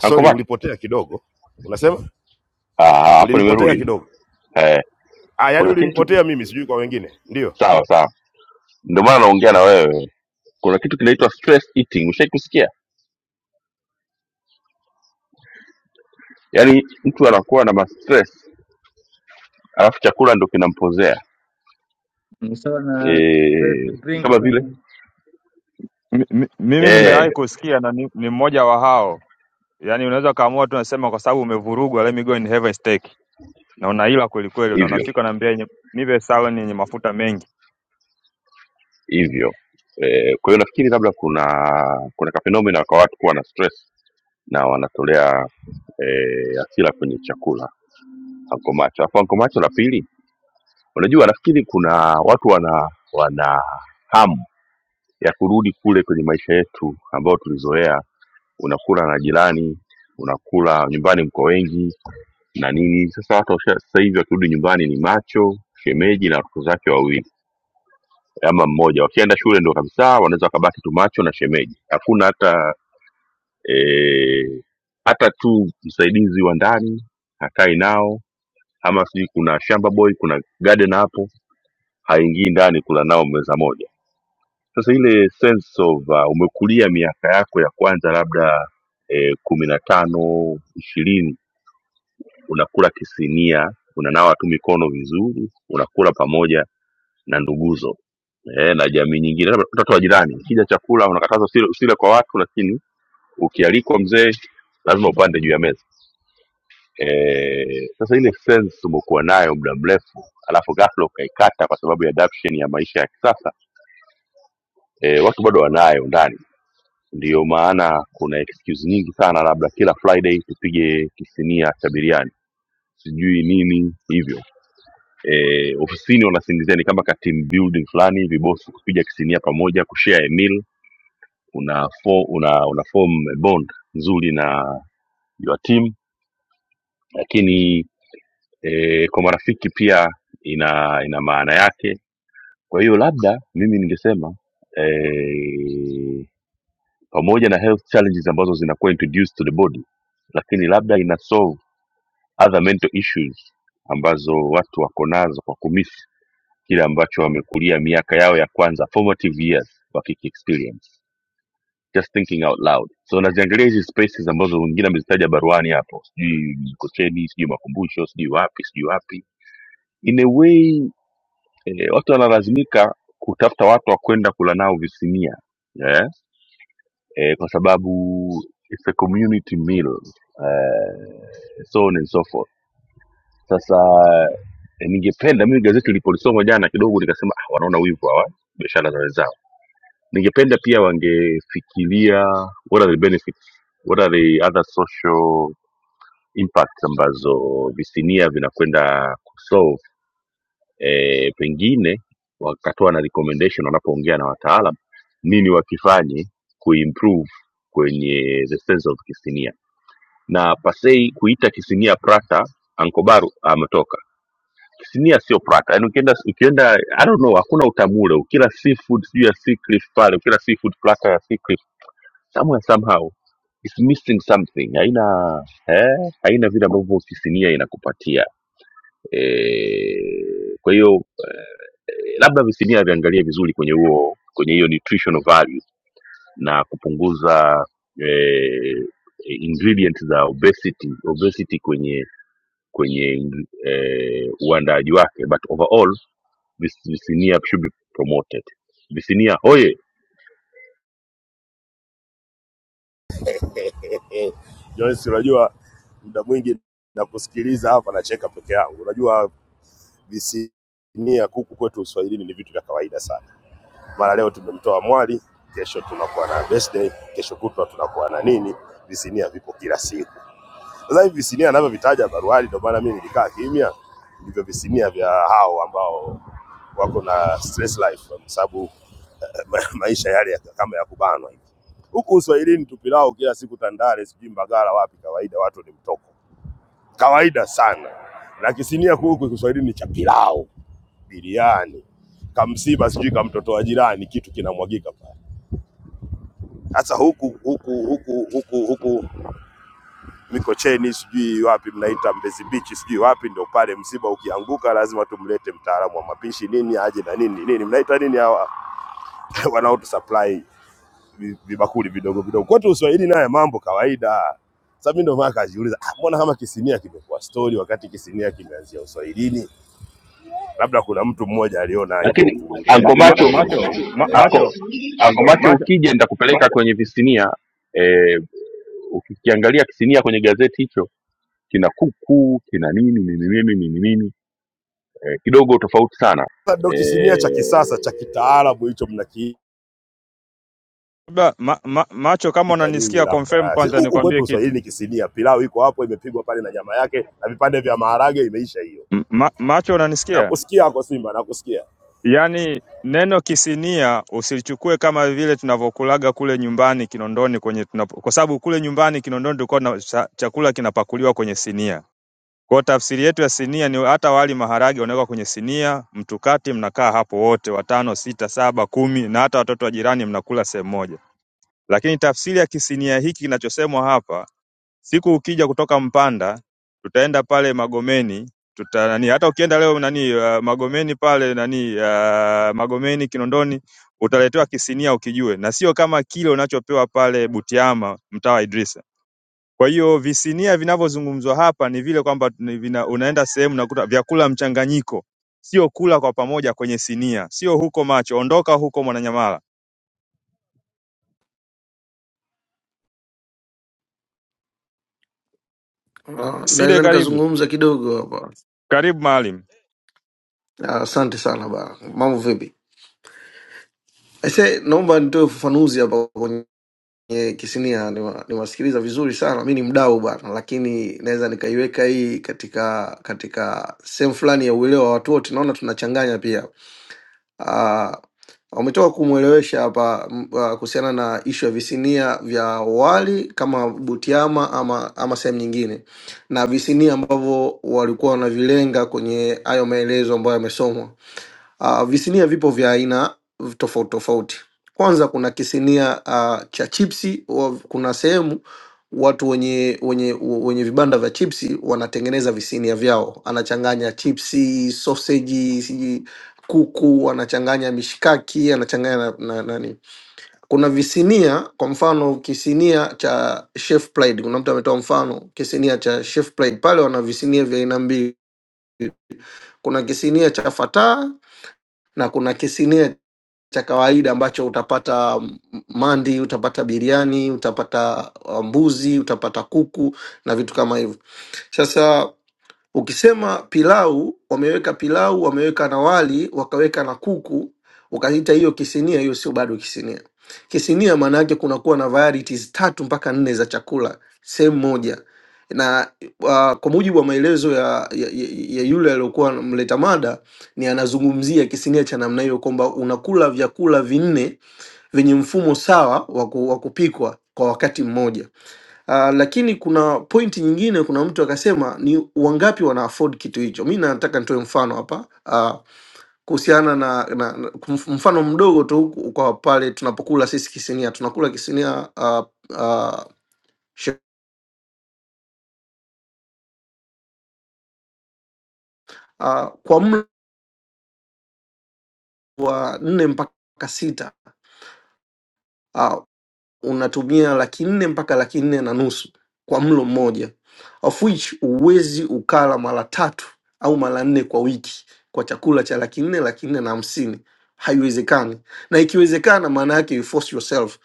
A: Anko Macho?
H: ulipotea kidogo unasema
A: Ah, hapo
H: Ulinipotea
A: nimerudi.
H: kidogo.
A: Eh,
H: Ah, yaani
A: kuna kitu
H: ulinipotea mimi, sijui kwa wengine. Ndio.
A: sawa sawa. Ndio maana naongea na wewe kuna kitu kinaitwa stress eating ushai kusikia yaani mtu anakuwa na mastress alafu chakula ndo kinampozea
G: ni sawa na safe
A: e, kama
G: drinking.
A: vile
C: Mi- mi- Mimi
A: e,
C: nimewahi kusikia na ni, ni mmoja wa hao. Yaani unaweza kaamua tu unasema kwa sababu umevurugwa let me go and have a steak. Na unaila kweli kweli na
A: hivyo
C: unafika unaambia yenye- nipe salad yenye mafuta mengi.
A: hivyo e, kwa hiyo nafikiri labda kuna kuna kafenomena kwa watu kuwa na stress na wanatolea e, asira kwenye chakula anko macho alafu anko macho la pili unajua nafikiri kuna watu wana wana hamu ya kurudi kule kwenye maisha yetu ambayo tulizoea unakula na jirani unakula nyumbani mko wengi na nini sasa watu washa- sasa hivi wakirudi nyumbani ni macho shemeji na watoto zake wawili ama mmoja wakienda shule ndo kabisa wanaweza wakabaki tu macho na shemeji hakuna hata eh, hata tu msaidizi wa ndani hakai nao ama sijui kuna shamba boy kuna garden hapo haingii ndani kula nao meza moja sasa ile sense of uh, umekulia miaka yako ya kwanza labda eh, kumi na tano ishirini unakula kisinia unanawa tu mikono vizuri unakula pamoja na nduguzo eh, na jamii nyingine labda mtoto wa jirani kija chakula unakatazwa usile, usile kwa watu lakini ukialikwa mzee lazima upande juu ya meza eh, sasa ile sense umekuwa nayo muda mrefu alafu ghafla ukaikata kwa sababu ya adaption ya maisha ya kisasa eh, watu bado wanayo ndani ndiyo maana kuna excuse nyingi sana labda kila friday tupige kisinia cha biriani sijui nini hivyo eh, ofisini wanasingizia ni kama ka team building fulani hivi bosi kupiga kisinia pamoja kushare a meal una fo, una, una form a bond nzuri na your team lakini eh, kwa marafiki pia ina ina maana yake kwa hiyo labda mimi ningesema eh, pamoja na health challenges ambazo zinakuwa introduced to the body lakini labda ina solve other mental issues ambazo watu wako nazo kwa kumisi kile ambacho wamekulia miaka yao ya kwanza formative years wakiki experience just thinking out loud so naziangalia hizi spaces ambazo wengine amezitaja baruani hapo sijui mikocheni sijui makumbusho sijui wapi sijui wapi in a way eh, watu wanalazimika kutafuta watu wa kwenda kula nao visinia yeah? eh, kwa sababu it's a community meal eh, so on and so forth Sasa eh, ningependa mimi gazeti nilipolisoma jana kidogo nikasema ah, wanaona wivu hawa biashara za wenzao. Ningependa pia wangefikiria what are the benefits, what are the other social impacts ambazo visinia vinakwenda kusolve. E, pengine wakatoa na recommendation wanapoongea na wataalam nini wakifanye kuimprove kwenye the sense of kisinia na pasei kuita kisinia prata Anko Baru ametoka. Sinia sio prata. Yaani ukienda ukienda I don't know hakuna utamu ule. Ukila seafood sijui ya Sea Cliff pale, ukila seafood platter ya Sea Cliff somewhere somehow it's missing something. Haina eh, haina vile ambavyo kisinia inakupatia. Eh, kwa hiyo eh, labda visinia viangalie vizuri kwenye huo kwenye hiyo nutritional value na kupunguza eh, ingredients za obesity obesity kwenye kwenye eh, uandaaji wake but overall this visinia should be promoted visinia hoye
H: <laughs> Joyce, unajua muda mwingi nakusikiliza hapa nacheka peke yangu. Unajua visinia kuku kwetu Uswahilini ni vitu vya kawaida sana. Mara leo tumemtoa mwali, kesho tunakuwa na birthday, kesho kutwa tunakuwa na nini. Visinia vipo kila siku. Sasa hivi visinia anavyovitaja Baruhari, ndio maana mimi nilikaa kimya, ndivyo visinia vya hao ambao wako na stress life, kwa sababu eh, ma- maisha yale ya, kama ya kubanwa hivi. Huku uswahilini tupilao kila siku Tandale, sijui Mbagala, wapi, kawaida watu ni mtoko, kawaida sana. Na kisinia huku kiswahilini ni cha pilau, biriani, kamsiba, sijui kamtotoa jirani, kitu kinamwagika pale. Sasa huku huku huku huku huku Mikocheni sijui wapi mnaita Mbezi Beach sijui wapi, ndio pale msiba ukianguka lazima tumlete mtaalamu wa mapishi nini aje na nini nini, mnaita nini hawa <laughs> wanaotu supply vi- vibakuli vidogo vidogo kwetu Uswahili, naye mambo kawaida. Sasa mimi ndio maana kajiuliza, ah, mbona kama kisimia kimekuwa story wakati kisimia kimeanzia Uswahilini? Labda kuna mtu mmoja aliona hivyo
A: lakini
C: Ma,
H: kujaribu
C: ma,
A: ankomacho
H: kuondoa hiyo
C: macho,
H: Uswahili.
C: ma,
A: anko,
C: macho,
A: ankomacho
C: macho
A: ukija nitakupeleka kwenye visinia eh, ukikiangalia kisinia kwenye gazeti hicho kina kuku kina nini nini nini nini nini eh, kidogo tofauti sana
H: Sasa ndio kisimia cha
A: eh,
H: kisasa cha kitaalamu hicho mnaki
C: Ba, ma, ma, macho kama
H: ita nyinyi
C: unanisikia confirm
H: labda Si-
C: kwanza
H: huku kwetu
C: nikwambie
H: Uswahili
C: kitu.
H: ni kisinia, pilau iko hapo imepigwa pale na nyama yake na vipande vya maharage, imeisha hiyo.
C: M- Ma, macho unanisikia?
H: Nakusikia ako Simba, nakusikia
C: Yaani neno kisinia usilichukue kama vile tunavyokulaga kule nyumbani Kinondoni kwenye tunapo, kwa sababu kule nyumbani Kinondoni tulikuwa na cha- chakula kinapakuliwa kwenye sinia. Kwa hiyo tafsiri yetu ya sinia ni hata wali maharage unawekwa kwenye sinia, mtukati mnakaa hapo wote watano, sita, saba, kumi na hata watoto wa jirani mnakula sehemu moja. Lakini tafsiri ya kisinia hiki kinachosemwa hapa Siku ukija kutoka Mpanda tutaenda pale Magomeni tuta nani hata ukienda leo nani uh, Magomeni pale nani uh, Magomeni Kinondoni utaletewa kisinia ukijue, na sio kama kile unachopewa pale Butiama mtaa wa Idrisa. Kwa hiyo visinia vinavyozungumzwa hapa ni vile kwamba ni vina, unaenda sehemu nakuta vyakula mchanganyiko, sio kula kwa pamoja kwenye sinia, sio huko macho. Ondoka huko Mwananyamala.
J: Ah,
C: Sile,
J: naweza
C: karibu
J: nikazungumza kidogo hapa.
C: karibu maalim.
J: Ah, Asante sana ba. Mambo vipi? Aise, naomba nitoe ufafanuzi hapa kwenye Kisinia. Niwa- Niwasikiliza vizuri sana, mi ni mdau bana, lakini naweza nikaiweka hii katika katika sehemu fulani ya uelewa wa watu wote. Naona tunachanganya pia ah, umetoka kumwelewesha hapa m- ah, kuhusiana na ishu ya visinia vya wali kama Butiama ama, ama sehemu nyingine na visinia ambavyo walikuwa wanavilenga kwenye hayo maelezo ambayo yamesomwa. Uh, visinia vipo vya aina tofauti tofauti. Kwanza kuna kisinia uh, cha chipsi. wa- Kuna sehemu watu wenye wenye wenye vibanda vya chipsi wanatengeneza visinia vyao, anachanganya chipsi, soseji, sijui kuku, anachanganya mishikaki, anachanganya na, na, nani. Kuna visinia, kwa mfano kisinia cha Chef Pride. Kuna mtu ametoa mfano kisinia cha Chef Pride, pale wana visinia vya aina mbili. Kuna kisinia cha Fataa na kuna kisinia cha kawaida ambacho utapata mm, mandi, utapata biriani, utapata uh, mbuzi, utapata kuku na vitu kama hivyo. Sasa Ukisema pilau, wameweka pilau, wameweka na wali, wakaweka na kuku, ukaita hiyo kisinia, hiyo sio bado kisinia. Kisinia maana yake kunakuwa na varieties tatu mpaka nne za chakula sehemu moja, na uh, kwa mujibu wa maelezo ya, ya, ya ya yule aliyokuwa mleta mada ni anazungumzia kisinia cha namna hiyo kwamba unakula vyakula vinne vyenye mfumo sawa wa ku- wa kupikwa kwa wakati mmoja Uh, lakini kuna pointi nyingine, kuna mtu akasema ni wangapi wana afford kitu hicho. Mi nataka nitoe mfano hapa uh, kuhusiana na, na, na kumf- mfano mdogo tu ku- kwa pale tunapokula sisi kisinia, tunakula kisinia uh, uh, she- uh, kwa mlo wa nne mpaka sita Uh, unatumia laki nne mpaka laki nne na nusu kwa mlo mmoja of which huwezi ukala mara tatu au mara nne kwa wiki kwa chakula cha laki nne laki nne na hamsini haiwezekani na ikiwezekana maana yake you force yourself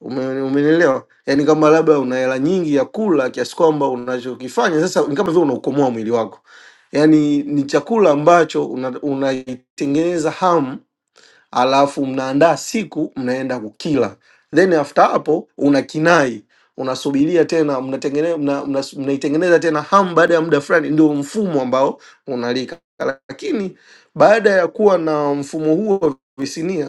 J: Ume- umenielewa yaani kama labda una hela nyingi ya kula kiasi kwamba unachokifanya sasa ni kama vile unaukomoa mwili wako yaani ni chakula ambacho unaitengeneza una unaitengeneza hamu alafu mnaandaa siku mnaenda kukila, then after hapo una kinai unasubiria tena mnatengeneza mna, mna, mnaitengeneza tena hamu baada ya muda fulani, ndio mfumo ambao unalika. Lakini baada ya kuwa na mfumo huo wa visinia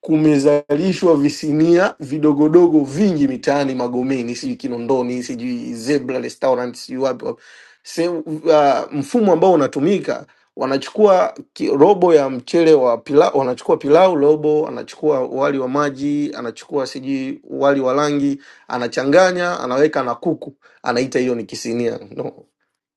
J: kumezalishwa visinia vidogodogo vingi mitaani Magomeni, sijui Kinondoni, sijui Zebra Restaurant, sijui wapi wapi. Sehemu- Uh, mfumo ambao unatumika wanachukua ki- robo ya mchele wa pilau, wanachukua pilau robo, anachukua wali wa maji, anachukua sijui wali wa rangi, anachanganya, anaweka na kuku, anaita hiyo ni kisinia. No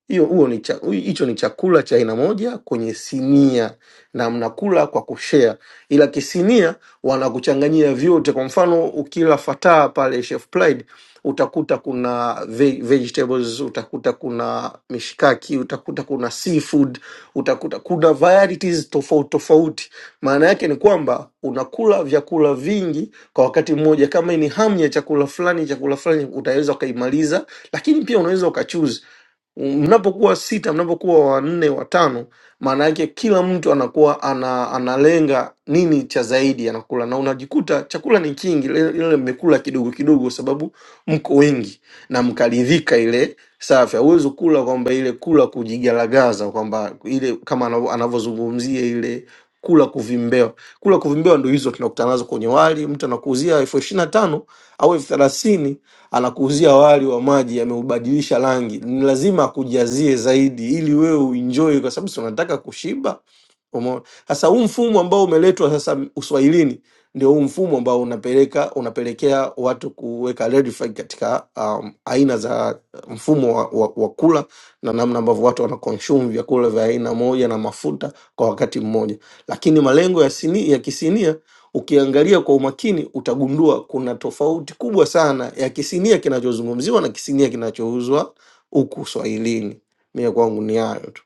J: hiyo huo ni cha- hui- hicho ni chakula cha aina moja kwenye sinia na mnakula kwa kushea, ila kisinia wanakuchanganyia vyote. Kwa mfano ukila fataa pale Chef Pride utakuta kuna ve- vegetables, utakuta kuna mishikaki, utakuta kuna seafood, utakuta kuna varieties tofauti tofauti. Maana yake ni kwamba unakula vyakula vingi kwa wakati mmoja. Kama ni hamu ya chakula fulani, chakula fulani utaweza ukaimaliza, lakini pia unaweza ukachuzi Mnapokuwa sita, mnapokuwa wanne, watano, maana yake kila mtu anakuwa ana, analenga nini cha zaidi anakula, na unajikuta chakula ni kingi, ile ile mmekula kidogo kidogo, kwa sababu mko wengi na mkaridhika. Ile safi, hauwezi kula kwamba ile kula kujigaragaza, kwamba ile kama anavo- anavyozungumzia ile kula kuvimbewa. Kula kuvimbewa ndo hizo tunakutana nazo kwenye wali, mtu anakuuzia elfu ishirini na tano au elfu thelathini anakuuzia wali wa maji, ameubadilisha rangi, ni lazima akujazie zaidi ili wewe uenjoy, kwa sababu si unataka kushiba. Umeona? Sasa huu mfumo ambao umeletwa sasa Uswahilini ndio huu mfumo ambao unapeleka unapelekea watu kuweka red flag katika um, aina za uh, mfumo wa, wa, wa kula na namna ambavyo watu wana consume vyakula vya aina moja na mafuta kwa wakati mmoja, lakini malengo ya, sini, ya kisinia ukiangalia kwa umakini utagundua kuna tofauti kubwa sana ya kisinia kinachozungumziwa na kisinia kinachouzwa huku Swahilini. Mie kwangu ni hayo tu.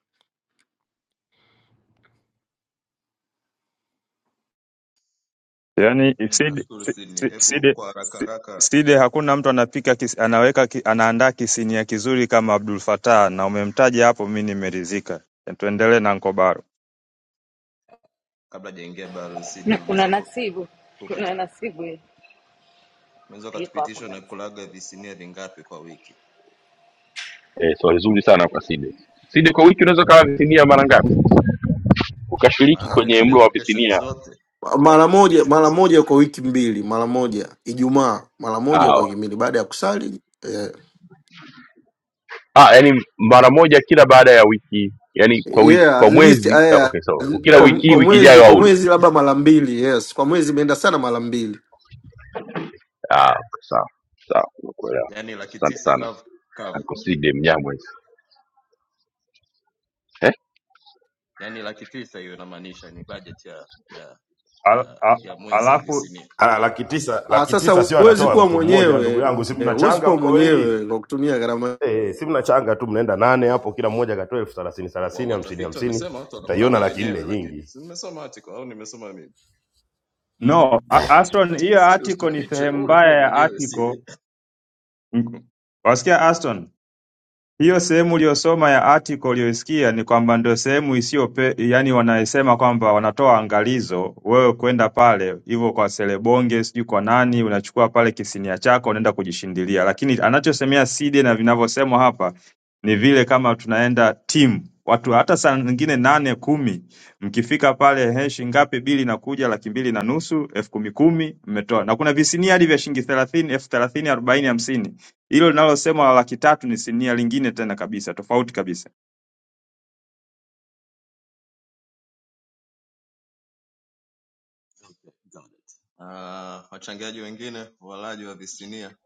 C: Yaani
B: Mm,
C: seed
B: Nashukuru
C: se-
B: Sydney.
C: se-
B: Hebu
C: seed
B: kwa haraka
C: se-
B: haraka
C: seed hakuna mtu anapika kis, anaweka ki, anaandaa kisinia kizuri kama Abdul Fattah na umemtaja hapo mimi nimeridhika. Tuendelee na Nkobaro.
B: kabla hajaingia baro
F: Na
B: Sydney,
F: kuna
B: unaweza ku-
F: nasibu,
B: ukatu-
F: kuna nasibu
B: unaweza
F: yuko hapo
B: ukatupitisha
F: guys.
B: unakulaga visinia vingapi kwa wiki?
A: eh, swali zuri sana kwa Side. Side, kwa wiki unaweza ukawa visinia mara ngapi ukashiriki
B: Maana
J: Ah,
A: kwenye
B: ametaja
A: mlo wa
B: location
A: visinia?
B: zote,
J: Mara moja mara moja kwa wiki mbili, mara moja Ijumaa, mara moja
A: Ah,
J: kwa wiki
A: okay.
J: mbili baada ya kusali eh,
A: ah, yani mara moja kila baada ya wiki, yani kwa wiki,
J: yeah, at
A: kwa
J: least
A: mwezi ah,
J: eh,
A: okay, so kila
J: kwa,
A: wiki hii,
J: kwa
A: wiki
J: mwezi
A: ijayo
J: kwa
A: auli.
J: mwezi labda mara mbili. Yes, kwa mwezi imeenda sana mara mbili.
A: Ah, okay, sawa sawa, nimekuelewa.
B: yani laki
A: Asante
B: tisa
A: sana
B: kavu kavu,
A: Uncle Side Mnyamwezi.
B: yani laki tisa hiyo inamaanisha ni budget ya ya
C: Al,
B: ya
C: a,
B: ya mwezi ya
C: alafu
B: visinia.
H: Ah, laki tisa,
J: Ah,
H: laki
J: sasa
H: tisa sio
J: huwezi
H: anatoa
J: kuwa
H: mtu mmoja ndugu
J: mwenyewe
H: yangu, si
J: eh, huwezi
H: mnachanga
J: kuwa
H: mko wengi
J: mwenyewe kwa kutumia gharama
H: eh, eh, si mnachanga tu mnaenda nane hapo, kila mmoja akatoa elfu thelathini
B: wa
H: thelathini hamsini
B: watafiti
H: hamsini,
B: wamesema watu
H: utaiona
B: wanakulaga
H: laki nne
B: wenyewe lakini
H: nyingi.
B: si nimesoma article au nimesoma mimi
C: no, A- Aston hiyo
B: sidi
C: article ni
B: usitufiche
C: sehemu
B: wewe
C: mbaya
B: ulikula
C: ya
B: mwenyewe
C: article.
B: sidi
C: Mm, Wasikia Aston? hiyo sehemu uliyosoma ya article uliyoisikia ni kwamba ndio sehemu isiyo yani wanasema kwamba wanatoa angalizo wewe kwenda pale hivyo kwa selebonge sijui kwa nani unachukua pale kisinia chako unaenda kujishindilia lakini anachosemea Side na vinavyosemwa hapa ni vile kama tunaenda timu watu hata saa nyingine nane kumi mkifika pale he shilingi ngapi bili inakuja laki mbili na nusu elfu kumi kumi mmetoa na kuna visinia hadi vya shilingi thelathini elfu thelathini arobaini hamsini hilo linalosema la laki tatu ni sinia lingine tena kabisa, tofauti kabisa.
B: Got it. Uh, wachangiaji wengine walaji wa visinia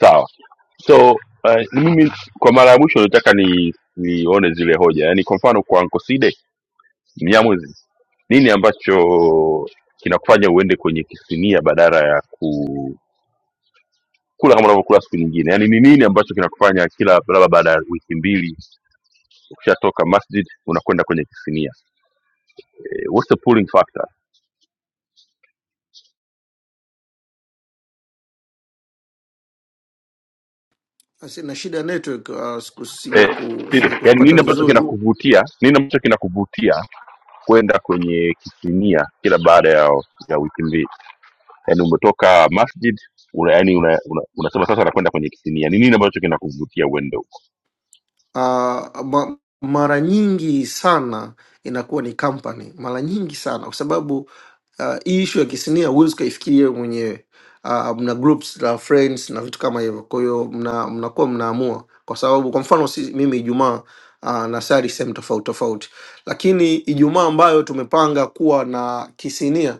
A: sawa so uh, mimi kwa mara ya mwisho nataka ni nione zile hoja yaani kwa mfano kwa nkoside mnyamwezi nini ambacho kinakufanya uende kwenye kisinia badala ya ku kula kama unavyokula siku nyingine yaani ni nini ambacho kinakufanya kila labda baada ya wiki mbili ukishatoka masjid unakwenda kwenye kisinia eh, what's the pulling factor
J: Asi na shida ya network uh, siku- sija
A: eh,
J: ku,
A: Sile,
J: sija
A: yaani
J: kupata
A: nini ambacho
J: vizuri
A: kinakuvutia nini ambacho kinakuvutia kwenda kwenye kisinia kila baada ya, ya wiki mbili yani umetoka masjid una, yani una, una, unasema sasa nakwenda kwenye kisinia ni nini ambacho kinakuvutia uende
J: uh, ma, mara nyingi sana inakuwa ni company, mara nyingi sana kwa sababu uh, hii issue ya kisinia huwezi ukaifikiria wewe mwenyewe. Uh, mna groups la friends na vitu kama hivyo, kwa hiyo mna mnakuwa mnaamua, kwa sababu kwa mfano si, mimi Ijumaa uh, na sari sehemu tofauti tofauti, lakini Ijumaa ambayo tumepanga kuwa na kisinia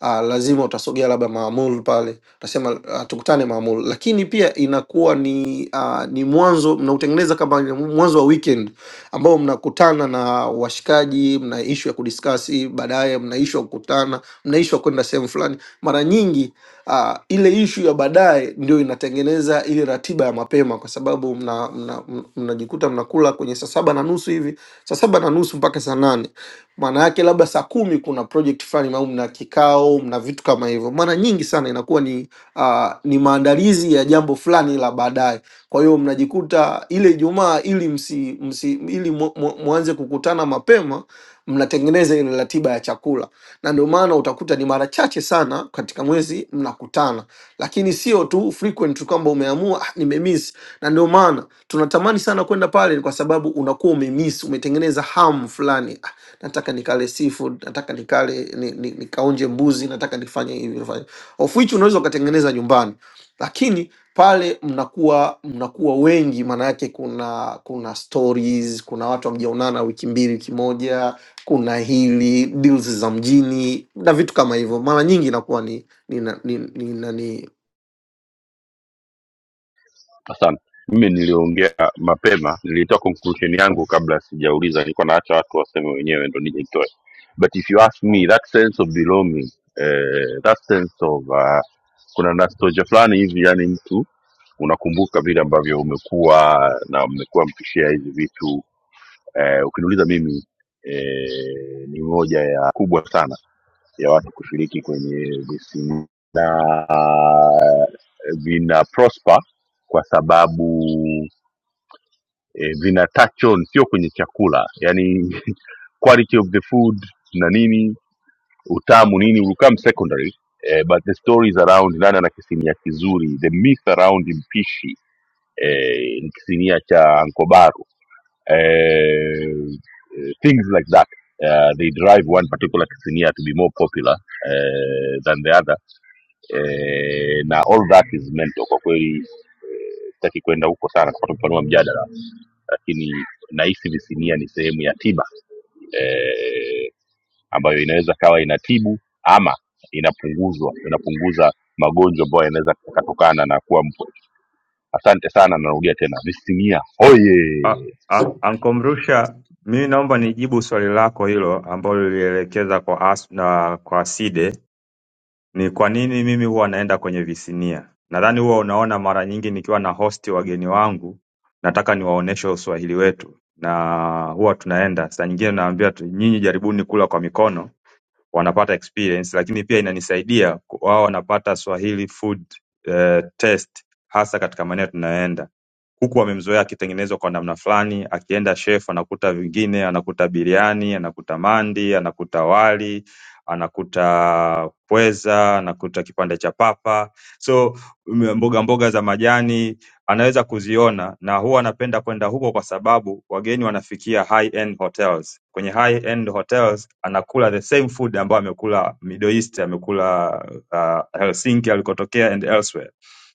J: uh, lazima utasogea labda maamul pale, utasema uh, tukutane maamul, lakini pia inakuwa ni uh, ni mwanzo mnautengeneza kama ni mwanzo wa weekend ambao mnakutana na washikaji, mna ishu ya kudiskasi, baadaye mna ishu ya kukutana, mna ishu ya kwenda sehemu fulani. Mara nyingi Ah, ile ishu ya baadaye ndio inatengeneza ile ratiba ya mapema, kwa sababu mnajikuta mna, mna, mna- mnajikuta mnakula kwenye saa saba na nusu hivi, saa saba na nusu mpaka saa nane maana yake labda saa kumi kuna project fulani au mna kikao, mna vitu kama hivyo. Mara nyingi sana inakuwa ni uh, ni maandalizi ya jambo fulani la baadaye. Kwa hiyo mnajikuta ile Ijumaa ili msi, msi ili mu- mu- muanze kukutana mapema mnatengeneza ile ratiba ya chakula, na ndio maana utakuta ni mara chache sana katika mwezi mnakutana, lakini sio tu frequent tu kwamba umeamua ah, nimemiss. Na ndio maana tunatamani sana kwenda pale, kwa sababu unakuwa umemiss, umetengeneza hamu fulani. Ah, nataka nikale seafood, nataka nikale ni, ni, nikaonje mbuzi, nataka nifanye hivi nifanye, of which unaweza ukatengeneza nyumbani, lakini pale mnakuwa mnakuwa wengi, maana yake kuna kuna stories, kuna watu hamjaonana wiki mbili, wiki moja kuna hili deals za mjini na vitu kama hivyo, mara nyingi inakuwa ni ni, na- ni, ni, nani
A: Asante. Mimi niliongea mapema, nilitoa conclusion yangu kabla sijauliza, nilikuwa naacha watu waseme wenyewe ndo nije nitoe. But if you ask me that sense of belonging, eh, that sense of uh, kuna nostalgia fulani hivi, yani mtu unakumbuka vile ambavyo umekuwa na mmekuwa mkishare hizi vitu eh, ukiniuliza mimi eh, ni moja ya kubwa sana ya watu kushiriki kwenye visina vina prosper kwa sababu eh, vina touch on sio kwenye chakula yani <laughs> quality of the food na nini utamu nini will come secondary eh, but the stories around nani ana kisimia kizuri the myth around mpishi eh, kisinia cha ankobaru eh, eh, things like that uh, they drive one particular kisinia to be more popular eh, than the other eh, na all that is mental kwa kweli eh, sitaki kwenda huko sana kupata kupanua mjadala lakini nahisi visinia ni sehemu ya tiba eh, ambayo inaweza kawa inatibu ama inapunguzwa inapunguza magonjwa ambayo yanaweza yakatokana na kuwa Asante sana, narudia tena Visinia
C: A-
A: hoye.
C: a- Anko Mrusha, mimi naomba nijibu swali lako hilo ambalo lilielekeza kwa as na kwa Side, ni kwa nini mimi huwa naenda kwenye visinia. Nadhani huwa unaona mara nyingi nikiwa na hosti wageni wangu, nataka niwaoneshe uswahili wetu, na huwa tunaenda saa nyingine naambia tu, nyinyi jaribuni kula kwa mikono, wanapata experience lakini pia inanisaidia ku- wao wanapata Swahili food eh, taste hasa katika maeneo tunayoenda. Kuku wamemzoea akitengenezwa kwa namna fulani, akienda chef anakuta vingine, anakuta biriani, anakuta mandi, anakuta wali, anakuta pweza, anakuta kipande cha papa. So m- mboga mboga za majani anaweza kuziona na huwa napenda kwenda huko kwa sababu wageni wanafikia high end hotels. Kwenye high end hotels anakula the same food ambayo amekula Middle East, amekula uh, Helsinki alikotokea and elsewhere.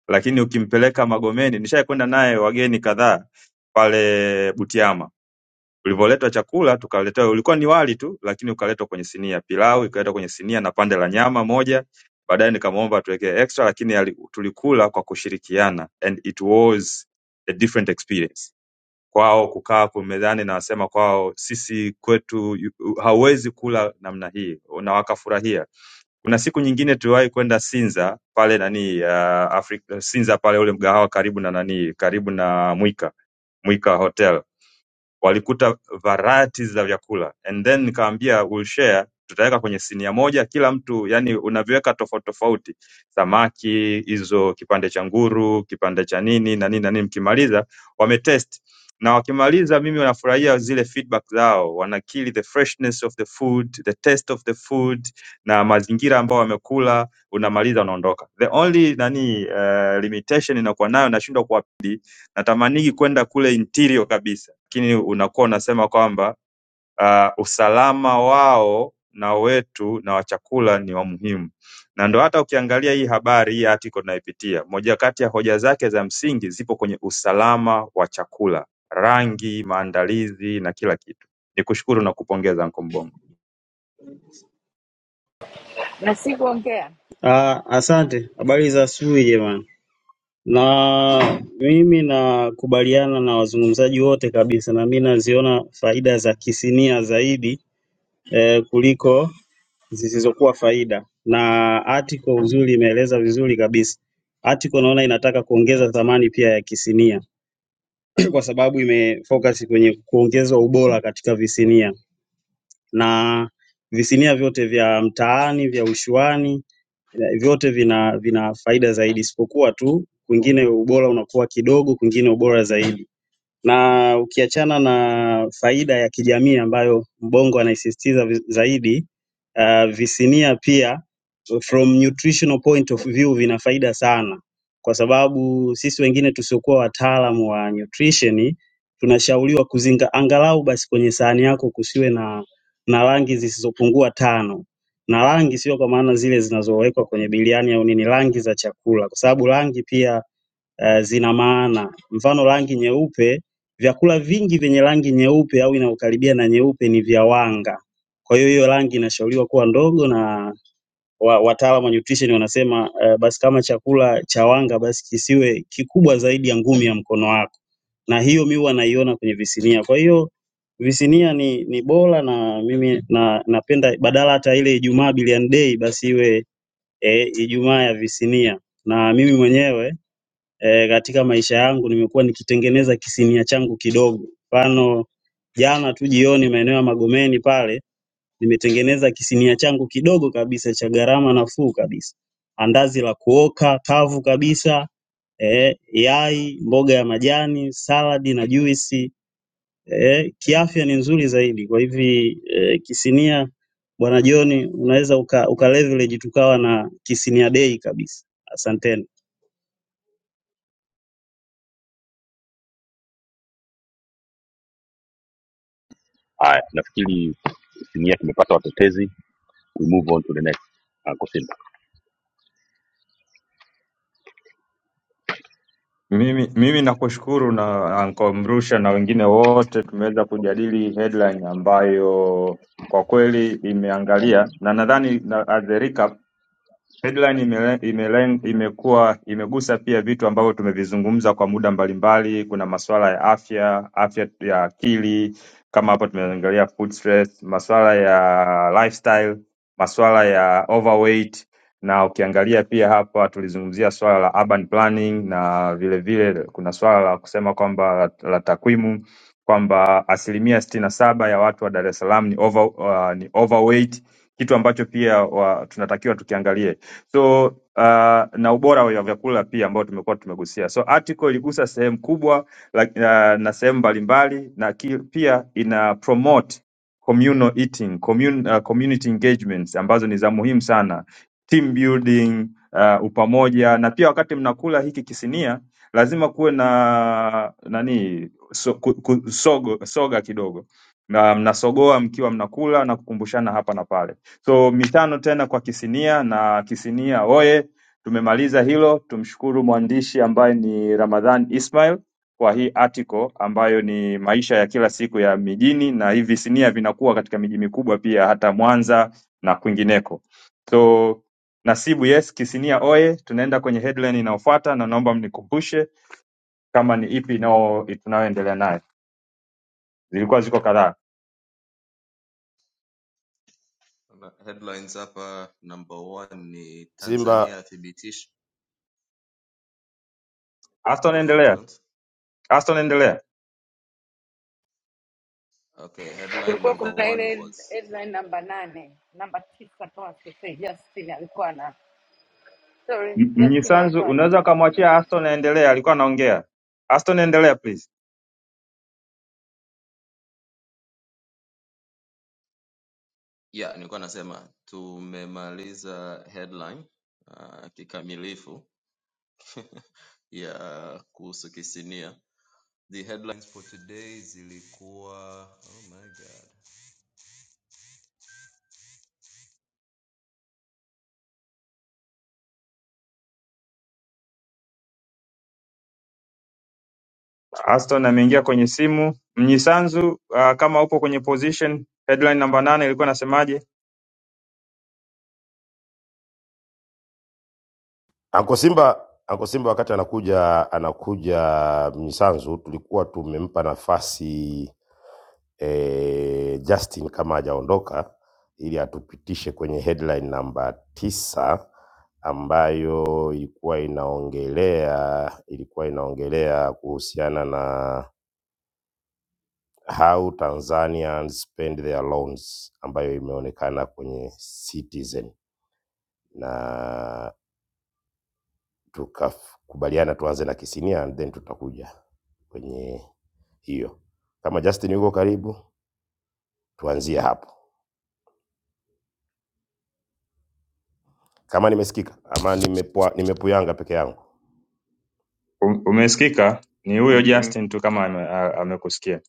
C: Lakini ukimpeleka Magomeni, nishakwenda naye wageni kadhaa pale Butiama Ulivyoletwa chakula tukaletewa ulikuwa ni wali tu lakini ukaletwa kwenye sinia, pilau ikaletwa kwenye sinia na pande la nyama moja. Baadaye nikamwomba atuwekee extra lakini ali, tulikula kwa kushirikiana and it was a different experience. Kwao kukaa kumezani na wasema kwao sisi kwetu yu- u- hauwezi kula namna hii na wakafurahia. Kuna siku nyingine tuliwahi kwenda Sinza pale nani uh, Afrika, Sinza pale ule mgahawa karibu na nani karibu na Mwika Mwika Hotel Walikuta varieties za vyakula and then nikawaambia we'll share tutaweka kwenye sinia moja kila mtu yani unaviweka tofauti tofauti samaki hizo kipande cha nguru kipande cha nini na nini na nini mkimaliza wametest na wakimaliza mimi wanafurahia zile feedback zao wanakili the freshness of the food the taste of the food na mazingira ambayo wamekula unamaliza unaondoka the only nani uh, limitation inakuwa nayo nashindwa Natamanigi kwenda kule interior kabisa, lakini unakuwa unasema kwamba ah, usalama wao na wetu na wa chakula ni wa muhimu, na ndo hata ukiangalia hii habari hii article tunaipitia, moja kati ya hoja zake za msingi zipo kwenye usalama wa chakula, rangi, maandalizi na kila kitu. Nikushukuru na kupongeza Anko Mbongo.
F: Nasibu ongea.
K: Ah, asante. Habari za asubuhi jamani. Na mimi nakubaliana na wazungumzaji wote kabisa, na mimi naziona faida za kisinia zaidi eh, kuliko zisizokuwa faida, na article uzuri imeeleza vizuri kabisa. Article naona inataka kuongeza thamani pia ya kisinia <clears throat> kwa sababu imefocus kwenye kuongeza ubora katika visinia na visinia vyote vya mtaani, vya ushuani Eh, Vyote vina vina faida zaidi isipokuwa tu kwingine ubora unakuwa kidogo, kwingine ubora zaidi. Na ukiachana na faida ya kijamii ambayo Mbongo anaisisitiza vi- zaidi Uh, visinia pia from nutritional point of view vina faida sana, kwa sababu sisi wengine tusiokuwa wataalamu wa nutrition tunashauriwa kuzinga angalau basi kwenye sahani yako kusiwe na na rangi zisizopungua tano, na rangi sio kwa maana zile zinazowekwa kwenye biriani au nini, rangi za chakula, kwa sababu rangi pia eh, zina maana. Mfano rangi nyeupe, vyakula vingi vyenye rangi nyeupe au inayokaribia na nyeupe ni vya wanga. Kwa hiyo hiyo rangi inashauriwa kuwa ndogo na wa- wataalamu wa nutrition wanasema eh, basi kama chakula cha wanga basi kisiwe kikubwa zaidi ya ngumi ya mkono wako, na hiyo mi huwa naiona kwenye visinia. Kwa hiyo visinia ni ni bora na mimi na napenda badala hata ile Ijumaa Billiard Day basi iwe eh, Ijumaa ya visinia na mimi mwenyewe eh, katika maisha yangu nimekuwa nikitengeneza kisimia changu kidogo. Mfano jana tu jioni maeneo ya Magomeni pale nimetengeneza kisimia changu kidogo kabisa cha gharama nafuu kabisa, andazi la kuoka kavu kabisa eh, yai, mboga ya majani, saladi na juisi eh, kiafya ni nzuri zaidi. Kwa hivi eh, kisinia bwana John, unaweza uka, uka leverage tukawa na kisinia day kabisa. Asanteni.
A: Haya, nafikiri Visinia kimepata watetezi, we move on to the next. Anko Simba,
C: Mimi mimi nakushukuru na Anko Mrusha na wengine wote tumeweza kujadili headline ambayo kwa kweli imeangalia na nadhani na, as a recap Headline ime, ime, imekuwa imegusa pia vitu ambavyo tumevizungumza kwa muda mbalimbali. Kuna masuala ya afya, afya ya akili kama hapo tumeangalia food stress, masuala ya lifestyle, masuala ya overweight na ukiangalia pia hapa tulizungumzia swala la urban planning na vile vile kuna swala la kusema kwamba la, la takwimu kwamba asilimia sitini na saba ya watu wa Dar es Salaam ni, over, uh, ni overweight kitu ambacho pia wa, tunatakiwa tukiangalie so uh, na ubora wa vyakula pia ambao tumekuwa tumegusia. So article iligusa sehemu kubwa like, uh, na sehemu mbalimbali na ki, pia ina promote communal eating, commun, uh, community engagements ambazo ni za muhimu sana, team building, uh, upamoja na pia wakati mnakula hiki kisinia lazima kuwe na nani so, ku, ku, sogo, soga kidogo na mnasogoa mkiwa mnakula na kukumbushana hapa na pale. So mitano tena kwa Kisinia na Kisinia oye! Tumemaliza hilo. Tumshukuru mwandishi ambaye ni Ramadhan Ismail kwa hii article ambayo ni maisha ya kila siku ya mijini, na hivi visinia vinakuwa katika miji mikubwa pia, hata Mwanza na kwingineko. So Nasibu, yes, Kisinia oye! Tunaenda kwenye headline inayofuata, na naomba mnikumbushe kama ni ipi inao- tunayoendelea nayo. Zilikuwa ziko kadhaa.
B: Kuna headlines hapa number one ni
H: Simba
B: tanzania athibitisha
C: Aston,
B: go ahead
C: endelea.
B: jones
C: Aston, endelea.
B: okay headline
F: kulikuwa
B: number
F: kuna
B: one
F: ile
B: was
F: headline namba nane namba tisa kama sikosei, Justin alikuwa na sorry,
C: M-
F: Justin
C: Mnyisanzu
F: alikuwa na
C: unaweza
F: nini,
C: ukamwachia Aston aendelee, alikuwa anaongea. Aston endelea please.
B: yeah nilikuwa nasema tumemaliza headline uh, kikamilifu <laughs> ya kuhusu kisinia The headlines for today zilikuwa oh my god
C: Aston ameingia kwenye simu. Mnyisanzu uh, kama upo kwenye position headline namba nane ilikuwa nasemaje?
H: Anko Simba, Anko Simba wakati anakuja anakuja Mnyisanzu tulikuwa tumempa nafasi e, Justin kama hajaondoka ili atupitishe kwenye headline namba tisa ambayo ilikuwa inaongelea ilikuwa inaongelea kuhusiana na how Tanzanians spend their loans ambayo imeonekana kwenye Citizen na tukakubaliana tuanze na Kisinia and then tutakuja kwenye hiyo. Kama Justin yuko karibu, tuanzie hapo, kama nimesikika ama nimepua, nimepuyanga peke yangu.
C: Um, umesikika? Ni huyo
H: Um- um-
C: Justin tu kama ame- a- amekusikia.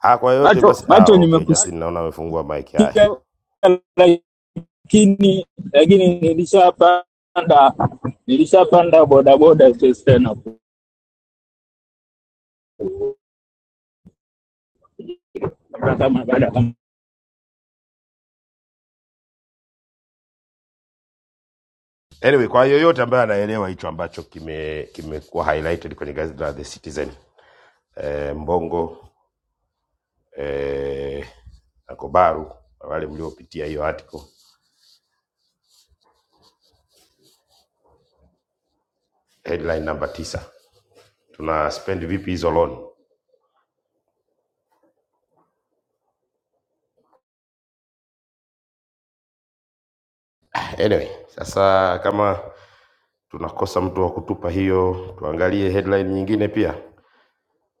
H: Ah, kwa yoyote
G: Macho,
H: basi. Ah,
G: macho
H: okay, Justin
G: nimekusikia
H: naona amefungua mic. Haya,
G: Lakini lakini nilishapanda nilishapanda bodaboda sasa na kupata mabada kama
H: anyway, kwa yoyote ambaye anaelewa hicho ambacho kime kimekuwa highlighted kwenye gazeti la The Citizen eh, Mbongo eh, na Kobaru, wale mliopitia hiyo article headline namba tisa, tuna spend vipi hizo loan? Anyway, sasa kama tunakosa mtu wa kutupa hiyo, tuangalie headline nyingine pia.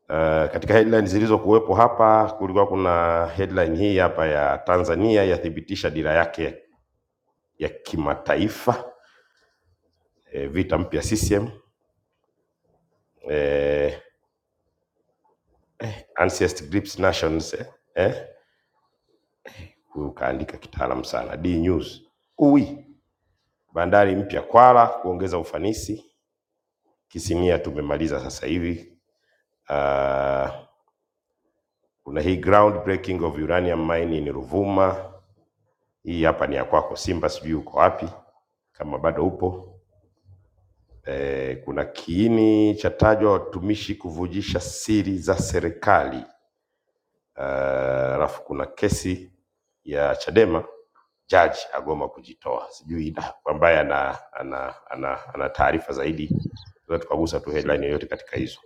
H: Uh, katika headline zilizokuwepo hapa kulikuwa kuna headline hii hapa ya Tanzania yathibitisha dira yake ya kimataifa eh, vita mpya CCM eh, Ancest Grips Nations eh, eh, huyu kaandika kitaalam sana D News uwi bandari mpya Kwala kuongeza ufanisi Kisinia tumemaliza sasa hivi uh, Kuna hii ground breaking of uranium mine ni Ruvuma, hii hapa ni ya kwako Simba, sijui uko wapi kama bado upo. E, kuna kiini cha tajwa watumishi kuvujisha siri za serikali. Ah, Alafu uh, kuna kesi ya Chadema jaji agoma kujitoa, sijui ina- ambaye ana ana ana, ana taarifa zaidi, tunaweza tukagusa tu headline yoyote katika hizo.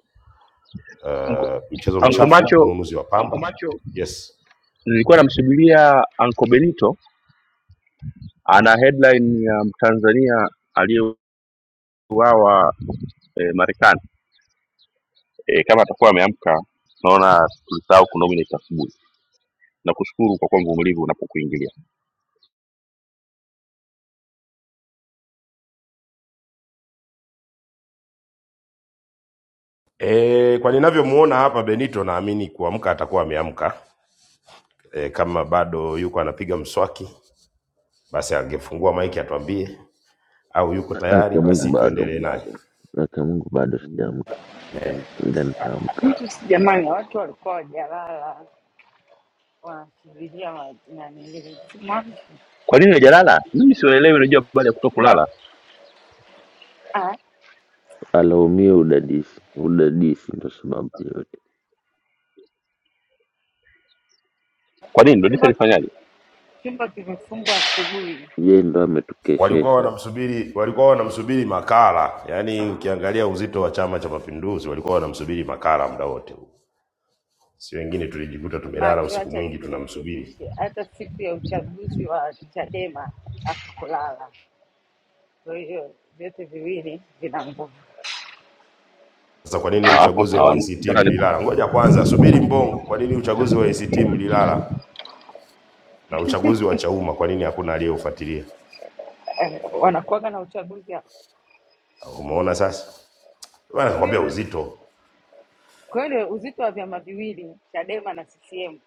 H: Ah, mchezo
A: Anko
H: mchafu,
A: Macho,
H: ununuzi wa Uncle pamba. Macho, Yes.
A: nilikuwa namsubiria Anko Benito, ana headline ya Mtanzania aliyeuawa eh, Marekani. Eh, kama atakuwa ameamka, naona tulisahau kunominate asubuhi. Nakushukuru kwa kuwa mvumilivu unapokuingilia.
H: E, kwa ninavyomuona hapa Benito naamini kuamka atakuwa ameamka. E, kama bado yuko anapiga mswaki basi angefungua maiki atuambie, au yuko
L: Haki
H: tayari
L: ya Mungu
H: basi
L: bado,
H: tuendelee naye.
L: haki ya Mungu bado sijaamka,
H: E,
L: ila nitaamka.
F: mtu si- jamani, watu walikuwa wajalala wanasubiria wa- nani ile simu.
A: Kwa nini hujalala? Mimi sielewi, unajua habari ya kutokulala.
F: Ah,
L: Alaumie udadisi, udadisi ndo sababu yote.
A: Kwa nini? Dodisa
F: chumba
A: lifanyaje?
F: chumba kimefungwa asubuhi,
L: Yeye ndo
H: Walikuwa
L: ametukeshesha.
H: wanamsubiri walikuwa wanamsubiri Makala, yaani ukiangalia uzito wa Chama cha Mapinduzi walikuwa wanamsubiri Makala muda wote huu, si wengine. Tulijikuta tumelala
F: macho
H: usiku
F: acha
H: mwingi tunamsubiri.
F: nikurekebishe, hata siku ya uchaguzi wa Chadema hakukulala. Kwa hiyo vyote viwili vina nguvu,
H: Sasa kwa
A: Ah,
H: nini
A: Hapo
H: uchaguzi wa
A: sawa.
H: ACT
A: Nataka ni-
H: mlilala? Ngoja kwanza, subiri Mbongo, kwa nini uchaguzi wa ACT mlilala? na uchaguzi wa Chauma, kwa nini hakuna aliyeufuatilia?
F: Eh, wanakuwaga na uchaguzi hapa.
H: Umeona sasa, bwana, nakwambia
F: ndio
H: uzito.
F: Kwa hiyo uzito wa vyama viwili Chadema na CCM,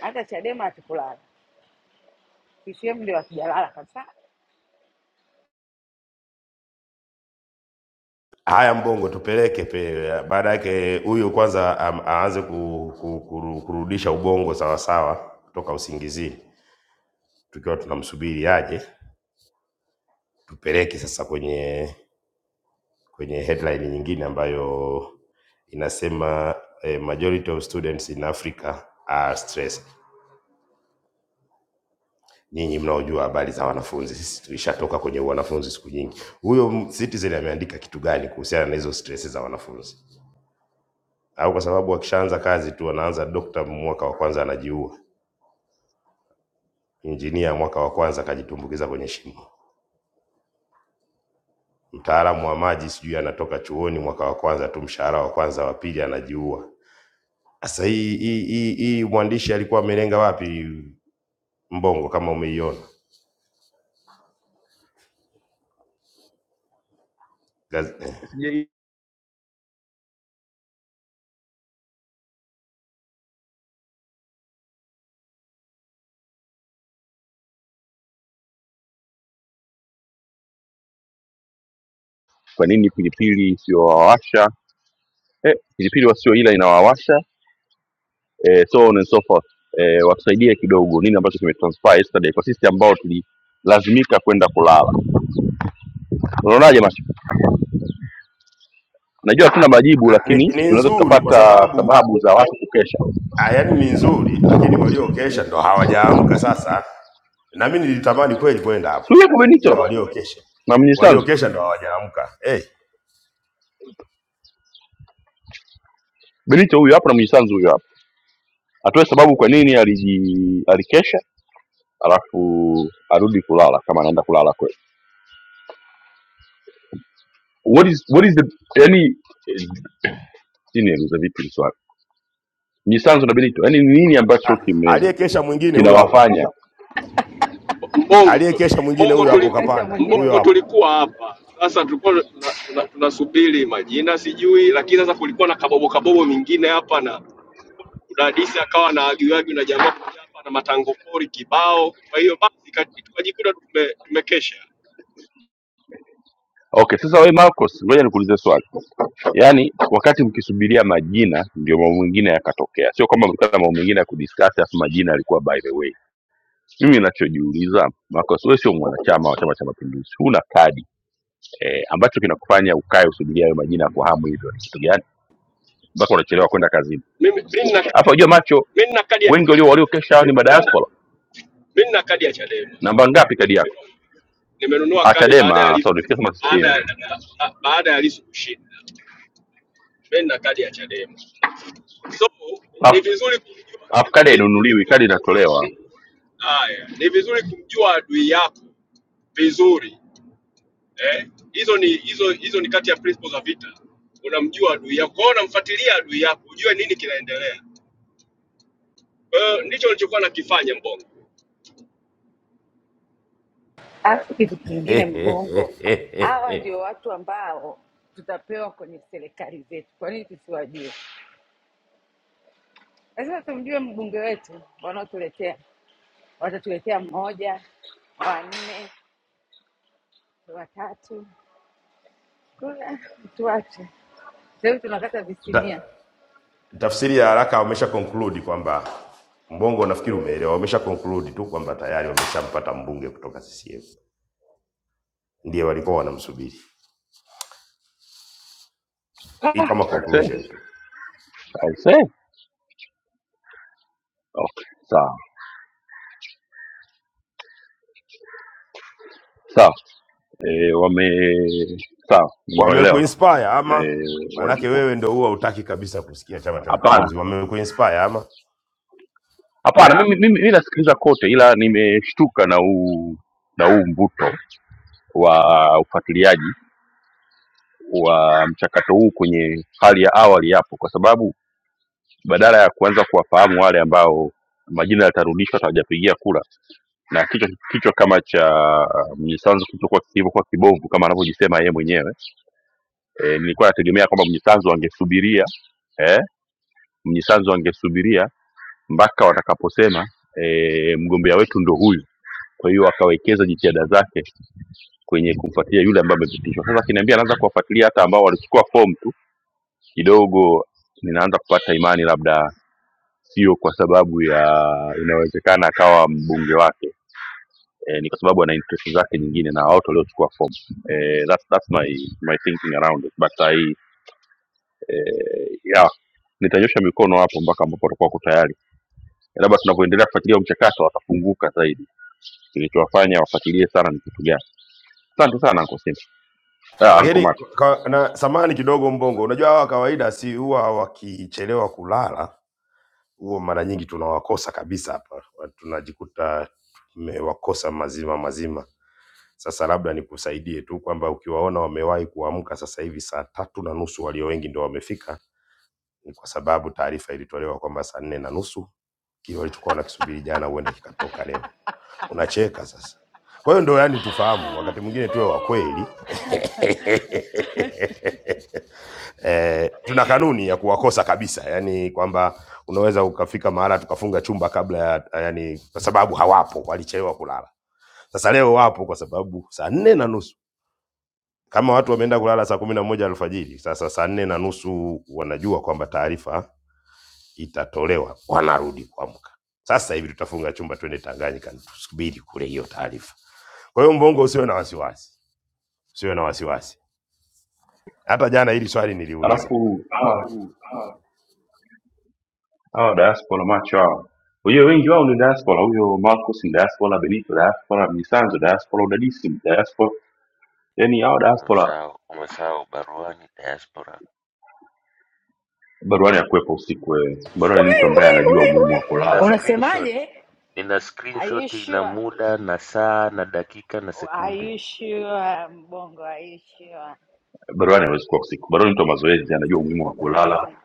F: hata Chadema hatukulala, CCM ndio hakijalala kabisa,
H: Haya, Mbongo tupeleke pe, baada yake huyu kwanza am- aanze ku, ku, kuru- kurudisha ubongo sawasawa kutoka usingizini, tukiwa tunamsubiri aje, tupeleke sasa kwenye kwenye headline nyingine ambayo inasema eh, majority of students in Africa are stressed. nyinyi mnaojua habari za wanafunzi, sisi tulishatoka kwenye wanafunzi siku nyingi. Huyo m- Citizen ameandika kitu gani kuhusiana na hizo stress za wanafunzi? Au kwa sababu wakishaanza kazi tu wanaanza dokta mwaka wa kwanza anajiua, injinia mwaka wa kwanza akajitumbukiza kwenye shimo, mtaalamu wa maji sijui anatoka chuoni mwaka wa kwanza tu, mshahara wa kwanza wa pili anajiua. Sasa hii hii hii hii mwandishi alikuwa amelenga wapi Mbongo, kama umeiona Gaz- eh. Sija-
A: Kwa nini pilipili isiyowawasha eh, pilipili wasio ila inawawasha eh, so on and so forth eh, watusaidie kidogo nini ambacho kimetranspire yesterday kwa sisi ambao tulilazimika kwenda kulala. Unaonaje macho? Najua hatuna majibu,
H: Ah, Ni,
A: lakini
H: ni
A: tunaweza
H: nzuri kwa
A: tukapata
H: sababu
A: sababu za watu kukesha.
H: Ah, yaani ni nzuri, lakini waliokesha ndo hawajaamka sasa. Na mimi nilitamani kweli kwenda
A: Si
H: hapo,
A: huyu hapo
H: ila
A: Benito
H: waliokesha
A: na Mnyisanzu?
H: waliokesha ndo hawajaamka. Hey,
A: Benito huyu hapo na Mnyisanzu huyu hapo, atoe sababu kwa nini aliji, alikesha alafu arudi kulala kama anaenda kulala kweli. What is, what is the yani, eh, sijui nieleze vipi hili swali. Mnyisanzu na Benito, yani nini ambacho
H: ah,
A: kime
H: aliyekesha mwingine huyo hapo,
A: kinawafanya
M: Mbongo tu-
H: aliyekesha mwingine
M: Mbongo
H: huyo
M: tuli,
H: hapo,
F: aliyokasha
H: kapanda
F: mwingine
H: huyo
M: Mbongo
F: huyo hapa.
H: hapo.
M: tulikuwa hapa sasa, tulikuwa tunasubiri tuna, tuna tunasubiri majina sijui, lakini sasa kulikuwa na kabobo kabobo mingine hapa na udadisi akawa na agiwagi na jamaa moja hapa na matango pori kibao. Kwa hiyo basi ka- tukajikuta tume, tumekesha.
A: okay sasa we marcos ngoja nikuulize swali yaani wakati mkisubiria majina ndio mambo mengine yakatokea sio kama mlikuwa na mambo mengine ya kudiscuss afu majina yalikuwa by the way mimi ninachojiuliza marcos wewe sio mwanachama wa chama cha mapinduzi huna kadi eh, ambacho kinakufanya ukae usubiria hayo majina kwa hamu hivyo ni kitu gani mpaka unachelewa kwenda kazini
M: Mimi mimi nina
A: alafu unajua macho
M: mimi nina kadi ya
A: wengi walio
M: Chadema,
A: waliokesha hao ni madiaspora
M: mimi nina kadi ya Chadema
A: namba ngapi kadi yako
M: nimenunua nimenunua
A: Ah,
M: kadi baada ya
A: chadema
M: Lissu
A: sorry, nifikia kama
M: baada
A: ccm
M: ya baada ya Lissu kushinda. Mimi nina kadi ya Chadema So ni
A: alafu
M: vizuri kumjua ni,
A: alafu kadi
M: ni, ni, vizuri-
A: hainunuliwi kadi inatolewa
M: haya, ni vizuri kumjua adui yako vizuri eh? Hizo ni hizo hizo ni kati ya principles za vita. Unamjua adui yako, kwa hiyo unamfuatilia adui yako, ujue nini kinaendelea. Kwa hiyo ndicho nilichokuwa nakifanya Mbongo.
F: Alafu kitu kingine,
H: <laughs>
F: Mbongo, hawa ndio watu ambao tutapewa kwenye serikali zetu. Kwa nini tusiwajue? Lazima tumjue mbunge wetu wanaotuletea, watatuletea mmoja, wanne, watatu. Kuna tuache sasa hivi tunakata visinia
H: Ta- Tafsiri ya haraka wamesha conclude kwamba Mbongo, nafikiri umeelewa, wamesha conclude tu kwamba tayari wameshampata mbunge kutoka CCM, ndiye walikuwa wanamsubiri. Hii kama conclusion tu.
A: Aisee, Okay, sawa sawa. E, wame sawa, nimewaelewa
H: Wamekuinspire
A: e,
H: ama? Maanake
A: walichokuwa.
H: wewe ndo huwa hutaki kabisa kusikia Chama cha
A: Hapana,
H: Mapinduzi. Wamekuinspire ama?
A: hapana, mimi mimi mimi nasikiliza kote, ila nimeshtuka na huu na huu mvuto wa ufuatiliaji wa mchakato huu kwenye hali ya awali hapo, kwa sababu badala ya kuanza kuwafahamu wale ambao majina yatarudishwa hawajapigia kura na kichwa kichwa kama cha Mnyisanzu kilichokuwa kilivyokuwa kibovu kama anavyojisema yeye mwenyewe e, nilikuwa nategemea kwamba mnyisanzu angesubiria eh, mnyisanzu angesubiria mpaka watakaposema e, mgombea wetu ndo huyu kwa hiyo akawekeza jitihada zake kwenye kumfuatilia yule ambaye amepitishwa sasa akiniambia anaanza kuwafuatilia hata ambao walichukua fomu tu kidogo ninaanza kupata imani labda sio kwa sababu ya inawezekana akawa mbunge wake e, ni kwa sababu ana interest zake nyingine na watu waliochukua fomu e, that's, that's my, my thinking around it but I, eh, ya nitanyosha mikono hapo mpaka ambapo watakuwa wako tayari labda tunavyoendelea kufuatilia mchakato watafunguka zaidi kilichowafanya wafuatilie sana ni kitu gani asante sana anko simba ah, anko
H: Lakini
A: macho
H: kwa, na samani kidogo Mbongo, unajua hawa kawaida si huwa wakichelewa kulala, huo mara nyingi tunawakosa kabisa hapa, Wa- tunajikuta tumewakosa mazima mazima. Sasa labda nikusaidie tu kwamba ukiwaona wamewahi kuamka sasa hivi saa tatu na nusu, walio wengi ndio wamefika, ni kwa sababu taarifa ilitolewa kwamba saa nne na nusu kile walichokuwa wanakisubiri jana huenda kikatoka leo. Unacheka sasa. Kwa hiyo ndo yani tufahamu,
F: Ah,
H: wakati mwingine tuwe wa kweli
F: ah.
H: <laughs> eh, tuna kanuni ya kuwakosa kabisa, yani kwamba unaweza ukafika mahala tukafunga chumba kabla ya yani, kwa sababu hawapo, walichelewa kulala. Sasa leo wapo kwa sababu saa nne na nusu kama watu wameenda kulala saa kumi na moja alfajiri, sasa saa nne na nusu wanajua kwamba taarifa itatolewa, wanarudi kuamka. Sasa hivi tutafunga chumba, twende Tanganyika, tusubiri kule hiyo taarifa. Kwa hiyo Mbongo, usiwe na wasiwasi, usiwe na wasiwasi. Hata jana hili swali niliuliza.
A: alafu hawa hawa diaspora macho hawa wenyewe wengi wao ni diaspora huyo marcus ni diaspora benito diaspora misanzo diaspora udadisi ni diaspora yani hawa diaspora
L: Umesahau, umesahau baruani diaspora.
A: baruani ya kuwepo usiku wewe baruani ni mtu
F: Wait,
A: ambaye
L: Subutu,
F: wait,
A: anajua
F: wait,
A: umuhimu wa
F: wait.
L: nina
A: kulala
L: screenshot,
F: Unasemaje?
L: nina
F: Are you
L: screenshot ina
F: sure?
L: muda na saa na dakika na
F: Are
L: sekunde
F: you sure, Mbongo? Are you sure?
A: baruani hawezi kuwa usiku baruani ni mtu wa mazoezi anajua umuhimu wa kulala
F: Wewe.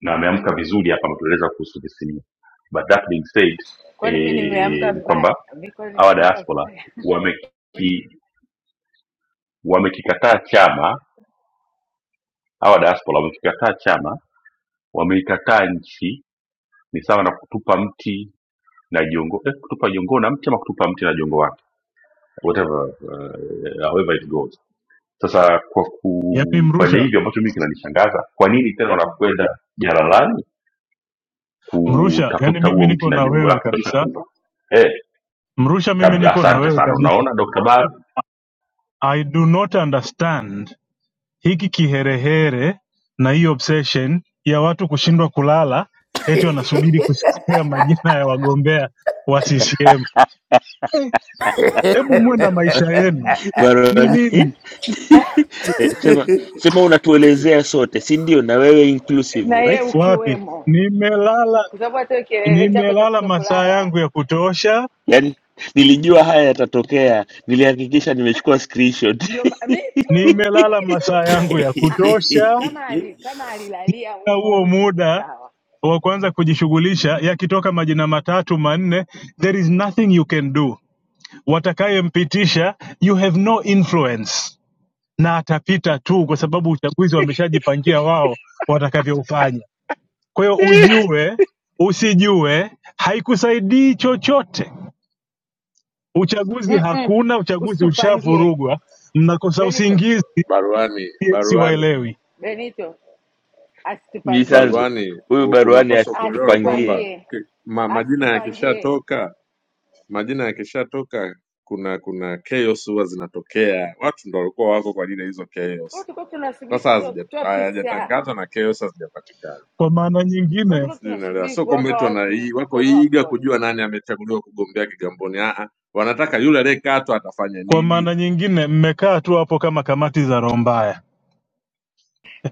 A: na ameamka vizuri hapa ametueleza kuhusu visimio but that being said
F: Kwani mi nimeamka
A: eh, ni
F: vibaya?
A: kwamba
F: Mi kwani
A: hawa
F: nimeamka
A: diaspora
F: vibaya?
A: wameki- wamekikataa chama hawa diaspora wamekikataa chama wameikataa nchi ni sawa na kutupa mti na jongo eh, kutupa jongo na mti ama kutupa mti na jongo wake whatever uh, however it goes sasa kwa
I: yaani
A: kufanya
I: mrusha
A: hivyo ambacho mimi kinanishangaza kwa nini tena wanakwenda jalalani
I: mrusha yani
A: kutafuta
I: mimi
A: huo mti
I: niko
A: na
I: na
A: jongo
I: wewe
A: lake tosha
I: kabisa
A: tupa Eh,
I: mrusha mimi
A: Kab-
I: niko na
A: Asante
I: wewe
A: sana.
I: kabisa
A: Unaona Dr. Bar
I: i do not understand hiki kiherehere na hii obsession ya watu kushindwa kulala eti wanasubiri kusikia majina ya wagombea wa CCM. Eh, Hebu muwe na maisha yenu, ni
L: baruani.
I: nini?
L: <laughs>
F: <laughs>
L: Eh, sema, sema unatuelezea sote, si ndio? Na wewe
F: na
L: inclusive,
F: yeye
L: right?
I: Wapi?
F: ukiwemo,
I: Nimelala,
F: kwa sababu hata hiyo kielele chako cha
I: nimelala masaa
F: kutokulala
I: yangu ya kutosha,
L: Yaani nilijua haya yatatokea, nilihakikisha nimechukua screenshot.
F: ndio ma- mi tu
I: nimelala
F: mi tu
I: masaa yangu ya
F: Ah, ah.
I: kutosha,
F: kama ali,
H: <laughs>
F: kama alilalia
I: na
F: humo
I: huo
F: humo ni
I: muda
F: sawa.
I: wa kuanza kujishughulisha, yakitoka majina matatu manne, there is nothing you can do. Watakayempitisha you have no influence na atapita tu, kwa sababu uchaguzi wameshajipangia wao watakavyoufanya. Kwa hiyo
L: <laughs>
I: ujue usijue haikusaidii chochote. Uchaguzi
F: Mm-mm.
I: hakuna, uchaguzi
F: Usitupangie
I: ushavurugwa, mnakosa
F: Benito,
I: usingizi,
N: Baruani,
I: si-
N: baruani,
I: siwaelewi.
F: Benito asitupangie
L: Mjisanzu,
N: baruani,
L: huyu
N: u-
L: baruani
N: unapaswa kuelewa
L: asitupangie,
N: kwamba
F: asitupangie,
N: ki- ma, majina
F: asitupangie.
N: yakishatoka, majina yakishatoka, kuna kuna chaos huwa zinatokea. Watu ndo walikuwa wako kwa ajili ya hizo
F: Kwa
N: chaos.
F: tulikuwa tunasubiri
N: Sasa
F: kutoa,
N: hazijat-
F: kutoa PCR,
N: hayajatangazwa na chaos hazijapatikana,
I: Kwa maana
F: kwa
I: nyingine,
F: tulikuwa
N: sijui unaelewa.
F: tunasubiri
N: Sio kwamba
F: kuwapa
N: eti wana
F: watu
N: hii- wako
F: mkono wa
N: eager
F: pole.
N: kujua nani amechaguliwa kugombea Kigamboni. Ah, ah. wanataka yule aliyekatwa atafanya
I: kwa
N: nini,
I: maana nyingine mmekaa tu hapo kama kamati za roho mbaya,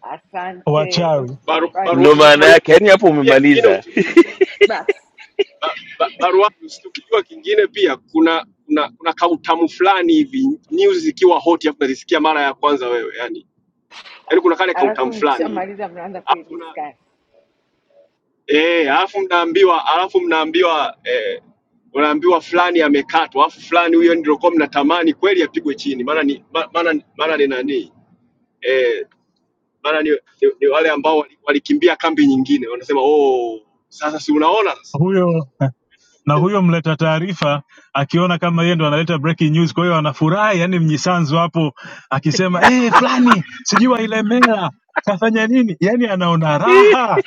F: Asante,
I: wachawi.
M: Baru,
L: ndo
M: baruani
F: usitupangie
L: maana
M: baruani
L: yake. Yaani hapo
M: pia kingine
L: umemaliza.
M: usichokijua
F: <laughs> basi.
M: ba, ba, baruani usichokijua kingine pia kuna kuna kuna kautamu fulani hivi news zikiwa hot afu unazisikia mara ya kwanza wewe yani yaani kuna kale kautamu
F: Alafu
M: fulani hivi.
F: mkishamaliza mnaanza
M: alafu na
F: kuidiskasi.
M: eh, alafu mnaambiwa alafu mnaambiwa eh, unaambiwa fulani amekatwa, alafu fulani huyo ndio kwa mnatamani kweli apigwe chini, maana ni ma- maana maana ni nani eh, maana ni, ni, ni wale ambao wali- walikimbia kambi nyingine, wanasema oh, sasa si unaona sasa
I: Huyo na
M: eh,
I: huyo mleta taarifa akiona kama yeye ndo analeta breaking news. Kwa hiyo anafurahi, yani mnyisanzu hapo akisema eh, hey, fulani sijui wailemela kafanya nini, yani anaona raha.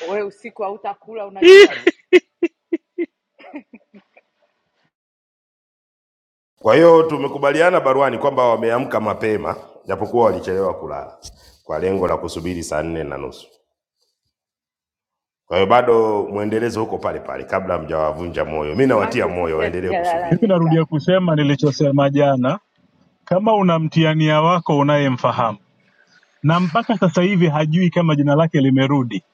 F: We usiku hautakula, unajua
L: <laughs>
H: Kwa hiyo tumekubaliana baruani kwamba wameamka mapema, japokuwa walichelewa kulala kwa lengo la kusubiri saa nne na nusu. Kwa hiyo bado mwendelezo huko pale pale, kabla hamjawavunja moyo. Mi nawatia
F: macho
H: moyo
F: sisi
H: waendelee kusubiri.
I: Mimi
F: hatujalalamika,
I: narudia kusema nilichosema jana, kama una mtiania wako unayemfahamu na mpaka sasa hivi hajui kama jina lake limerudi,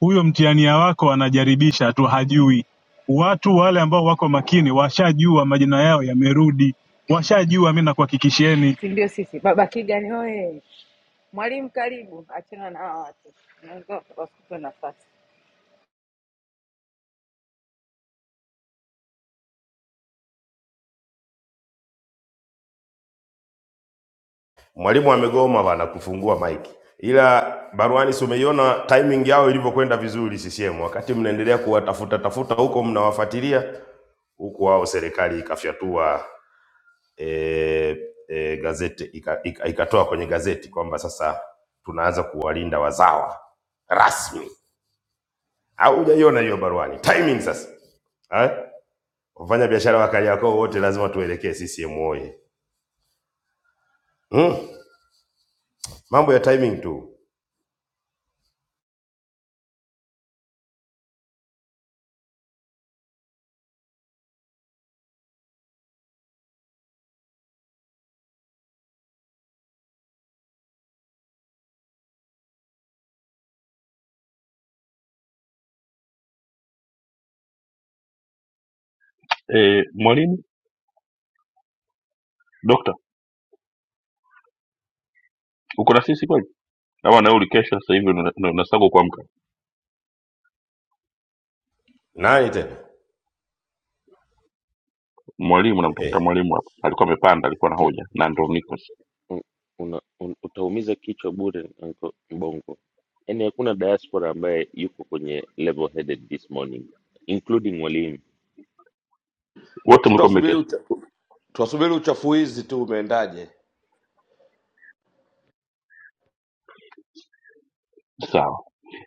I: huyo mtiania wako anajaribisha tu, hajui. Watu wale ambao wako makini washajua majina yao yamerudi, washajua. Mi nakuhakikishieni
F: si ndio? Sisi baba Kigani oye, mwalimu karibu, achana na hawa watu, unaweza ukawakuta nafasi.
H: Mwalimu amegoma bana kufungua maiki, ila baruani, si umeiona timing yao ilivyokwenda vizuri CCM, wakati mnaendelea kuwatafuta tafuta huko, mnawafuatilia huku, wao serikali ikafyatua e, e, gazeti ikatoa ika- ika- ikatoa kwenye gazeti kwamba sasa tunaanza kuwalinda wazawa rasmi. Au hujaiona hiyo baruani timing sasa eh? Wafanya biashara wa Kariakoo wote lazima tuelekee CCM oye. Mm, mambo ya timing tu.
A: eh, mwalimu Dokta, uko na sisi kweli? Ama na ulikesha sasa hivi una- una- unasaga kuamka.
H: Nani tena?
A: Mwalimu namtafuta
H: Eh.
A: mwalimu hapa. Alikuwa amepanda, alikuwa na hoja na ndo niko. sasa.
L: Un- una, un, utaumiza kichwa bure Uncle Mbongo. Yaani hakuna diaspora ambaye yuko kwenye level headed this morning including walimu.
A: Wote
O: si
A: mlikuwa
O: tuwasubiri
A: mmekesha.
O: ucha- tuwasubiri uchafuizi tu umeendaje
A: Sawa.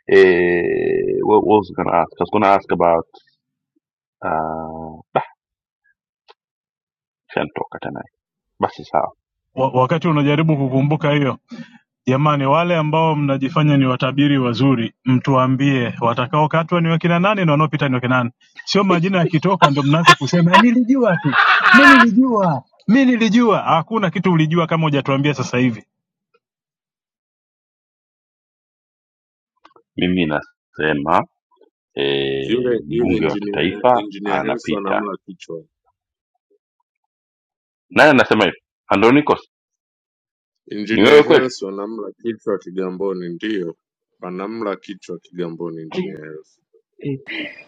A: Eh, what what was I gonna ask? I was gonna ask about uh, shantoka tena. Basi sawa.
I: wa, wakati unajaribu kukumbuka hiyo jamani wale ambao mnajifanya ni watabiri wazuri mtuambie watakaokatwa ni wakina nani na wanaopita ni wakina nani sio majina yakitoka ndo mnaanza kusema nilijua tu mi
L: <laughs>
I: nilijua mi nilijua hakuna kitu ulijua kama hujatuambia sasa hivi
A: Mimi nasema eh,
N: yule yule
A: mbunge wa
N: engineer
A: kitaifa
N: engineer Harrison
A: anapita.
N: anamla kichwa
A: Nani anasema hivi? Andronikos, ni wewe
N: Engineer
A: kweli?
N: Hersi wanamla kichwa Kigamboni, ndiyo wanamla kichwa Kigamboni. Engineer Hersi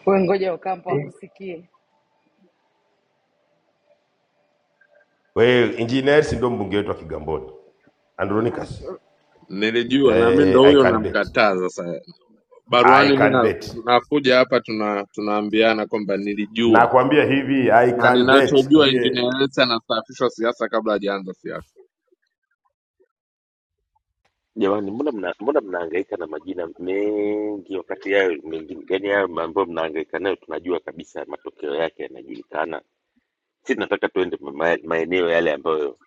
F: We ngoja Okampo akusikie
H: Well, engineers ndio mbunge wetu wa Kigamboni. Andronicus.
N: nilijua, naambi
H: Eh,
N: ndo
H: I
N: huyo
H: can bet.
N: namkataa. Sasa
H: I
N: baruani mi
H: can
N: na-
H: bet.
N: nakuja hapa tuna tunaambiana kwamba nilijua
H: Nakwambia hivi I
N: na
H: can bet
N: ninachojua
H: ndiye.
N: Engineer Hersi anastaafishwa siasa kabla hajaanza siasa.
L: Jamani, mbona mna, mbona mnahangaika na majina mengi wakati yayo mengine yani yayo ambayo mnahangaika nayo tunajua kabisa matokeo yake yanajulikana. Si tunataka tuende ma, ma- maeneo yale ambayo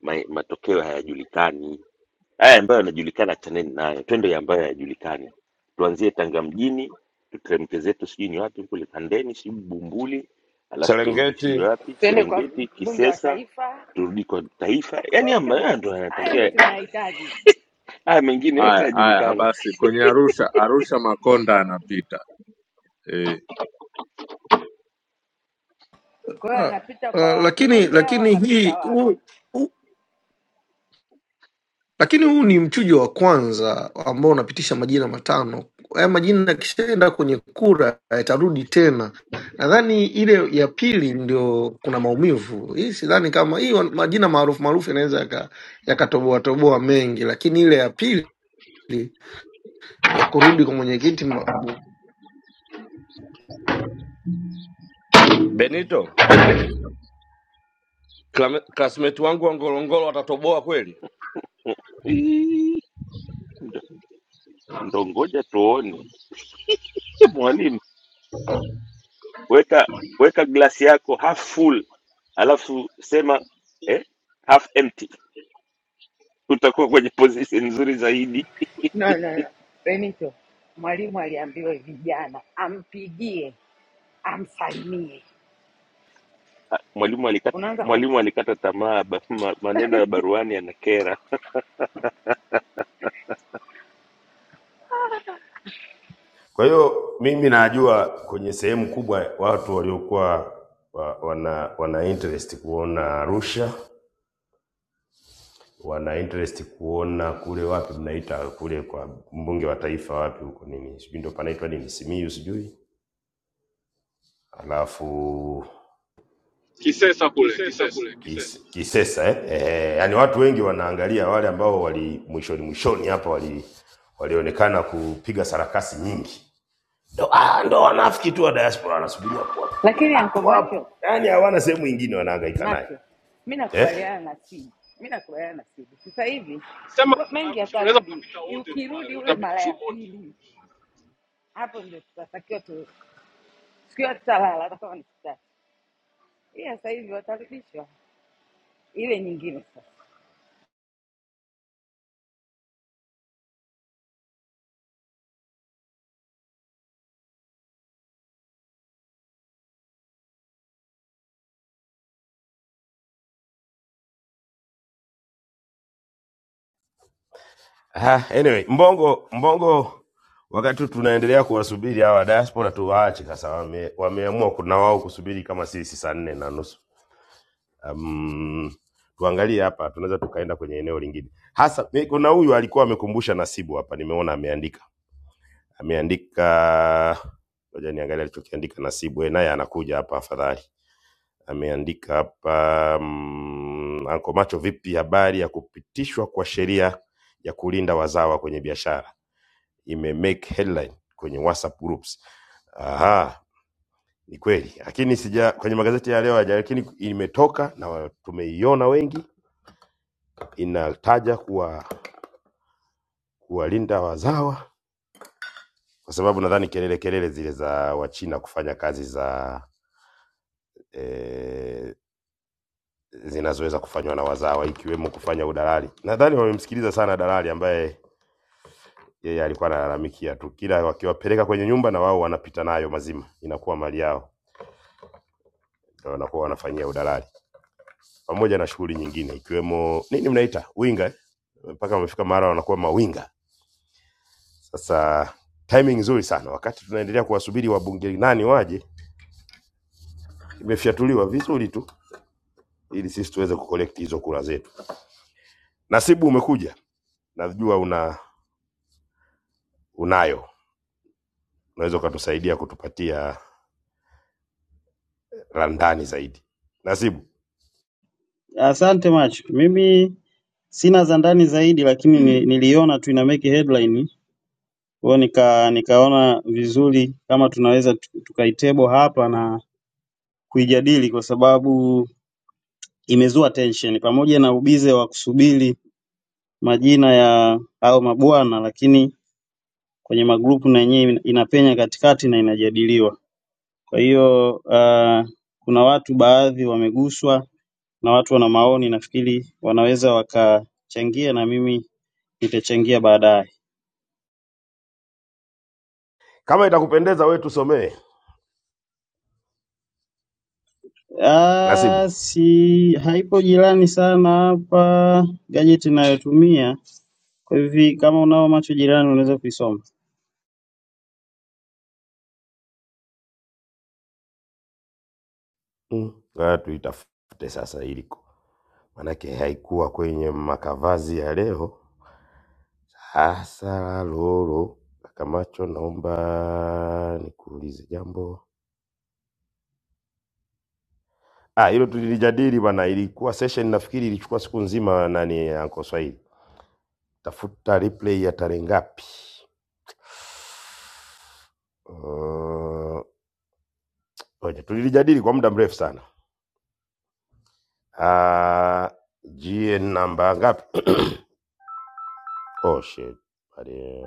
L: ma, matokeo hayajulikani. Haya ambayo yanajulikana, chaneni nayo, twende ya ambayo hayajulikani. Tuanzie Tanga mjini, tuteremke zetu sijui ni wapi kule Kandeni, sijui Bumbuli, alafu turudi sijui
O: serengeti
L: wapi
F: tuende kwa
L: Serengeti,
F: mbunge wa
L: Kisesa,
F: taifa.
L: turudi kwa Taifa. Yani haya
F: Exactly,
L: ndio
F: hayo ndio
L: yanatakiwa,
F: tunayahitaji.
L: haya mengine yote
N: Haya haya,
L: hayajulikana.
N: basi kwenye Arusha, Arusha Makonda anapita eh.
F: Kwa hiyo
J: Ah,
F: anapita kwa
J: ah, lakini
F: wajumbe au
J: lakini
F: anapita
J: hii
F: wapi?
J: huu, huu, lakini huu ni mchujo wa kwanza ambao unapitisha majina matano. Haya majina yakishaenda kwenye kura yatarudi tena. Nadhani ile ya pili ndio kuna maumivu. Hii sidhani kama hii wan- majina maarufu maarufu yanaweza yaka- yakatoboa toboa mengi, lakini ile ya pili ya kurudi kwa mwenyekiti
O: benito klame- classmate wangu wa ngorongoro watatoboa kweli
L: <laughs> Ndo ndo ngoja tuone. <laughs> Ye mwalimu, weka weka glasi yako half full, alafu sema eh, half empty, utakuwa kwenye position nzuri zaidi. <laughs>
F: No, no, no. Benito, mwalimu aliambiwa vijana ampigie, amsalimie,
L: Mwalimu alikata
F: unaanza ku
L: mwalimu alikata tamaa, ba- ma- maneno ya baruani yanakera.
H: Kwa hiyo mimi najua kwenye sehemu kubwa watu waliokuwa wa, wana, wana interest kuona Arusha wana interest kuona kule wapi mnaita kule kwa mbunge wa taifa wapi huko nini sijui ndo panaitwa nini Simiyu sijui alafu
M: Kisesa kule Kisesa,
H: Kisesa. Kis- Kisesa eh? Eh, yani watu wengi wanaangalia wale ambao wali mwishoni mwishoni hapa wali walionekana kupiga sarakasi nyingi ndo, ah, ndo wanafiki tu wa diaspora wanasubiria hapo hapo
F: lakini anko
H: hapo hapo,
F: macho
H: yani hawana sehemu ingine wanahangaika naye
F: macho, mi
H: eh?
F: nakubaliana na Sidi, mi nakubaliana na Sidi. Sasa hivi
M: sema
F: wa- mengi
M: Arusha unaweza
F: yatarudi,
M: ukapita wote tu wale,
F: ukirudi ule mara ya
M: watapitishwa wote.
F: pili, hapo ndio tutatakiwa tu, sikiwa tutalala <laughs> hata kama ni kitatu. Ila sasa hivi watarudishwa ile nyingine sasa.
H: Ha, anyway, Mbongo Mbongo, wakati tunaendelea kuwasubiri hawa diaspora, tuwaache sasa, wame, wameamua kuna wao kusubiri kama sisi saa nne na nusu. Um, tuangalie hapa, tunaweza tukaenda kwenye eneo lingine hasa. mi- Kuna huyu alikuwa amekumbusha Nasibu hapa, nimeona ameandika ameandika, ngoja niangalie alichokiandika Nasibu, eh, naye anakuja hapa afadhali. Ameandika hapa mm, Anko Macho, vipi habari ya kupitishwa kwa sheria ya kulinda wazawa kwenye biashara? imemake headline kwenye WhatsApp groups. Aha, ni kweli, lakini sija kwenye magazeti ya leo haja, lakini imetoka na wa- tumeiona wengi, inataja kuwa kuwalinda wazawa, kwa sababu nadhani kelele kelele zile za Wachina kufanya kazi za eh, zinazoweza kufanywa na wazawa ikiwemo kufanya udalali. Nadhani wamemsikiliza sana dalali ambaye yeye alikuwa analalamikia tu, kila wakiwapeleka kwenye nyumba na wao wanapita nayo mazima, inakuwa mali yao, na wanakuwa wanafanyia udalali. pamoja na shughuli nyingine ikiwemo nini mnaita winga eh? mpaka wamefika mara wanakuwa mawinga. Sasa timing nzuri sana, wakati tunaendelea kuwasubiri wabunge nani waje, imefyatuliwa vizuri tu ili sisi tuweze kucollect hizo kura zetu. Nasibu, umekuja, najua una unayo, unaweza ukatusaidia kutupatia randani zaidi. Nasibu,
K: Asante Macho. Mimi sina za ndani zaidi lakini ni, niliona tu ina make headline. Kwa hiyo nika nikaona vizuri kama tunaweza tu- tukaitable hapa na kuijadili kwa sababu imezua tension pamoja na ubize wa kusubiri majina ya hao mabwana lakini kwenye magrupu na yenyewe inapenya katikati na inajadiliwa. Kwa hiyo uh, kuna watu baadhi wameguswa na watu wana maoni nafikiri wanaweza wakachangia na mimi Nitachangia baadaye.
H: kama itakupendeza wewe tusomee.
K: Ah,
H: Nasibu,
K: si haipo jirani sana hapa gazeti inayotumia. Kwa hivi kama unao macho jirani unaweza kuisoma.
H: mm. tuitafute sasa iliko, manake haikuwa kwenye makavazi ya leo Hasa Lolo Kamacho, naomba nikuulize jambo. Ah, hilo tulilijadili bana, ilikuwa session nafikiri ilichukua siku nzima. Nani anko Swahili, tafuta replay ya tarehe ngapi? Uh, oja, tulilijadili kwa muda mrefu sana. Ah, GN namba ngapi? <coughs> oh shit. Bali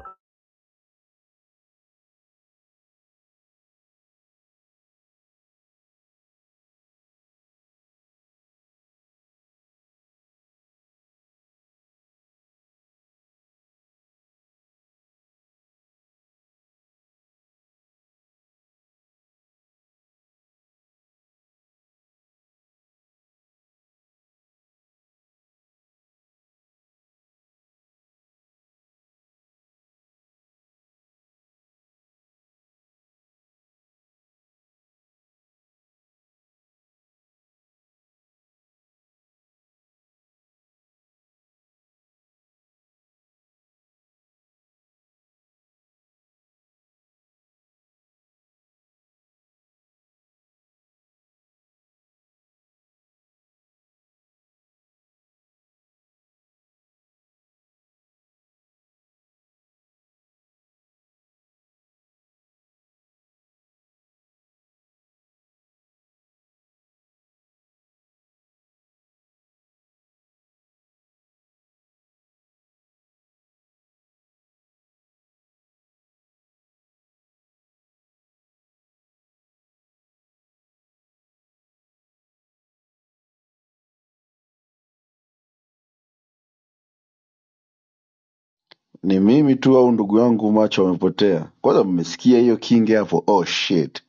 P: Ni mimi tu au ndugu yangu macho amepotea? Kwanza mmesikia hiyo kinge hapo? Oh shit.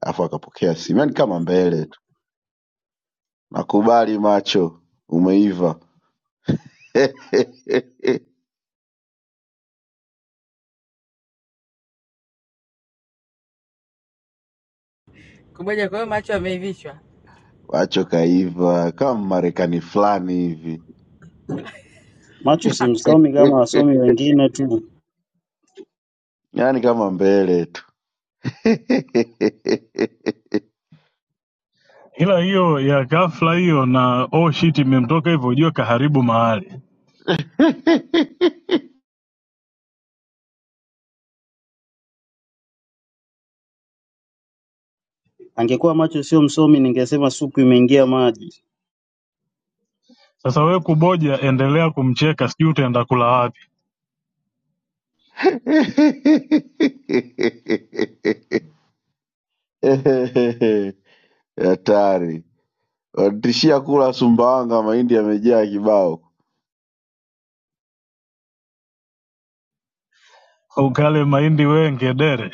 P: Alafu akapokea simu, yaani kama mbele tu. Nakubali macho, umeiva <laughs>
F: Kumoja, kwa hiyo macho yameivishwa.
P: macho kaiva kama Marekani fulani hivi,
K: Macho si msomi kama
P: <laughs>
K: wasomi wengine tu.
P: yaani kama mbele tu
I: ila hiyo ya ghafla hiyo na oh shit imemtoka hivyo ujue kaharibu mahali
K: Angekuwa macho sio msomi ningesema supu imeingia maji.
I: sasa wewe kuboja endelea kumcheka sijui utaenda kula wapi
P: <laughs> hatari. Wanitishia kula Sumbawanga mahindi yamejaa kibao.
I: ukale mahindi wee ngedere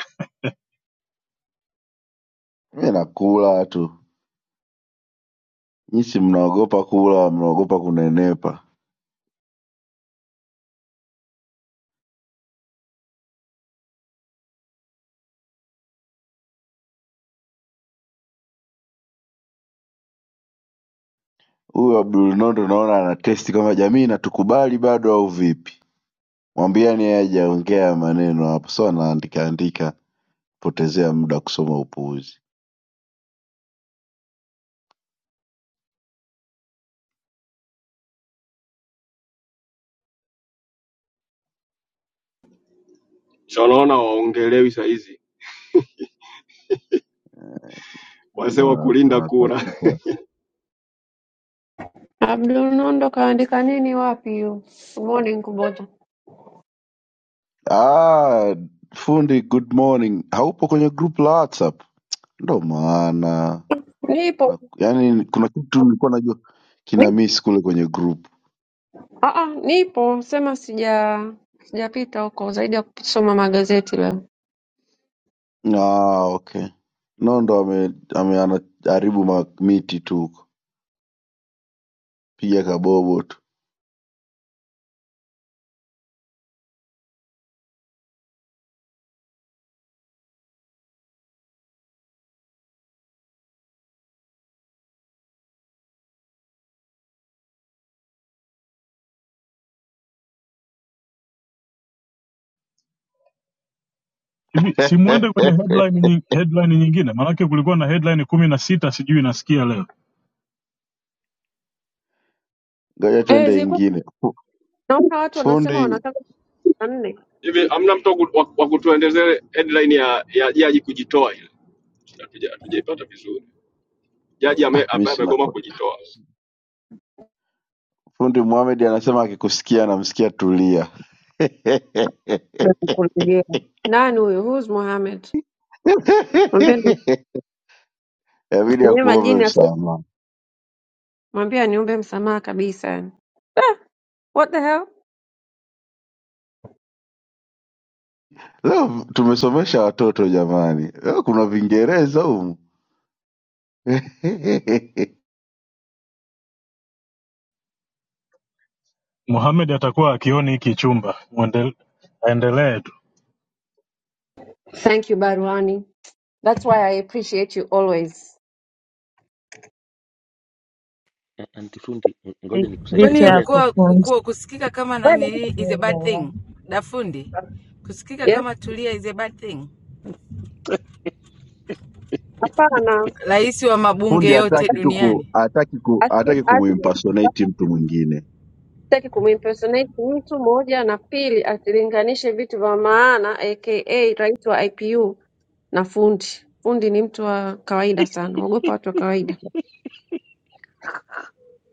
P: Mimi nakula tu. Nyinyi si mnaogopa kula, mnaogopa kunenepa. Huyu Abdul Nondo naona ana testi kama jamii inatukubali bado au vipi? Mwambiani yeye hajaongea maneno hapo, sio anaandika andika, potezea muda kusoma upuuzi.
M: Sasa unaona waongelewi saa hizi wazee wa
P: Wana-
M: kulinda kura
P: Wanatafuta
D: Abdul Nondo kaandika nini wapi hiyo morning kuboja
P: ah, fundi, good morning. Haupo kwenye group la WhatsApp? Ndo maana
D: nipo
P: Na- yaani kuna kitu nilikuwa najua kina miss kule kwenye group.
D: Aah nipo sema sija sijapita huko zaidi ya kusoma magazeti leo.
P: Ah, okay. Nondo ame, ame anaharibu ma- miti tu huko, piga kabobo tu.
I: hivi simwende kwenye
P: <laughs>
I: headline, nyi- headline nyingine maanake kulikuwa na headline kumi na sita sijui nasikia leo
P: Ngoja
D: Eh,
P: tuende
D: zilikuwa
P: ingine. Fu-
D: naona watu wanasema
P: Fundi
D: wanataka kumi na nne
M: hivi hamna mtu wa ku- wa- wa kutuelezea headline ya ya jaji kujitoa ile Hatuja- hatujaipata vizuri jaji ame-
P: ah, mi
M: ambaye
P: sina
M: amegoma
P: kona.
M: kujitoa
P: Fundi Mohamed anasema akikusikia anamsikia tulia. <laughs>
D: ndio kukulegea. Nani huyu? Who's Mohamed? Mwambie ndo
P: Inabidi
D: mwenye
P: akuombe
D: majini asi-
P: msamaha.
D: mwambie aniombe msamaha kabisa. yani. What the hell?
P: Leo tumesomesha watoto jamani, leo kuna Vingereza humu. <laughs>
I: Mohamed atakuwa akioni hiki chumba Muendel- aendelee tu
D: Thank you Baruani. That's why I appreciate you always.
L: A- Anti fundi, n-
Q: Li-
L: ngoja nikusaidie,
Q: Licha
F: Kwani
Q: ya
L: ngoja
F: kuwa,
Q: kufunzwa
F: kuwa kusikika kama
D: Wewe?
F: nanili is a bad
Q: wewe,
F: thing? Dafundi, kusikika
D: Yes,
F: kama Tulia is a bad thing?
D: hapana.
F: Rais wa mabunge
P: Fundi
F: yote
P: hataki tu ku
F: duniani,
P: hataki ku
D: Asi-
P: hataki
D: asi-
P: kumimpersonate mtu mwingine
D: Sitaki kumimpersonate mtu moja, na pili asilinganishe vitu vya maana aka rais wa IPU na fundi. Fundi ni mtu wa kawaida sana, ogopa watu wa kawaida.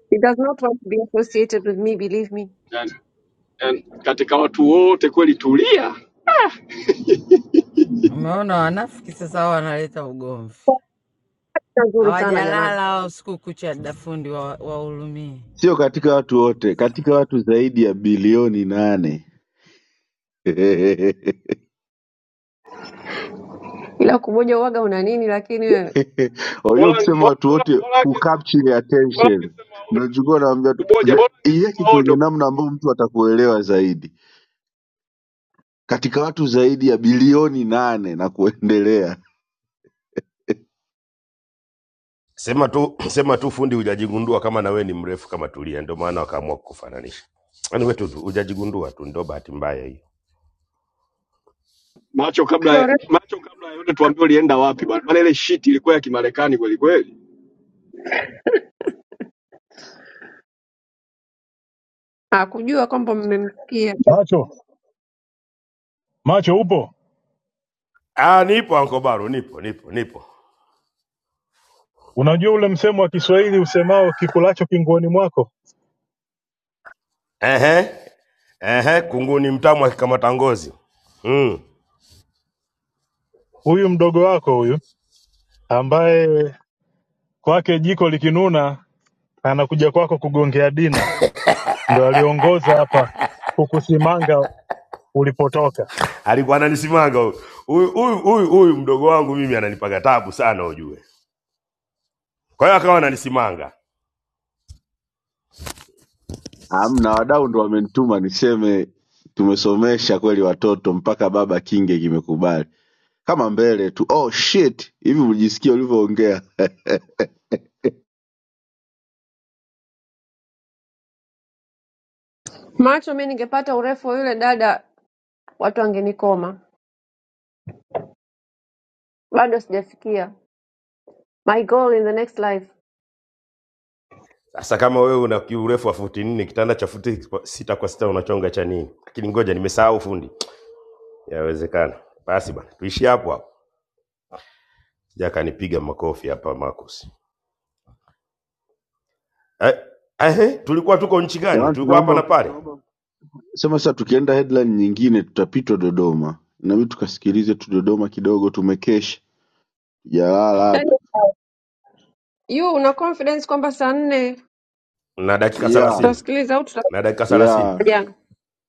D: He does not want to be associated with me, believe me.
M: Yaani, yaani, katika watu wote kweli tulia
F: umeona wanafiki sasa, hao wanaleta ugomvi
D: Sio nzuri sana jamani,
F: hao, siku ya dafundi wa yaani,
P: sio katika watu wote, katika watu zaidi ya bilioni nane. <laughs>
D: ila kumoja uwaga una nini? Lakini wewe
P: Wajua,
M: bora
P: ukisema
M: bora-
P: watu
M: bora-
P: wote
M: bora ange-
P: kucapture
M: bora
P: attention,
M: angesema odo
P: nachukua naambia tu
M: kuboja bora
P: the-
M: angesema
P: iweke kwenye
M: odo
P: namna ambayo mtu atakuelewa zaidi, katika watu zaidi ya bilioni nane na kuendelea. <laughs>
H: Sema tu <clears throat> sema tu fundi hujajigundua kama na wewe ni mrefu kama Tulia, ndio maana wakaamua kukufananisha. Yaani wewe tu tu hujajigundua tu, ndio bahati mbaya hiyo.
M: macho kabla
D: Lore-
M: macho kabla ya yote tuambie ulienda wapi bwana maana ile shit ilikuwa ya kimarekani kweli kweli
D: hakujua kwamba mmemfikia
I: macho macho upo
H: Ah, nipo Ankobaru, nipo nipo nipo.
I: unajua ule msemo wa kiswahili usemao kikulacho kinguoni mwako
H: Ehe, ehe, kunguni mtamu akikamata ngozi mm.
I: huyu mdogo wako huyu ambaye kwake jiko likinuna anakuja kwako kugongea dina ndo aliongoza hapa kukusimanga ulipotoka
H: Alikuwa ananisimanga huyu huyu huyu huyu huyu mdogo wangu mimi ananipaga tabu sana ujue, kwa hiyo akawa ananisimanga.
P: Amna wadau ndo wamenituma niseme tumesomesha kweli watoto mpaka baba kinge kimekubali kama mbele tu. Oh shit, hivi mlisikia ulivyoongea <laughs>
D: macho. Mi ningepata urefu wa yule dada, watu wangenikoma. Bado sijafikia my goal in the next life.
H: Sasa kama wewe una urefu wa futi nne, kitanda cha futi kwa- sita kwa sita unachonga cha nini? Lakini ngoja nimesahau fundi, yawezekana. Basi bana, tuishie hapo hapo. Jaka anipiga makofi hapa Marcus. Eh, ehe, tulikuwa tuko nchi gani?
P: jamani,
H: Tulikuwa hapa na
P: tunaomba
H: pale
P: sema sasa tukienda headline nyingine tutapitwa dodoma inabidi tukasikilize tu dodoma kidogo tumekesha jalala
D: Yaani,
P: hapa
D: You una confidence kwamba saa nne
H: na dakika
P: ya
H: thelathini
D: tutasikiliza au tutakuja
H: na dakika thelathini
P: ya
D: jana?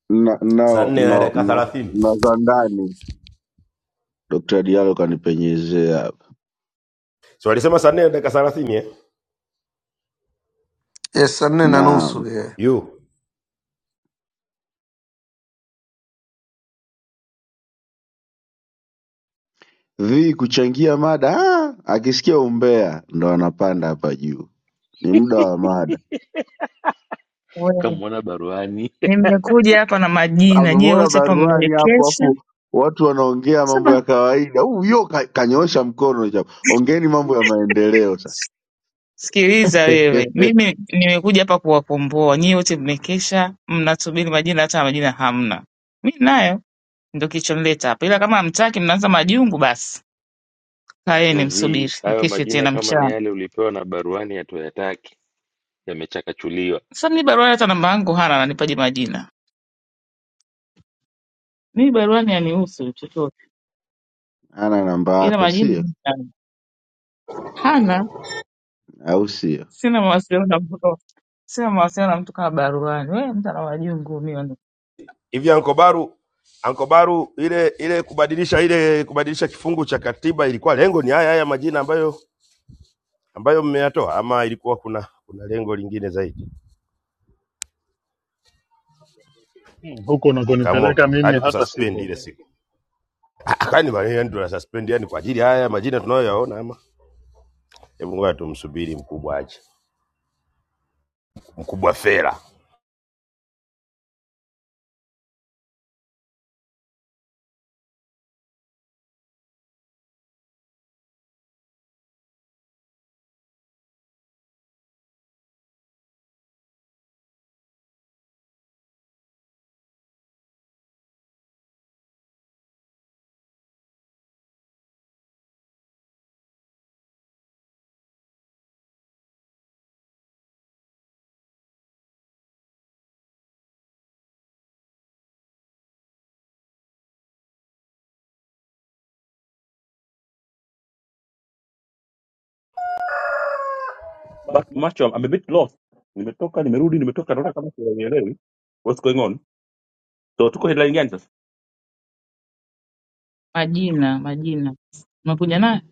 P: na
H: saa
P: na
H: nne na
P: na
H: dakika
P: na,
H: thelathini
P: na za ndani dr dialo kanipenyezea hapa
H: si walisema saa nne na dakika thelathini eh?
J: Yes, Sunday and Anusu,
P: naam
J: yeah.
H: yu
P: vi kuchangia mada ah, akisikia umbea ndo anapanda hapa juu ni muda wa mada
Q: wewe.
L: kamwona baruani <laughs>
Q: nimekuja hapa na majina, nyie
P: amemwona
Q: wote hapa
P: baruani hapo
Q: mmekesha.
P: afu watu wanaongea mambo
Q: Saba,
P: ya kawaida huyo ka, kanyoosha mkono japo ongeeni mambo ya maendeleo sasa
Q: sikiliza wewe,
P: <laughs>
Q: mimi nimekuja hapa kuwakomboa nyie wote, mmekesha mnasubiri majina, hata majina hamna. Mi nayo ndo kilichonileta hapa, ila kama hamtaki mnaanza majungu, basi kaeni
L: Vi,
Q: msubiri,
L: hayo
Q: mkeshe
L: majina
Q: tena
L: kama ni
Q: mchana.
L: yale ulipewa na baruani hatuyataki, yamechakachuliwa.
Q: Sasa mi barua hata namba yangu hana, ananipaje majina? Mi barua ni anihusu chochote,
P: Ana namba
Q: ila
P: yako
Q: majina
P: sio,
Q: hana,
P: au sio?
Q: sina mawasiliano na mtu Sina mawasiliano na mtu kama baruani. We mtu ana majungu mimi ndo
H: hivi ankobaru ankobaru ile ile kubadilisha ile kubadilisha kifungu cha katiba ilikuwa lengo ni haya haya majina ambayo ambayo mmeyatoa ama ilikuwa kuna kuna lengo lingine zaidi
I: hmm. huko
H: mkaamua
I: unakonipeleka
H: ku-
I: mimi
H: hadi
I: hata
H: kususpend
I: sipo
H: ile siku Ah, ah, kwani maneno yani tuna suspend yani kwa ajili ya haya majina tunayoyaona ama Hebu ngoja tumsubiri mkubwa aje, mkubwa fera.
A: But macho I'm a bit lost. Nimetoka nimerudi nimetoka naona kama sielewi what's going on. So tuko headline gani sasa?
Q: majina majina. Umekuja naye?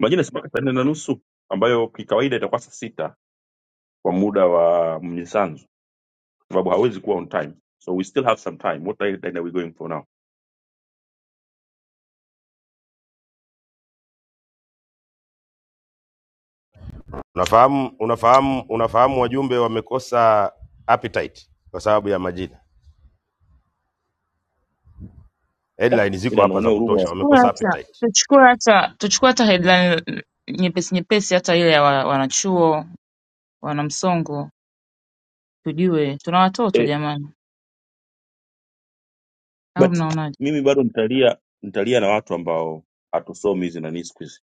A: Imagine si mpaka saa nne na nusu ambayo kikawaida itakuwa saa sita kwa muda wa mnyisanzu kwa sababu hawezi kuwa on time. So we still have some time. What headline are we going for now?
H: Unafahamu, unafahamu, unafahamu wajumbe wamekosa appetite kwa sababu ya majina. Headline ziko
A: Ila
H: hapa za
A: naonea
H: kutosha,
A: huruma.
Q: Tuchukue
H: wamekosa
Q: hata
H: appetite.
Q: tuchukue hata tuchukue hata headline nyepesi nyepesi hata ile ya wa- wanachuo wanamsongo tujue tuna watoto
A: Eh,
Q: jamani. Au
A: but
Q: mnaonaje?
A: mimi bado nitalia nitalia na watu ambao hatusomi hizi nani siku hizi.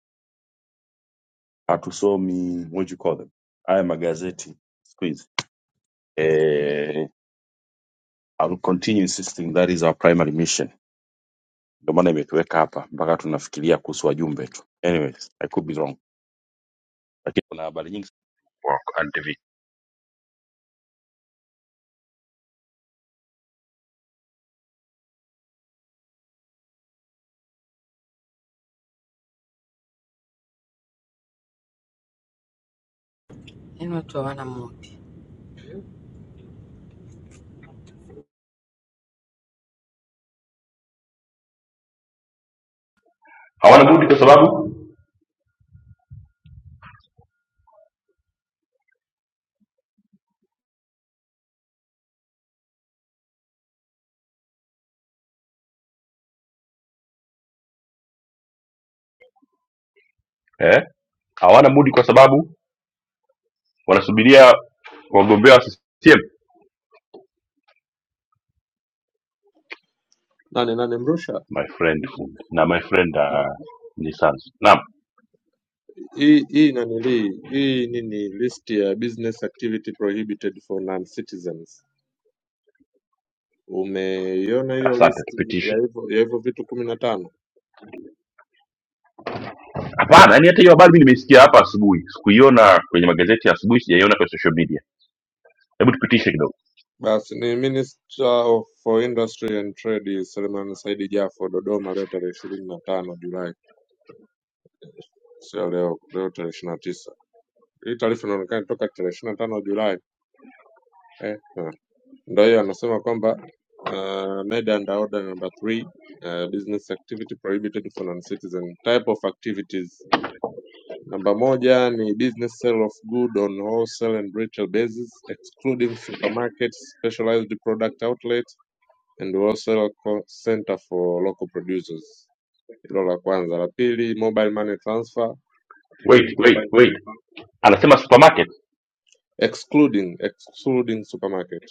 A: Hatusomi what you call them. Haya magazeti siku hizi. Eh, I will continue insisting that is our primary mission ndio maana imetuweka hapa mpaka tunafikiria kuhusu wajumbe tu anyways i could be wrong lakini kuna habari nyingi wa Antv.
F: watu hawana moyo.
A: Hawana budi kwa sababu eh, hawana budi kwa sababu wanasubiria wagombea wa CCM.
N: Nani nani Mrusha?
A: My friend Fundi na my friend uh, Nisanzu. Naam,
N: hii hii nanilii hii nini list ya business activity prohibited for non citizens Umeiona hiyo
A: asante
N: listi ya
A: tupitishe.
N: hivyo ya hivyo vitu kumi na tano?
A: Hapana, yani hata hiyo habari mimi nimeisikia hapa asubuhi, sikuiona kwenye magazeti ya asubuhi, sijaiona kwa social media. Hebu tupitishe kidogo.
N: Basi ni Minister of for Industry and Trade Selemani Saidi Jafo Dodoma leo tarehe ishirini na tano Julai, sio leo, leo tarehe ishirini na tisa. Hii taarifa inaonekana toka tarehe ishirini na tano Julai eh. ha. Ndio hiyo anasema kwamba uh, made under order number three uh, business activity prohibited for non-citizen type of activities Namba moja ni business sale of good on wholesale and retail basis excluding supermarkets, specialized product outlet and wholesale co- center for local producers. Hilo la kwanza. La pili, mobile money transfer
A: Wait, wait, wait. Anasema supermarket.
N: excluding excluding supermarket.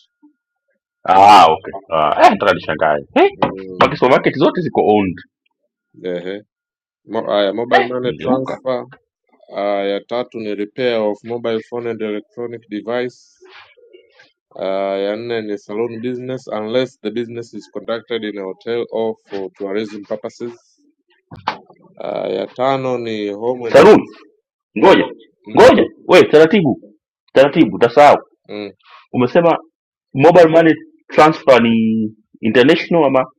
A: Ah, okay. Ah, eh, nataka nishangae. Eh,
N: Mm,
A: mpaka supermarket zote ziko owned
N: ehe. Mo, haya, mobile
A: Eh,
N: money
A: nigeuka
N: transfer. Haya, tatu ni repair of mobile phone and electronic device. Uh, ya nne ni saloon business unless the business is conducted in a hotel or for tourism purposes. Uh, ya tano ni home and
A: saluni,
N: office. Uh,
A: ngoja
N: mm,
A: ngoja, we taratibu taratibu, utasahau.
N: mm.
A: Umesema mobile money transfer ni international ama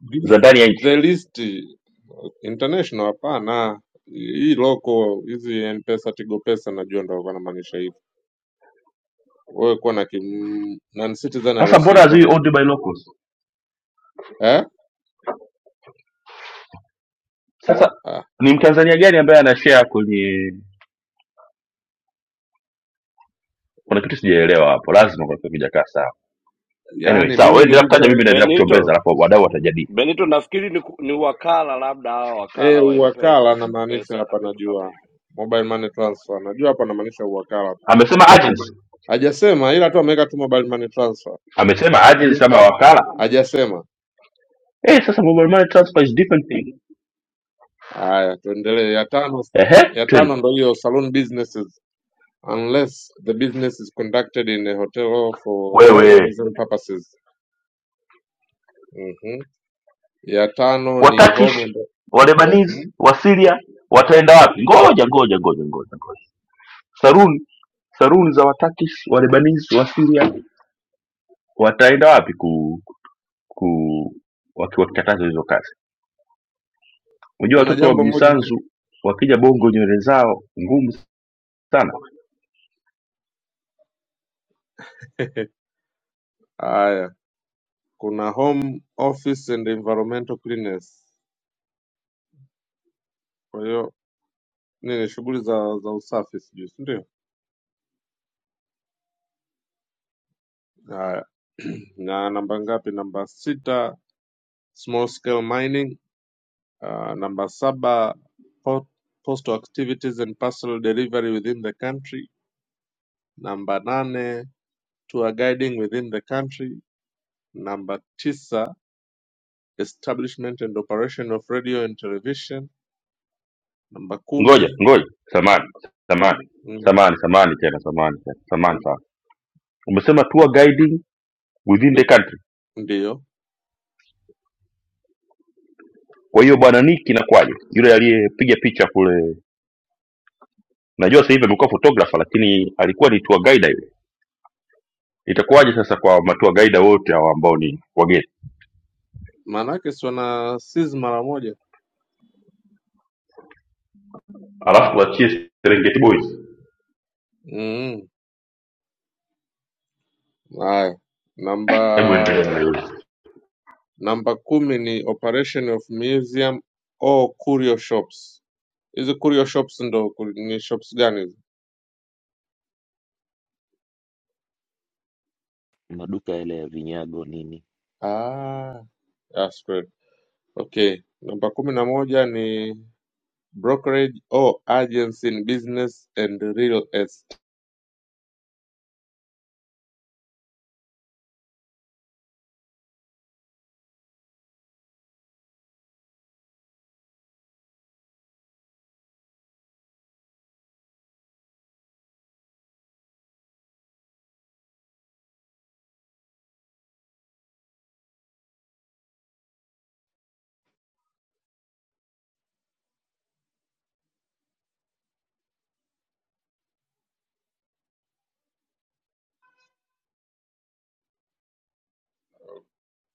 N: This,
A: za ndani ya nchi?
N: the list uh, international hapana, hii local hizi Mpesa, Tigo Pesa najua ndio walikuwa wanamaanisha hivyo. Wewe kuwa na kim non citizen
A: Sasa mbona
N: haruhusiwi kuwa
A: hazii
N: na
A: owned
N: kim
A: by locals?
N: eh?
A: Sasa
N: Ah,
A: ni mtanzania gani ambaye anashare kwenye? Kuna kitu sijaelewa hapo, lazima kuna kitu kijakaa sawa. Anyway,
N: yaani
A: sawa, wewe
N: mimi
A: endelea
O: Be,
A: kutaja,
N: nilicho
A: mimi naendelea kuchombeza,
O: Benito
A: alafu wadau watajadili.
O: Benito, nafikiri ni, ku- ni wakala labda hawa
N: Eh,
O: wakala wa Mpesa,
N: uwakala
O: Tigo
N: anamaanisha
O: Pesa na
N: hapa,
O: vitu kama
N: najua
O: hivyo.
N: mobile money transfer, najua hapa anamaanisha uwakala.
A: Amesema agents,
N: Hajasema ila tu ameweka tu mobile money transfer,
A: amesema agents ama wakala.
N: hajasema.
A: Eh, sasa mobile money transfer is different thing.
N: Haya, tuendelee. Ya tano,
A: Ehe,
N: ya tano
A: twende
N: ndo hiyo saloon businesses unless the business is conducted in a hotel for
A: wewe
N: tourism purposes. Mhm. Ya tano ni home and
A: Watakish Walebanese
N: hmm?
A: Wasiria wataenda wapi? Ngoja ngoja ngoja ngoja ngoja, saruni saruni za Watakish Walebanese Wasiria wataenda wapi ku, ku waki- wakikataza hizo kazi? Unajua
N: Kuna
A: watoto wa
N: jambo moja ni
A: Bisanzu wakija Bongo nywele zao ngumu sana.
N: <laughs> haya, kuna home office and environmental cleanliness, kwa hiyo nini, shughuli za za usafi sijui, si ndio? Haya. <clears throat> na namba ngapi? Namba sita, small scale mining. Uh, namba saba, po- postal activities and parcel delivery within the country. Namba nane, tour guiding within the country. Namba tisa, establishment and operation of radio and television. Namba
A: Ngoja
N: kumi,
A: ngoja, samani samani
N: mm,
A: samani samani tena samani tena samani sana. Umesema tour guiding within the
N: with-
A: country.
N: ndiyo
A: Kwa hiyo bwana Nick inakuwaje? Yule aliyepiga picha kule najua sasa hivi amekuwa photographer lakini alikuwa ni tour guide yule itakuwaje sasa kwa matua guide wote hawa ambao ni wageni
N: maanake si wana seize mara moja.
A: alafu tuachie serengeti boys
N: Mm, haya,
A: hebu
N: namba
A: endelea na yule
N: Namba kumi ni operation of museum or curio shops. Hizi curio shops ndo ku- ni shops gani hizi?
L: maduka yale ya vinyago nini,
N: Ah, that's great. Okay. Namba kumi na moja ni brokerage or agency in business and real estate.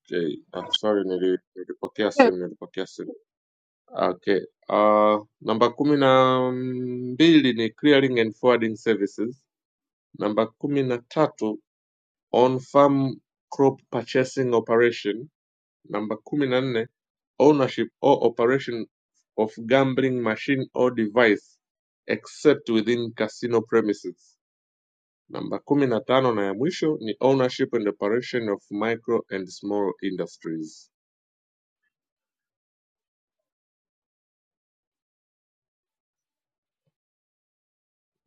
N: Okay. Ah, sorry nili, nilipokea
D: Eh,
N: simu, nilipokea simu. Okay. Uh, namba kumi na mbili ni clearing and forwarding services. Namba kumi na tatu on farm crop purchasing operation Namba kumi na nne ownership or operation of gambling machine or device except within casino premises. Namba kumi na tano na ya mwisho ni ownership and operation of micro and small industries.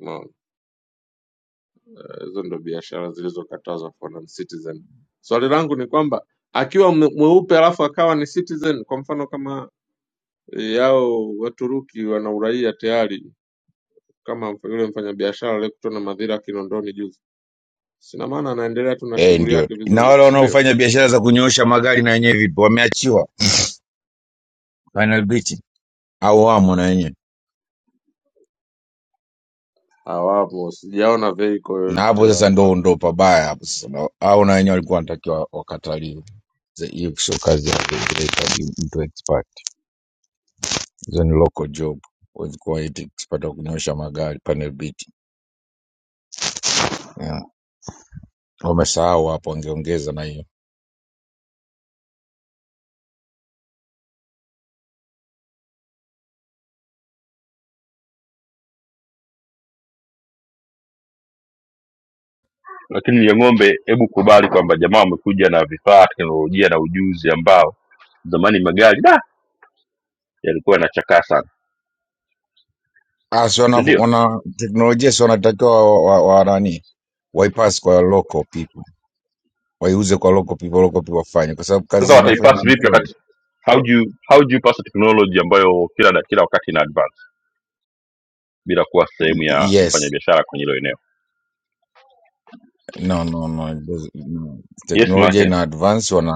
N: Unaona, eh, hizo no, ndo biashara zilizokatazwa for non-citizen. Swali so, langu ni kwamba akiwa mwe- mweupe alafu akawa ni citizen, kwa mfano kama eh, yao Waturuki wana uraia tayari, kama mf- yule mfanyabiashara aliyekutwa na madhira Kinondoni juzi Sina maana anaendelea tu na
R: Eh,
N: shughuli
R: ndio.
N: yake
R: Na
N: vizuri,
R: wale
N: si ndio?
R: wanaofanya biashara za kunyoosha magari na wenyewe vipi? Wameachiwa final bit au wamo na wenyewe?
N: Hawapo, sijaona vehicle
R: Na hapo
N: yoyote
R: sasa
N: hapa.
R: ndo ndo pabaya hapo sasa. Na- Au na wenyewe walikuwa wanatakiwa wakataliwe. Ze- Hiyo sio kazi yake, inahitaji mtu expert. Hizo ni local job. Huwezi kuwa eti expert wa kunyoosha magari panel beat. Yeah. Wamesahau hapo, wangeongeza na hiyo.
A: lakini ya ng'ombe hebu kubali kwamba jamaa wamekuja na vifaa teknolojia na ujuzi ambao zamani magari da yalikuwa yanachakaa sana
R: Ah, si wana,
A: si ndio
R: wana teknolojia si wanatakiwa wa, wa, wa nani? Waipass kwa local people. waiuze kwa local people, local people wafanye, kwa sababu kazi
A: sasa
R: zinafanya
A: wataipass vipi
R: msoni.
A: wakati how do you, how do you pass a technology ambayo kila da- kila wakati ina advance bila kuwa sehemu ya
R: Yes,
A: mfanyabiashara kwenye hilo eneo
R: no no no, it doesn't- no.
A: yes
R: teknolojia
A: maanake
R: ina advance, wana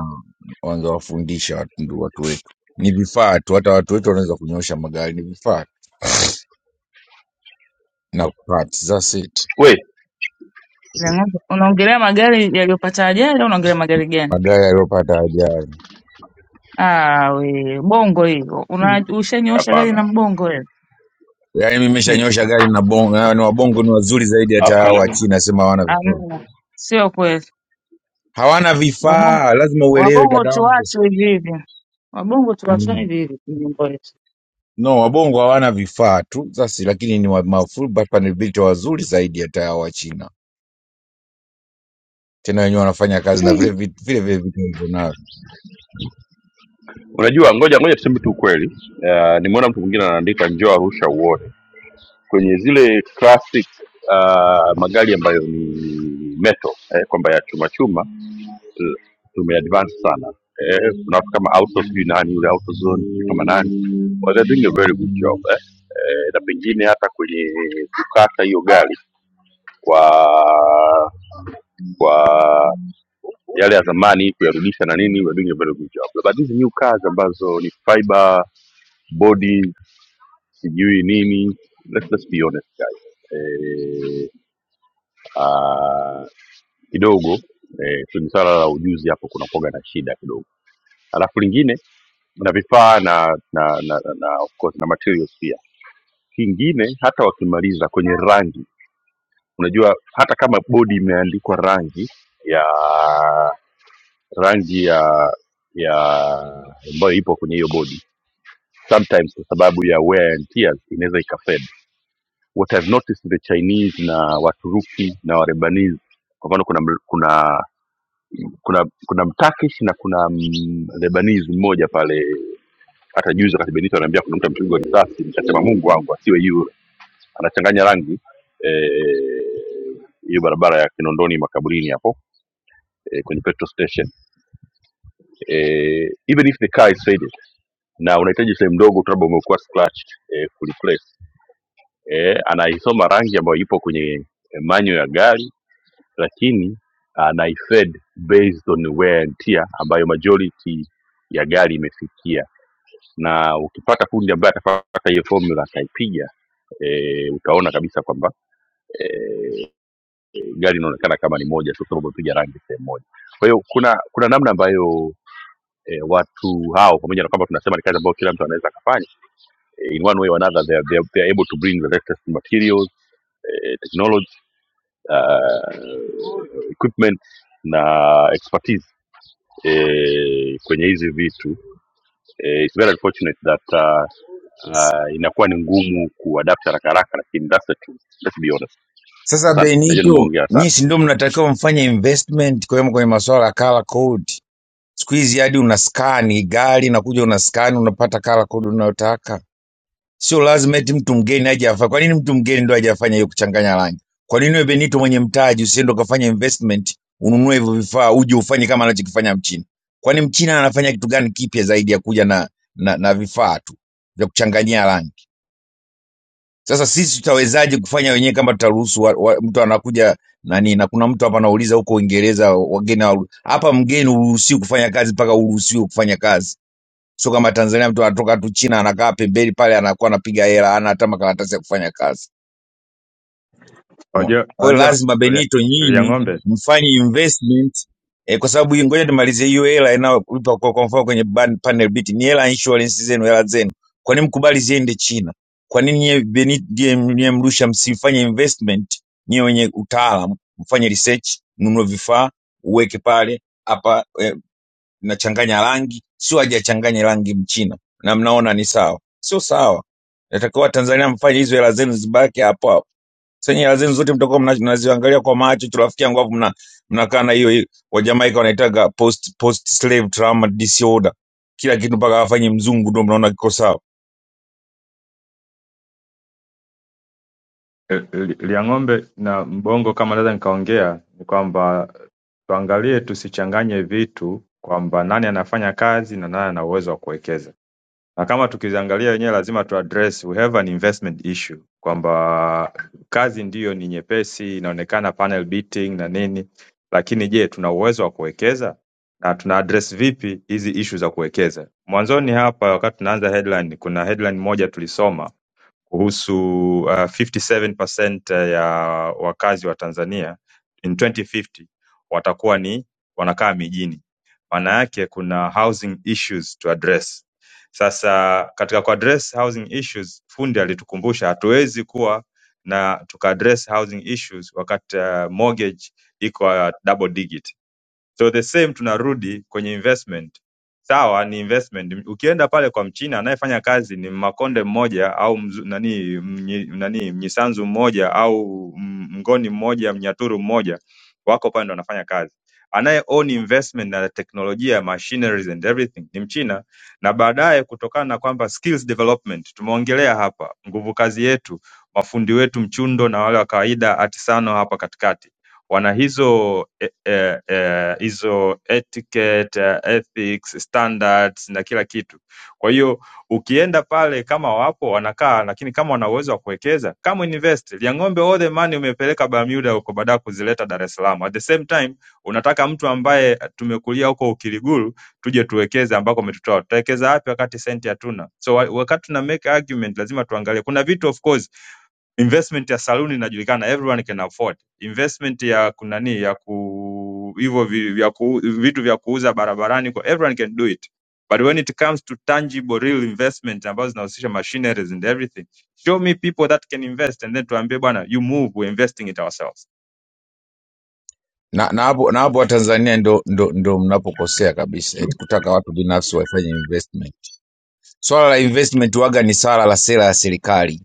R: wangewafundisha watu, ndu- watu wetu. Ni vifaa tu, hata watu wetu wanaweza kunyosha magari, ni vifaa tu na parts, that's it.
A: we
Q: Ile ng'ombe- Unaongelea magari yaliyopata ajali au unaongelea magari gani?
R: Magari yaliyopata ajali,
Q: Ah, we bongo hiyo. Una ushanyoosha gari
A: hapana
Q: na mbongo wewe.
R: yaani mimi
Q: Hey,
R: nimeshanyosha gari na bongo, na ni wabongo ni wazuri zaidi hata
A: Alafu
R: hao wa
A: kanya
R: China, sema hawana vifaa,
Q: amna. Sio kweli.
R: hawana vifaa, lazima uelewe
Q: Wabungu
R: dadangu.
Q: tuwachwe hivi hivi, wabungu tuwachwe hivi hivi kwenye mambo yetu.
R: No, wabongo hawana vifaa tu sasa, lakini ni wa- mafull bapa wazuri zaidi hata ya Wachina, tena wenyewe wanafanya kazi na vile vitu- vile vile vitu walivyonavyo.
A: Unajua, ngoja ngoja tuseme tu ukweli. Uh, nimeona mtu mwingine anaandika njoo Arusha uone kwenye zile classic uh, magari ambayo ni metal eh, kwamba ya chuma chuma eh, tumeadvance sana eh, kuna watu kama auto sijui nani yule autozone sijui kama nani well, they're doing a very good job eh. Eh, na pengine hata kwenye kukata hiyo gari kwa kwa yale ya zamani kuyarudisha na nini we're doing a very good job but these new cars ambazo ni fiber body sijui nini let's, let's be honest guys eh, ah, kidogo eh, kwenye swala la ujuzi hapo kuna kuoga na shida kidogo alafu lingine na vifaa na na, na, na, na, of course, na materials pia kingine hata wakimaliza kwenye rangi Unajua hata kama bodi imeandikwa rangi ya rangi ya ya ambayo ipo kwenye hiyo bodi sometimes kwa sababu ya wear and tears inaweza ikafed what I've noticed the Chinese na Waturuki na Warebanese kwa mfano kuna ml- kuna kuna kuna Mturkish na kuna mm, Lebanese mmoja pale hata juzi wakati Benito anaambia kuna mtu amepigwa risasi nikasema Mungu wangu asiwe yule anachanganya rangi eh, hiyo barabara ya Kinondoni makaburini hapo eh, kwenye petrol station eh, even if the car is faded na unahitaji sehemu ndogo tu labda umekuwa scratched eh, kureplace eh, anaisoma rangi ambayo ipo kwenye eh, manual ya gari lakini anaifed based on wear and tear ambayo majority ya gari imefikia na ukipata fundi ambaye atapata hiyo formula akaipiga e, utaona kabisa kwamba e, gari inaonekana kama ni moja tu kwa sababu amepiga rangi sehemu moja kwa hiyo kuna kuna namna ambayo eh, watu hao pamoja na kwamba tunasema ni kazi ambayo kila mtu anaweza akafanya eh, in one way or another they are, they are, they are able to bring the latest materials eh, technology uh, equipment na expertise eh, kwenye hizi vitu eh, it's very unfortunate that uh, uh, inakuwa ni ngumu kuadapt haraka haraka lakini that's the truth let's be honest
R: Sasa
A: asante najua
R: Benito,
A: nimeongea sana
R: nyinyi si ndio mnatakiwa mfanye investment kwa kwenye masuala ya color code. Siku hizi hadi unaskani gari na kuja unaskani unapata color code unayotaka. Sio lazima eti mtu mgeni aje afanye. Kwa nini mtu mgeni ndo aje afanye hiyo kuchanganya rangi? Kwa nini wewe Benito mwenye mtaji usiende ukafanya investment ununue hivyo vifaa uje ufanye kama anachokifanya Mchina? Kwani Mchina anafanya kitu gani kipya zaidi ya kuja na na, na vifaa tu vya kuchanganyia rangi? Sasa sisi tutawezaje kufanya wenyewe kama tutaruhusu wa- wa- mtu anakuja nani? Na kuna mtu hapa anauliza huko Uingereza wageni hawaru- hapa, mgeni uruhusiwi kufanya kazi mpaka uruhusiwe kufanya kazi Sio kama Tanzania, mtu anatoka tu China anakaa pembeni pale, anakuwa anapiga hela, hana hata makaratasi ya kufanya kazi. Umeona?
C: Unajua
R: Kwa hiyo
C: unajua
R: lazima
C: lia
R: Benito,
C: Lia
R: nyinyi
C: ng'ombe
R: mfanye investment eh, kwa sababu hii- ngoja nimalize hiyo hela inayolipa kwa, kwa mfano kwenye ban, panel beat ni hela ya insurance zenu, hela zenu. Kwa nini mkubali ziende China? Kwa nini nyie Benito ndiye ndiye Mrusha msifanye investment nyie wenye utaalamu, mfanye research, mnunue vifaa, uweke pale hapa e, linachanganya rangi, sio hajachanganya rangi Mchina na mnaona ni sawa. Sio sawa, natakiwa Tanzania mfanye hizo hela zenu zibaki hapo hapo. Sasa hela zenu zote mtakuwa mna- mnaziangalia kwa macho tu, rafiki yangu, hapo mna mnakaa na hiyo hiyo. Wajamaika wanaitaga post post slave trauma disorder, kila kitu mpaka afanye mzungu ndio mnaona kiko sawa.
C: eh, li- lia ng'ombe na mbongo kama naweza nikaongea ni kwamba tuangalie tusichanganye vitu kwamba nani anafanya kazi na nani ana uwezo wa kuwekeza. na kama tukiziangalia wenyewe lazima tuaddress we have an investment issue kwamba kazi ndiyo ni nyepesi inaonekana panel beating na nini lakini je tuna uwezo wa kuwekeza na tuna address vipi hizi issue za kuwekeza mwanzoni hapa wakati tunaanza headline kuna headline moja tulisoma kuhusu uh, 57% ya wakazi wa Tanzania in 2050 watakuwa ni wanakaa mijini. Maana yake kuna housing issues to address. Sasa katika kuaddress housing issues, fundi alitukumbusha hatuwezi kuwa na tukaaddress housing issues wakati uh, mortgage iko uh, double digit So the same tunarudi kwenye investment. Sawa ni investment. Ukienda pale kwa Mchina anayefanya kazi ni Mmakonde mmoja au mzu, nani mnyi, nani Mnyisanzu mmoja au m- Mngoni mmoja, Mnyaturu mmoja wako pale ndo wanafanya kazi. Anaye own investment na teknolojia, machineries and everything ni Mchina, na baadaye kutokana na kwamba skills development tumeongelea hapa, nguvu kazi yetu, mafundi wetu mchundo na wale wa kawaida, artisano hapa katikati wana hizo eh, eh, eh, hizo etiquette, eh, ethics, standards na kila kitu. Kwa hiyo ukienda pale kama wapo wanakaa, lakini kama wana uwezo wa kuwekeza kama invest Liang'ombe, all the money umepeleka Bermuda huko, baadaye kuzileta Dar es Salaam. At the same time unataka mtu ambaye tumekulia huko Ukiriguru tuje tuwekeze ambako umetutoa, tutawekeza wapi wakati senti hatuna? So wa- wakati tuna make argument lazima tuangalie, kuna vitu of course investment ya saluni inajulikana everyone can afford investment ya kunani ya ku hivyo vi- vya ku, vitu vya kuuza barabarani kwa everyone can do it but when it comes to tangible real investment ambazo zinahusisha machineries and everything show me people that can invest and then tuambie bwana you move we're investing it ourselves
R: Na na hapo na hapo Watanzania ndo, ndo, ndo mnapokosea kabisa, eti kutaka watu binafsi wafanye investment. Swala la investment waga ni swala la sera ya serikali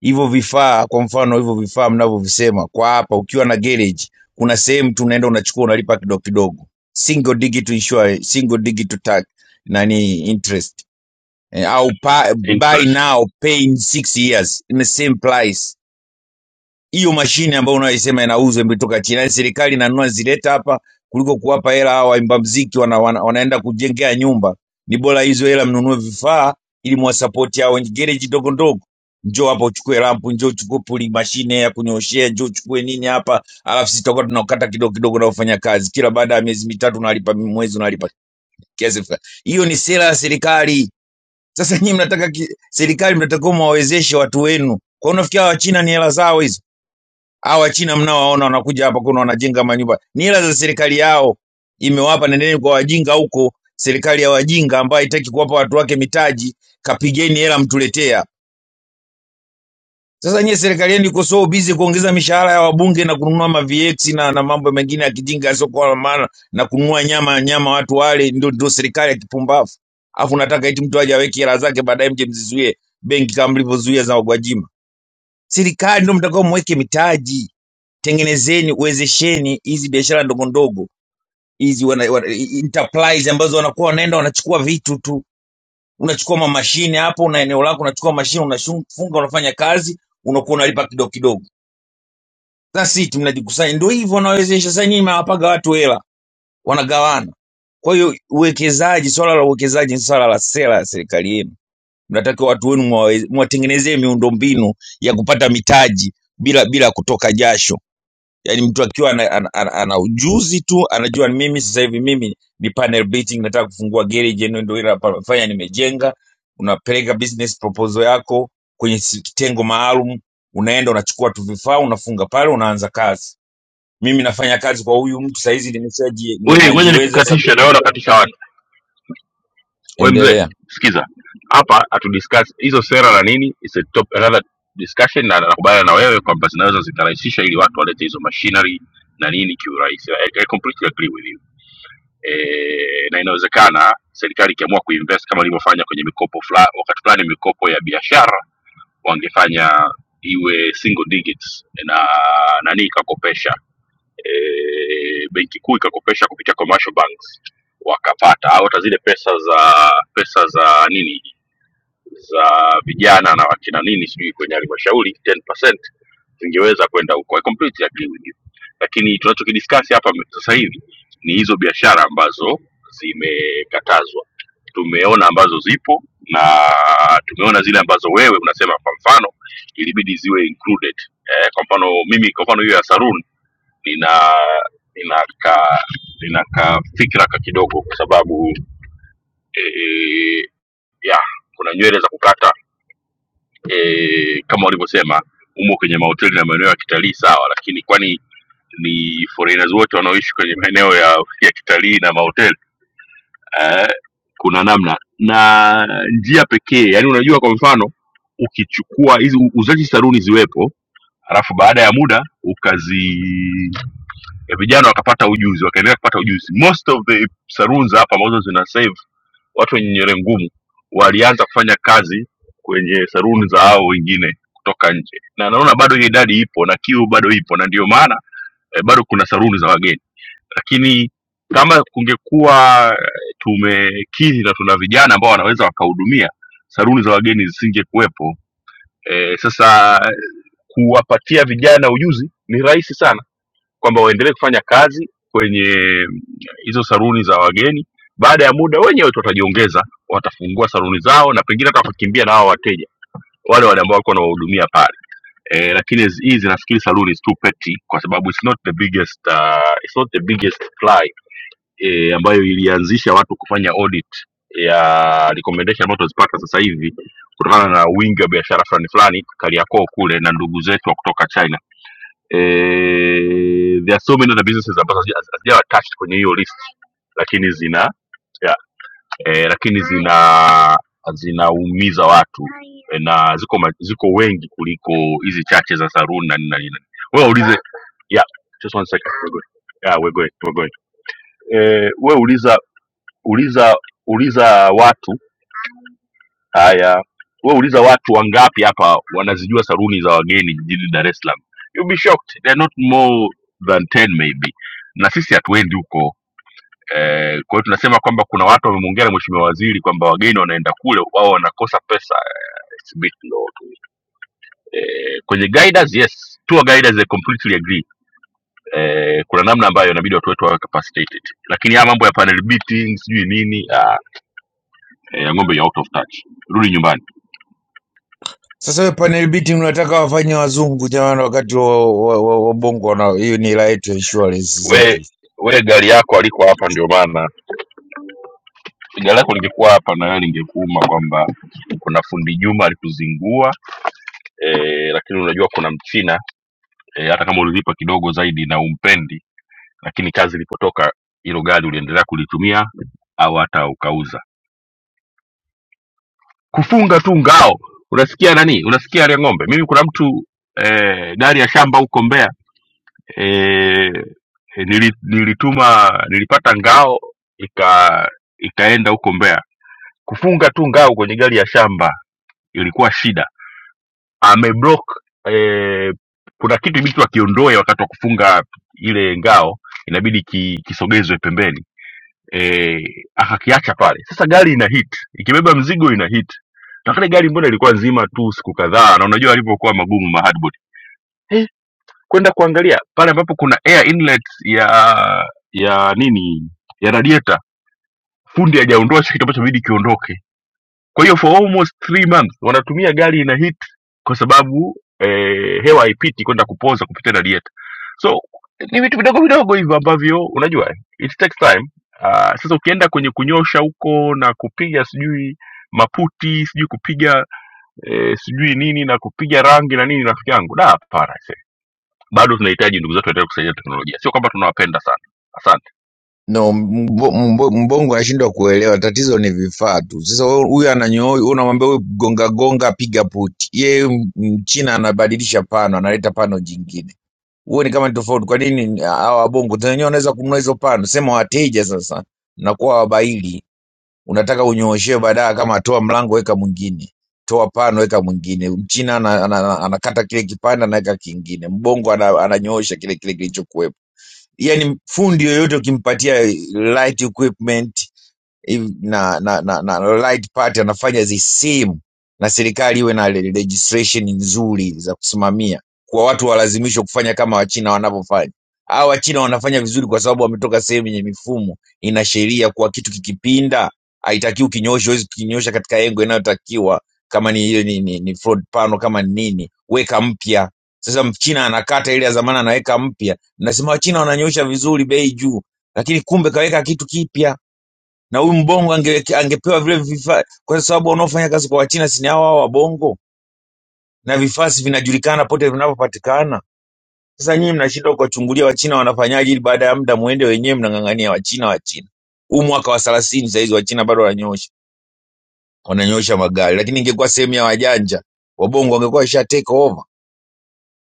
R: hivyo vifaa, kwa mfano hivyo vifaa mnavyovisema kwa hapa, ukiwa na garage, kuna sehemu tu unaenda unachukua unalipa kidogo kidogo, single digit insure, single digit tax nani interest eh, au pa, buy
A: interest
R: now pay in 6 years in the same price hiyo mashine ambayo unaisema inauzwa imetoka China, yaani serikali inanunua zileta hapa kuliko kuwapa hela hawa waimba mziki wana, wana, wanaenda kujengea nyumba. Ni bora hizo hela mnunue vifaa ili mwasapoti hao wenye gereji ndogo ndogo, njoo hapa uchukue lampu, njoo uchukue puli mashine ya kunyoshea, njoo uchukue nini hapa, alafu sisi tutakuwa tunakata kidogo kidogo na kufanya kazi. Kila baada ya miezi mitatu unalipa, mwezi unalipa kiasi fulani. Hiyo ni sera ya serikali. Sasa nyinyi mnataka ki, serikali mnataka mwawezeshe watu wenu, kwa unafikiri hawa China ni hela zao hizo? Hawa Wachina mnaowaona wanakuja hapa kuna wanajenga manyumba, ni hela za serikali yao imewapa. Nendeni kwa wajinga huko, serikali ya wajinga ambayo haitaki kuwapa watu wake mitaji, kapigeni hela mtuletea. Sasa nyie serikali yenu iko so busy kuongeza mishahara ya wabunge na kununua ma VX na, na mambo mengine ya kijinga yasiokuwa na maana na kununua nyama nyama watu wale, ndio ndio serikali ya kipumbavu. Alafu nataka eti mtu aje aweke hela zake baadaye mje mzizuie benki kama mlivyozuia za Gwajima. Serikali ndio mtakao mweke mitaji tengenezeni uwezesheni hizi biashara ndogo ndogo hizi wana, wana, i- enterprise ambazo wanakuwa wanaenda wanachukua vitu tu unachukua ma- mashine hapo na eneo lako unachukua mashine unafunga unafanya kazi unakuwa unalipa kidogo kidogo that's it mnajikusanya ndio hivyo wanawezesha sasa nyinyi mnawapaga watu hela wanagawana kwa hiyo uwekezaji swala la uwekezaji ni swala la sera ya serikali yenu mnataka watu wenu mwawe- mwatengenezee miundombinu ya kupata mitaji bila bila kutoka jasho yaani mtu akiwa ana, ana, ana, ana ujuzi tu anajua mimi sasa hivi mimi ni panel beating nataka kufungua garage yani ndio ile nafanya nimejenga unapeleka business proposal yako kwenye si- kitengo maalum unaenda unachukua tu vifaa unafunga pale unaanza kazi mimi nafanya kazi kwa huyu mtu saizi nimeshaji ni-
A: wewe ngoja
R: najiweza sasa
A: nikukatisha
R: kwenda
A: naona
R: kutoa-
A: nakatisha watu we mzee
R: endelea
A: sikiza hapa hatu discuss hizo sera na nini is a top another discussion na nakubaliana na wewe kwamba zinaweza zikarahisisha ili watu walete hizo machinery na nini kiurahisi I, I completely agree with you e, na inawezekana serikali ikiamua kuinvest kama ilivyofanya kwenye mikopo fula, wakati fulani mikopo ya biashara wangefanya iwe single digits na nani ikakopesha e, benki kuu ikakopesha kupitia commercial banks wakapata au hata zile pesa za pesa za nini za vijana na wakina nini sijui kwenye halmashauri 10% zingeweza kwenda huko I completely agree with you lakini tunachokidiscuss hapa sasa hivi ni hizo biashara ambazo zimekatazwa tumeona ambazo zipo na tumeona zile ambazo wewe unasema kwa mfano ilibidi ziwe included eh, kwa mfano mimi kwa mfano hiyo ya saruni lina lina ka lina ka fikra ka kidogo kwa sababu eh, eh, ya kuna nywele za kukata eh, kama walivyosema umo kwenye mahoteli na maeneo ya kitalii sawa lakini kwani ni foreigners wote wanaoishi kwenye maeneo ya, ya kitalii na mahoteli eh, kuna namna na njia pekee yani unajua kwa mfano ukichukua hizi uzaji saruni ziwepo alafu baada ya muda ukazi ya vijana wakapata ujuzi wakaendelea kupata ujuzi most of the saloons hapa ambazo zina save watu wenye nywele ngumu walianza kufanya kazi kwenye saruni za hao wengine kutoka nje na naona bado hiyo idadi ipo na kiu bado ipo na ndio maana eh, bado kuna saruni za wageni lakini kama kungekuwa eh, tumekidhi na tuna vijana ambao wanaweza wakahudumia saruni za wageni zisingekuwepo eh, sasa kuwapatia vijana ujuzi ni rahisi sana kwamba waendelee kufanya kazi kwenye hizo saruni za wageni baada ya muda wenyewe tu watajiongeza watafungua saruni zao na pengine hata wakakimbia na hao wateja wale wale ambao walikuwa wanawahudumia pale e, lakini hizi hizi nafikiri saluni is too petty kwa sababu it's not the biggest uh, it's not the biggest fly e, ambayo ilianzisha watu kufanya audit ya recommendation ambazo tunazipata sasa hivi kutokana na wingi wa biashara fulani fulani Kariakoo kule na ndugu zetu wa kutoka China eh, there are so many other businesses ambazo hazija- hazijawa attached kwenye hiyo list lakini zina yeah, eh, lakini zina zinaumiza watu eh, na ziko ma, ziko wengi kuliko hizi chache za saruni na nini na nini na nini. wewe ulize yeah, just one second we're going. Yeah, we're going, we're going. Eh, wewe uliza uliza uliza watu Haya, wewe uliza watu wangapi hapa wanazijua saluni za wageni jijini Dar es Salaam. You'll be shocked. They're not more than 10 maybe. Na sisi hatuendi huko. Eh, kwa hiyo tunasema kwamba kuna watu wamemwongea na mheshimiwa waziri kwamba wageni wanaenda kule wao wanakosa pesa. It's a bit low to me. Eh, kwenye guiders yes, tour guiders they completely agree. Eh, kuna namna ambayo inabidi watu wetu wawe capacitated. Lakini haya mambo ya panel beating sijui nini, ah, eh, ng'ombe ya out of touch. Rudi nyumbani.
R: Sasa we panel beating unataka wafanye wazungu jamani, wakati wa, wa, wa, wa bongo wana hiyo ni hela yetu ya insurance zetu.
A: we
R: hizi.
A: we gari yako aliko hapa ndio maana gari lako lingekuwa hapa na wewe lingekuuma kwamba kuna fundi juma alikuzingua eh, lakini unajua kuna mchina eh, hata kama ulilipa kidogo zaidi na umpendi lakini kazi ilipotoka hilo gari uliendelea kulitumia au hata ukauza kufunga tu ngao unasikia nani unasikia ya ng'ombe mimi kuna mtu eh, gari ya shamba huko mbea eh, eh, nili- nilituma nilipata ngao ika ikaenda huko mbea kufunga tu ngao kwenye gari ya shamba ilikuwa shida ameblock eh, kuna kitu ibidi akiondoe wakati wa kufunga ile ngao inabidi ki, kisogezwe pembeni eh, akakiacha pale sasa gari ina hit ikibeba mzigo ina hit na kale gari mbona ilikuwa nzima tu siku kadhaa na unajua alivyokuwa magumu ma hardboard eh, kwenda kuangalia pale ambapo kuna air inlet ya ya nini ya radiator fundi hajaondoa hicho kitu ambacho inabidi kiondoke Kwa hiyo for almost three months wanatumia gari ina hit kwa sababu eh, hewa haipiti kwenda kupoza kupitia radiator. So ni vitu vidogo vidogo hivyo ambavyo unajua eh, it takes time. Uh, sasa ukienda kwenye kunyosha huko na kupiga sijui maputi sijui kupiga eh, sijui nini na kupiga rangi na nini, rafiki yangu, da, hapana, aisee. bado tunahitaji ndugu zetu waendelee kusaidia teknolojia, sio kwamba tunawapenda sana. Asante.
R: No, mbo- mbo- mbongo anashindwa kuelewa, tatizo ni vifaa tu. Sasa wewe- huyu ananyoa, huyu unamwambia huyu gonga gonga, piga puti. Yeye m- mchina anabadilisha pano, analeta pano jingine. huone kama ni tofauti. Kwa nini hawa wabongo tena wenyewe wanaweza kununua hizo pano? Sema wateja sasa, mnakuwa wabaili, unataka unyooshewe baadaye, kama toa mlango weka mwingine, toa pano weka mwingine. Mchina ana- ana- ana- anakata kile kipande anaweka kingine, mbongo ana- ananyoosha kile kile kilichokuwepo. Yani fundi yoyote ukimpatia light equipment hivi- na, na, na, na right party anafanya zisimu na serikali iwe na le- legislation nzuri za kusimamia kwa watu walazimishwe kufanya kama wachina wanavyofanya au wachina wanafanya vizuri kwa sababu wametoka sehemu yenye mifumo ina sheria kuwa kitu kikipinda haitakiwi ukinyoosha huwezi kukinyosha katika engo inayotakiwa kama ni hiyo ni, ni, ni fraud pano kama ni nini weka mpya sasa mchina anakata ile ya zamani anaweka mpya mnasema wachina wananyoosha vizuri bei juu lakini kumbe kaweka kitu kipya na huyu mbongo ange, angepewa vile vifaa, kwa sababu wanaofanya kazi kwa wachina si ni hao hao wabongo, na vifaa si vinajulikana pote vinavyopatikana. Sasa nyinyi mnashindwa kuwachungulia wachina wanafanyaje, ili baada ya muda muende wenyewe mnang'ang'ania wachina wachina. Huu mwaka wa thelathini sahizi wachina bado wananyosha wananyosha magari, lakini ingekuwa sehemu ya wajanja wabongo wangekuwa isha take over,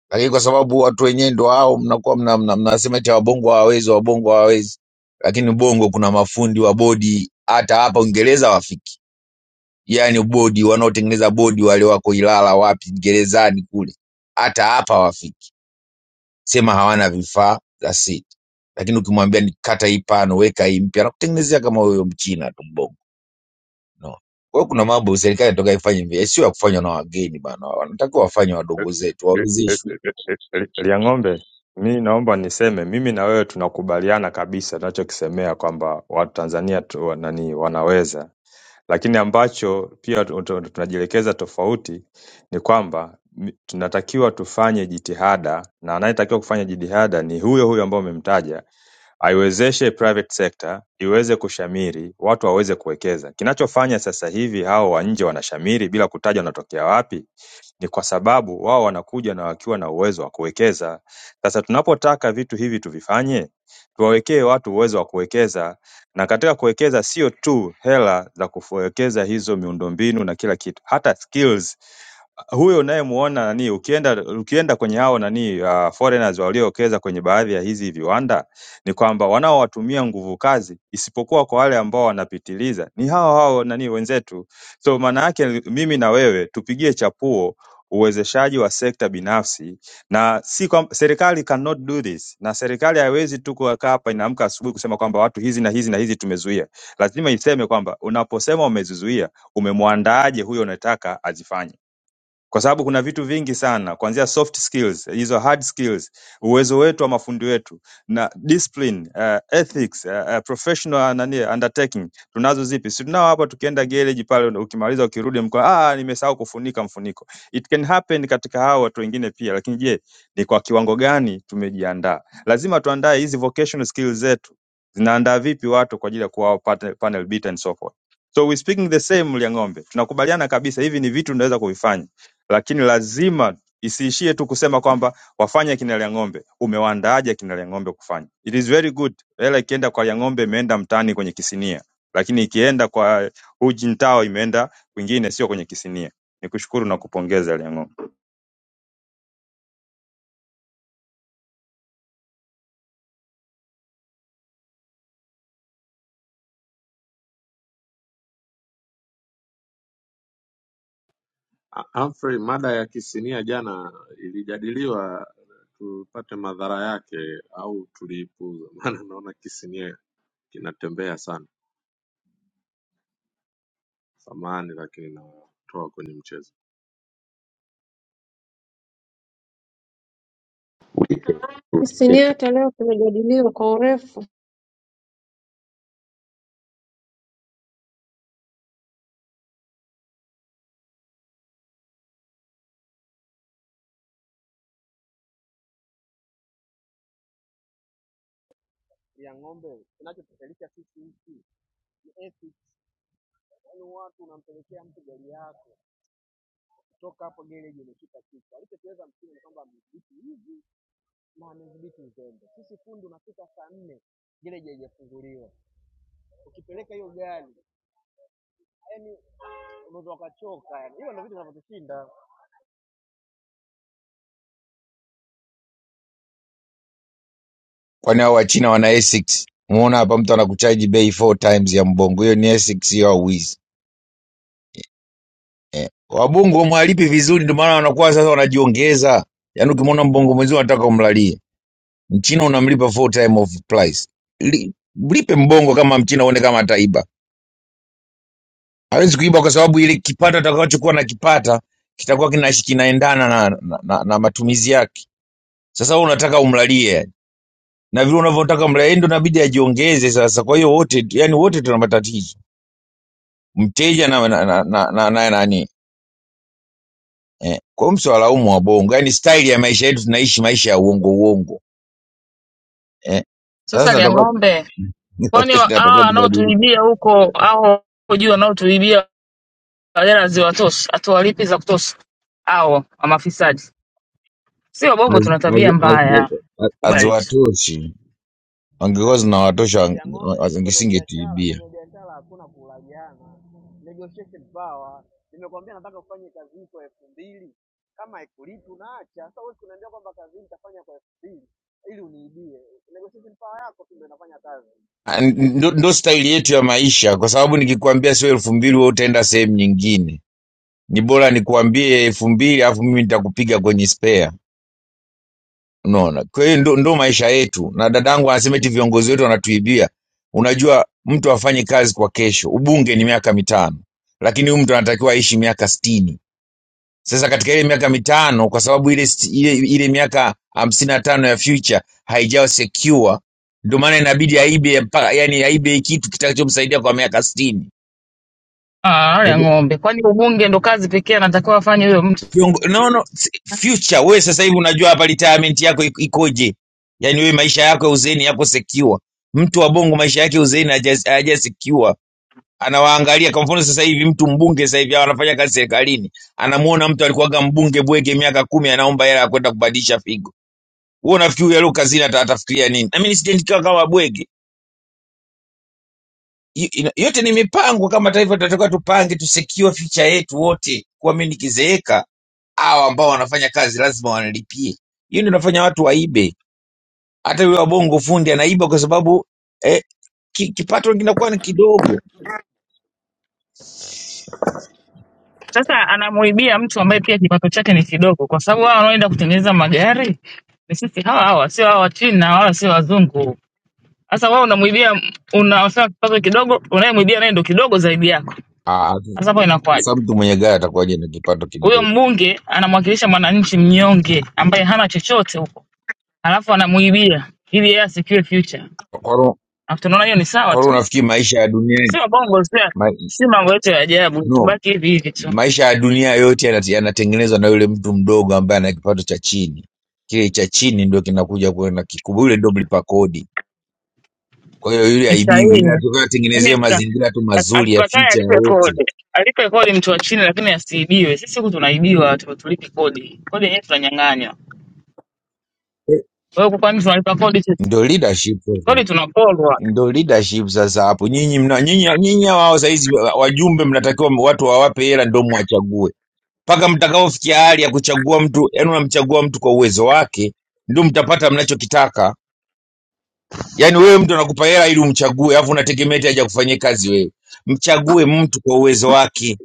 R: lakini kwa sababu watu wenyewe ndo hao, mnakuwa mna, mna, mnasema eti wabongo hawawezi, wabongo hawawezi, lakini bongo kuna mafundi wa bodi hata hapa Uingereza wafiki yani bodi wanaotengeneza bodi wale wako Ilala wapi gerezani kule, hata hapa wafiki, sema hawana vifaa za siti, lakini ukimwambia ni kata hii pano, weka hii mpya, anakutengenezea kama huyo mchina tu mbongo no. Kwa hiyo kuna mambo serikali inataka ifanye hivi, sio ya kufanywa na wageni bana, wanatakiwa wafanye wadogo zetu, wawezeshwe.
C: Liang'ombe, mi naomba niseme, mimi na wewe tunakubaliana kabisa tunachokisemea kwamba watu Tanzania tu, nani wanaweza Lakini ambacho pia tu- tu- tunajielekeza tofauti ni kwamba mi- tunatakiwa tufanye jitihada na anayetakiwa kufanya jitihada ni huyo huyo ambaye umemtaja aiwezeshe private sector iweze kushamiri, watu waweze kuwekeza. Kinachofanya sasa hivi hao wa nje wanashamiri bila kutaja wanatokea wapi, ni kwa sababu wao wanakuja na wakiwa na uwezo wa kuwekeza. Sasa tunapotaka vitu hivi tuvifanye, tuwawekee watu uwezo wa kuwekeza, na katika kuwekeza sio tu hela za kuwekeza hizo miundombinu na kila kitu, hata skills huyo unayemuona nani, ukienda ukienda kwenye hao nani uh, foreigners waliowekeza kwenye baadhi ya hizi viwanda ni kwamba wanaowatumia nguvu kazi isipokuwa kwa wale ambao wanapitiliza ni hao hao nani wenzetu. So maana yake mimi na wewe tupigie chapuo uwezeshaji wa sekta binafsi na si kwa, serikali cannot do this, na serikali haiwezi tu kukaa hapa inaamka asubuhi kusema kwamba watu hizi na hizi na hizi tumezuia. Lazima iseme kwamba unaposema umezizuia, umemwandaaje huyo unataka azifanye kwa sababu kuna vitu vingi sana kuanzia soft skills hizo hard skills uwezo wetu wa mafundi wetu na discipline uh, ethics uh, uh, professional nani undertaking tunazo zipi si tunao hapa tukienda garage pale ukimaliza ukirudi mkoa ah nimesahau kufunika mfuniko it can happen katika hao watu wengine pia lakini je ni kwa kiwango gani tumejiandaa lazima tuandae hizi vocational skills zetu zinaandaa vipi watu kwa ajili ya kuwa panel, panel beat and so forth so we speaking the same Liang'ombe tunakubaliana kabisa hivi ni vitu tunaweza kuvifanya lakini lazima isiishie tu kusema kwamba wafanye akina Liang'ombe. Umewaandaaje akina Liang'ombe kufanya? It is very good. Hela ikienda kwa Liang'ombe imeenda mtaani kwenye kisinia, lakini ikienda kwa Hu Jintao imeenda kwingine, sio kwenye kisinia. Nikushukuru na kupongeza Liang'ombe.
N: Ah, Humphrey, mada ya kisinia jana ilijadiliwa, tupate madhara yake au tuliipuuza? <laughs> Maana naona kisinia kinatembea sana. Samahani, lakini natoa kwenye mchezo.
D: Sisi ni hata leo tumejadiliwa kwa urefu.
S: ya ng'ombe, kinachotufailisha sisi nchi ni ethics. Yaani watu unampelekea mtu gari yako kutoka hapo gereji imefika kitu. Alichokiweza msimu ni kwamba amedhibiti hivi na amedhibiti uzembe. Sisi fundi unafika saa nne gereji haijafunguliwa, ukipeleka hiyo gari yani unaweza ukachoka yani. Hilo ndio vitu vinavyotushinda
R: Kwani hao wachina wana Essex? Umeona hapa mtu anakuchaji bei four times ya mbongo, hiyo ni Essex hiyo au wizi? eh. Wabongo wamwalipi vizuri ndio maana wanakuwa sasa wanajiongeza. Yaani ukimwona mbongo mwenzio unataka umlalie. Mchina unamlipa full time of price. Li, mlipe mbongo kama mchina uone kama ataiba. Hawezi kuiba kwa sababu ile kipato atakachokuwa nakipata kitakuwa kinash- kinaendana na, na, na, na matumizi yake. Sasa wewe unataka umlalie. Na vile unavyotaka umlalie yeye ndio inabidi ajiongeze sasa. Kwa hiyo wote yani wote tuna matatizo. Mteja na na na, na, na, na, nani? eh. Kwa hiyo msiwalaumu wabongo, yaani staili ya maisha yetu tunaishi maisha ya uongo uongo eh. Sasa
Q: Sasa lia
R: tunatakiwa
Q: ng'ombe, kwani wa-
R: <laughs> tunatakiwa
Q: hawa
S: ya
R: tubadilike,
S: ng'ombe
Q: wanaotuibia huko hao huko juu wanaotuibia hela ziwatoshi, hatuwalipi za kutosha hao wa mafisadi? Si wabongo
R: Hazi-
Q: tuna tabia
R: hazi- hazi-
Q: mbaya,
R: hazi- hazi- <laughs>
Q: kubali tu.
R: haziwatoshi. Wangekuwa
S: na
R: zinawatosha wange-
S: ya ng'ombe kwenye biashara,
R: wangesingetuibia.
S: kwenye biashara hakuna kulagiana, negotiation power. Nimekwambia nataka kufanya kazi hii kwa elfu mbili, kama haikulipi unaacha. Sasa wewe unaniambia kwamba kazi hii nitafanya kwa elfu mbili ili uniibie. Negotiation power yako tu ndio inafanya kazi.
R: Ah, n- Ndo, ndo staili yetu ya maisha, kwa sababu nikikwambia sio elfu mbili wewe utaenda sehemu nyingine. Ni bora nikuambie elfu mbili alafu mimi nitakupiga kwenye spare. unaona kwa hiyo ndo, ndo maisha yetu na dadangu anasema eti viongozi wetu wanatuibia unajua mtu afanye kazi kwa kesho ubunge ni miaka mitano lakini huyu mtu anatakiwa aishi miaka stini sasa katika ile miaka mitano kwa sababu ile, sti- ile, ile miaka hamsini na tano ya future haijawa secure ndio maana inabidi aibe mpa- yani aibe kitu kitakachomsaidia kwa miaka stini
Q: Ah, wale ng'ombe, kwani ubunge ndo kazi pekee anatakiwa afanye huyo mtu?
R: Viongo- no, no, si- future wewe sasa hivi unajua hapa retirement yako iko- ikoje yaani wewe maisha yako ya uzeeni yako secure mtu wa bongo maisha yake ya uzeeni haja haja secure anawaangalia kwa mfano sasa hivi mtu mbunge sasa hivi anafanya kazi serikalini anamuona mtu alikuwaga mbunge bwege miaka kumi anaomba hela ya kwenda kubadilisha figo wewe unafikiri leo kazini ata- atafikiria nini na mimi nisijenikiwa kama bwege Y- ina- yote ni mipango kama taifa tutatoka tupange tusecure future yetu wote kuwa mimi nikizeeka hawa ambao wanafanya kazi lazima wanalipie. Hiyo ndio inafanya watu waibe. Hata yule wabongo fundi anaiba kwa sababu eh, ki, kipato kinakuwa ni kidogo.
Q: Sasa anamuibia mtu ambaye pia kipato chake ni kidogo, kwa sababu hao wanaoenda kutengeneza magari ni sisi hawa hawa, sio hawa wa China wala sio wazungu. Sasa wewe unamwibia, unasema kipato kidogo, unayemwibia naye ndo kidogo zaidi yako.
R: Ah, ah,
Q: Sasa hapo inakuwaje?
R: sasa mtu mwenye gari atakuwaje na kipato
Q: Huyo
R: kidogo?
Q: mbunge anamwakilisha mwananchi mnyonge ambaye hana chochote huko, alafu anamuibia ili yeye asikiwe future.
R: Kwa hiyo
Q: Na tunaona hiyo ni sawa
R: kwa hiyo
Q: tu,
R: unafikiri maisha ya duniani
Q: sio bongo, sio
R: ma,
Q: si mambo yote ya ajabu.
R: no,
Q: Tubaki hivi hivi tu,
R: maisha ya dunia yote yanate- yanatengenezwa na yule mtu mdogo ambaye ana kipato cha chini. Kile cha chini ndio kinakuja kuenda kikubwa, yule ndio mlipa kodi. Kwa hiyo yule
Q: ni
R: aibiwi,
Q: sahihi.
R: yule atakuwa atengenezewe
Q: Mimi sika-
R: mazingira tu mazuri ya
Q: hatukatai
R: ficha ya
Q: alipe
R: wote.
Q: kodi, alipe kodi mtu wa chini, lakini asiibiwe. Sisi huku tunaibiwa, tu tulipi kodi, kodi yenyewe tunanyang'anywa.
R: Eh,
Q: Wewe huku kwani tunalipa kodi sisi?
R: Ndio leadership sasa.
Q: Kodi tunaporwa.
R: ndo leadership sasa hapo nyinyi mna nyinyi nyinyi wao saizi wajumbe mnatakiwa watu wawape hela ndo mwachague mpaka mtakaofikia hali ya kuchagua mtu yani unamchagua mtu kwa uwezo wake ndio mtapata mnachokitaka yani wewe mtu anakupa hela ili umchague alafu unategemea eti aje kufanyia kazi wewe mchague mtu kwa uwezo wake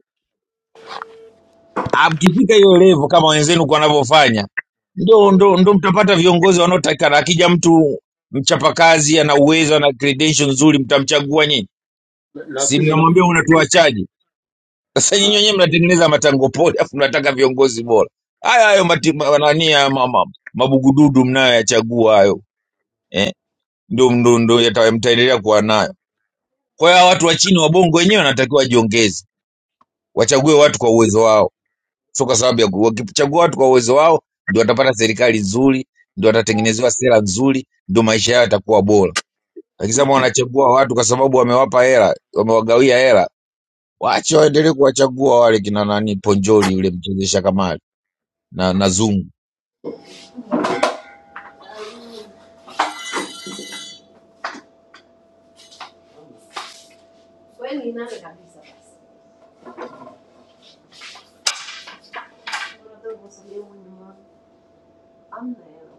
R: Ah, mkifika hiyo level kama wenzenu kwa wanavyofanya ndo, ndo, ndo mtapata viongozi wanaotakikana akija mtu mchapakazi ana uwezo ana credential nzuri mtamchagua nyinyi si
T: Nakuja, nakuja.
R: mnamwambia unatuachaji sasa nyinyi wenyewe mnatengeneza matango pori afu mnataka viongozi bora haya hayo mati- ma- nani ya ma- ma- mabugududu mnayoyachagua hayo eh? ndio ndio ndio yata- mtaendelea kuwa nayo kwa hiyo hawa watu wa chini wa bongo wenyewe wanatakiwa wajiongeze wachague watu kwa uwezo wao sio kwa sababu ya ku- wakichagua watu kwa uwezo wao ndio watapata serikali nzuri ndio watatengenezewa sera nzuri ndio maisha yao yatakuwa bora lakini sasa wanachagua watu kwa sababu wamewapa hela wamewagawia hela Wache waendelee kuwachagua wale kina nani, Ponjoli yule mchezesha kamari na, na Zungu.
T: Wewe ni nani kabisa basi? Unataka kusalia mwenye amna hela.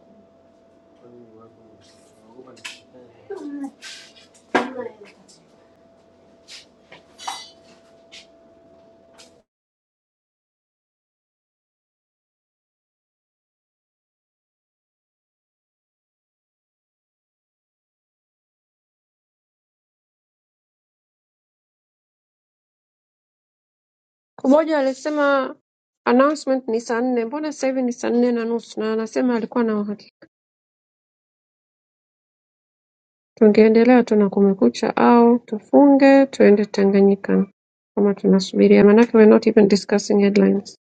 T: Hamna hela.
D: Kuboja alisema announcement ni saa nne mbona sasa hivi ni saa nne na nusu na anasema alikuwa na uhakika. Tungeendelea tu na kumekucha au tufunge tuende Tanganyika kama tunasubiria manake we're not even discussing headlines.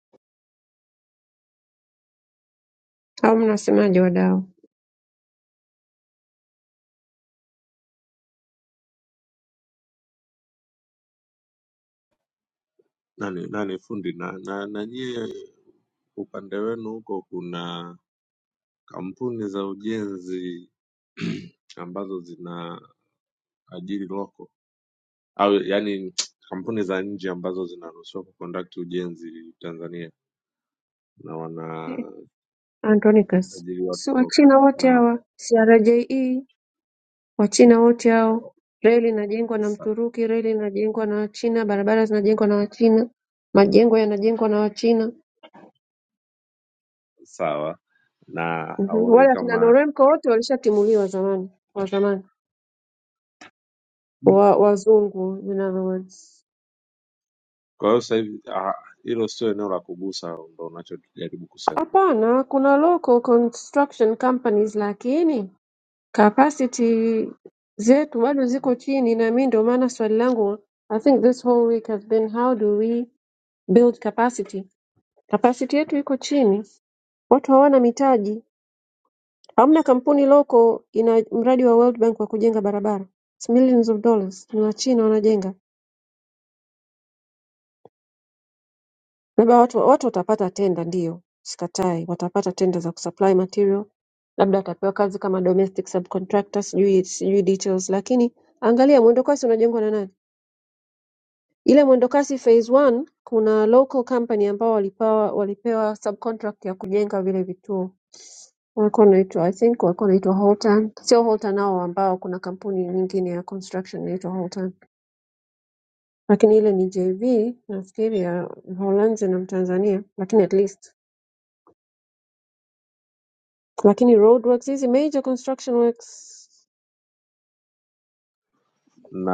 D: Au mnasemaje wadau?
N: Nani nani fundi na, na, na nyie upande wenu huko kuna kampuni za ujenzi <clears throat> ambazo zina ajiri loko au yani kampuni za nje ambazo zinaruhusiwa kuconduct ujenzi Tanzania na
D: Eh,
N: wanaajiri
D: Andronicus. Si
N: watu wa-
D: Wachina wote
N: na
D: hawa, CRJE, Wachina wote hao. Reli inajengwa na
N: sa-
D: Mturuki, reli inajengwa na Wachina, barabara zinajengwa na Wachina, majengo yanajengwa na Wachina.
N: sawa na
D: Mhm.
N: haone
D: Wale akina
N: kama
D: Noremco wote walishatimuliwa zamani, wa zamani wa wazungu in other words.
N: kwa hiyo sasa hivi ah, hilo sio eneo la kugusa, ndo unachojaribu kusema,
D: Hapana, kuna local construction companies lakini capacity zetu bado ziko chini, na mi ndio maana swali langu I think this whole week has been how do we build capacity. Capacity yetu iko chini, watu hawana mitaji. Hamna kampuni local ina mradi wa World Bank wa kujenga barabara, It's millions of dollars, ni Wachina wanajenga labda watu watu watapata tenda ndiyo sikatai watapata tenda za kusupply material labda watapewa kazi kama domestic subcontractor sijui sijui details lakini angalia mwendokasi unajengwa na nani ile mwendokasi phase one kuna local company ambao walipewa walipewa subcontract ya kujenga vile vituo walikuwa wanaitwa i think walikuwa wanaitwa holtan sio holtan hao ambao kuna kampuni nyingine ya construction inaitwa holtan lakini ile ni jv nafikiri ya mholanzi na mtanzania lakini at least lakini roadworks hizi major construction works
N: na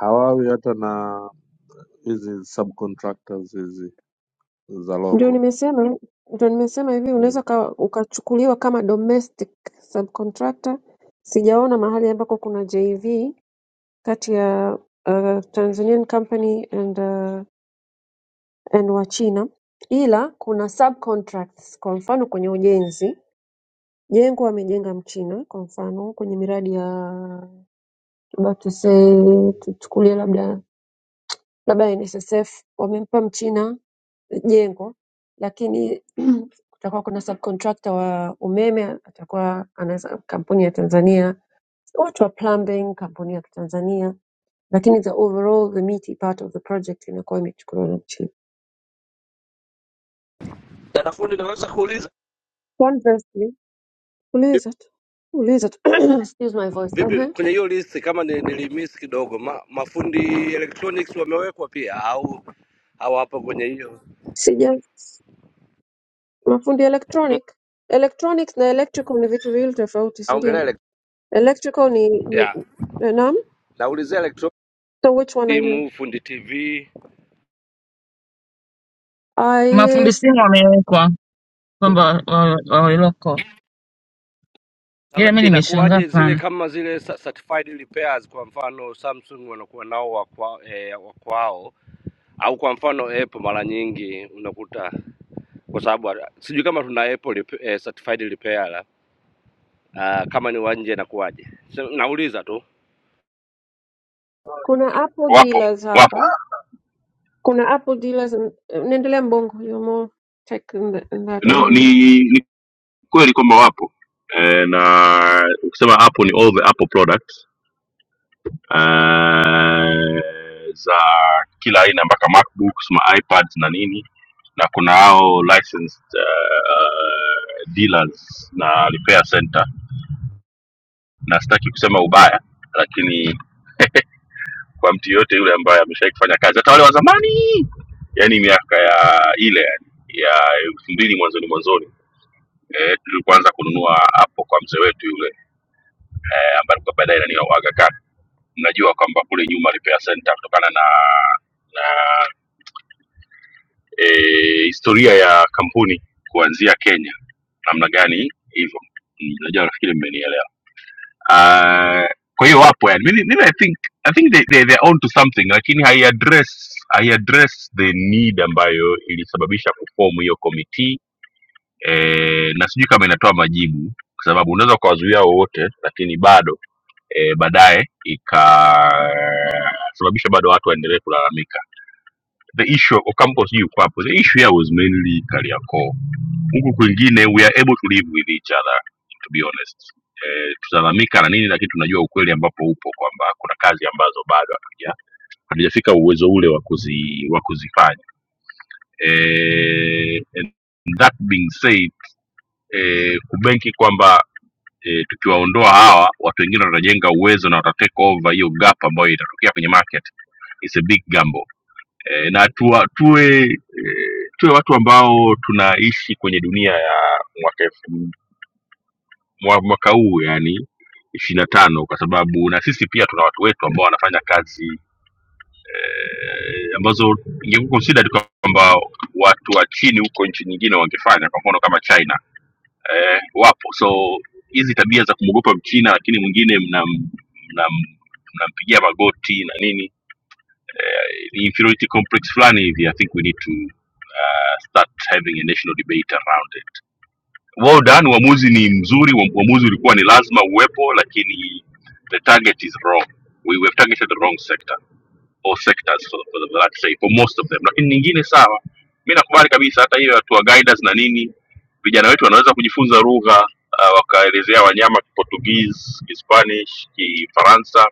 N: hawawi hata na hizi subcontractors hizi za
D: ndio
N: loko
D: nimesema ndio nimesema hivi unaweza
N: mm.
D: uka- ukachukuliwa kama domestic subcontractor. Sijaona mahali ambako kuna JV kati ya uh, Tanzanian company and uh, and Wachina, ila kuna subcontracts. Kwa mfano kwenye ujenzi, jengo amejenga Mchina, kwa mfano kwenye miradi ya labda tuse tuchukulie labda labda NSSF wamempa Mchina jengo, lakini <clears throat> kutakuwa kuna subcontractor wa umeme atakuwa anaweza kampuni ya Tanzania, watu wa plumbing kampuni ya Tanzania, lakini the overall the meaty part of the project inakuwa imechukuliwa na Mchina.
O: Dada fundi, naweza kuuliza
D: Conversely,
O: vipi
D: uliza tu uliza tu <clears throat> excuse my voice
O: vipi
D: Ehe.
O: kwenye hiyo list, kama ni- nilimiss kidogo, ma, mafundi electronics wamewekwa pia au hawapo kwenye hiyo?
D: sija mafundi
O: Mm,
D: electronic electronics na electrical ni vitu viwili tofauti, si ndio?
O: Naongelea elek-
D: Electrical ni, ni
O: yeah,
D: eh, naam.
O: naulizia electronics,
D: So which one are you?
O: simu, fundi TV.
D: I
Q: mafundi simu wamewekwa kwamba wa- wa- waweloko
O: Sasa
Q: ila mi nimeshangaa
O: inakuwaje
Q: sana
O: zile kama zile cer- certified repairs, kwa mfano Samsung wanakuwa nao wakwa, eh, wakwao au kwa mfano Apple mara nyingi unakuta kwa sababu hata- sijui kama tuna Apple rep- eh, certified repair uh, kama ni wa nje inakuwaje? So, Nauliza tu
D: Kuna Apple
A: wapo
D: dealers
A: wapo.
D: hapa. Kuna Apple dealers. n- Naendelea Mbongo, you're more tech in, the, in that
A: No,
D: area.
A: ni kweli kwamba wapo e, na ukisema apple ni all the apple products e, za kila aina mpaka macbooks ma ipads na nini na kuna hao licensed uh, dealers na repair center na sitaki kusema ubaya lakini kwa mtu yoyote yule ambaye ameshawai kufanya kazi hata wale wa zamani yani miaka ya ile ya elfu mbili mwanzoni mwanzoni eh, tulipoanza kununua hapo kwa mzee wetu yule eh, ambaye alikuwa baadaye nani wa Aga Khan. Mnajua kwamba kule nyuma Repair Center kutokana na na eh, historia ya kampuni kuanzia Kenya, namna gani hivyo, Mm, najua nafikiri mmenielewa. Ah, kwa hiyo wapo yani, mimi mimi I think I think they, they, they're on to something, lakini hai address hai address the need ambayo ilisababisha kufomu hiyo committee eh, na sijui kama inatoa majibu, kwa sababu unaweza ukawazuia wowote, lakini bado e, baadaye ikasababisha bado watu waendelee kulalamika the issue Ocampo sijui yuko hapo the issue here was mainly Kariakoo huku kwingine we are able to live with each other to be honest eh, tutalalamika na nini lakini tunajua ukweli ambapo upo kwamba kuna kazi ambazo bado hatuja hatujafika uwezo ule wa kuzi wa kuzifanya eh, and that being said eh, kubenki kwamba eh, tukiwaondoa hawa watu wengine watajenga uwezo na watatake over hiyo gap ambayo itatokea kwenye market is a big gamble eh, na tuwa, tuwe eh, tuwe watu ambao tunaishi kwenye dunia ya mwaka elfu- mwa- mwaka huu yani ishirini na tano kwa sababu na sisi pia tuna watu wetu ambao wanafanya kazi eh, ambazo ingekuwa considered kwamba watu wa chini huko nchi nyingine wangefanya kwa mfano kama china eh, wapo so hizi tabia za kumwogopa mchina lakini mwingine mnam mnam mnampigia magoti na nini eh, ni inferiority complex fulani hivi i think we need to uh, start having a national debate around it well done uamuzi ni mzuri uam- uamuzi ulikuwa ni lazima uwepo lakini the target is wrong we we have targeted the wrong sector all sectors for, for, the- let's say, for most of them lakini nyingine sawa mi nakubali kabisa hata hiyo hatua guiders na nini vijana wetu wanaweza kujifunza lugha uh, wakaelezea wanyama portuguese kispanish kifaransa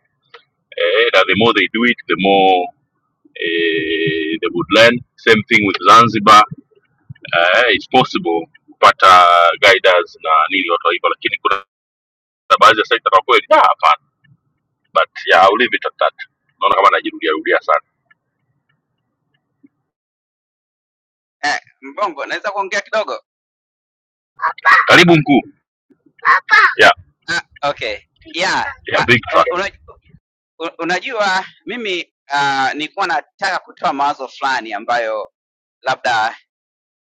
A: eh, na the more they do it the more eh, they would learn same thing with zanzibar eh, it's possible kupata guiders na nini watu wa hivyo lakini kuna baadhi ya sekta kwa kweli ah, hapana but yeah, I'll leave it at that naona kama najirudia rudia sana
U: eh, Mbongo, naweza kuongea kidogo?
A: karibu mkuu yeah,
U: Ah, okay yeah.
A: yeah,
U: Ah,
A: big truck
U: una, una- u- unajua mimi ah, nilikuwa nataka kutoa mawazo fulani ambayo labda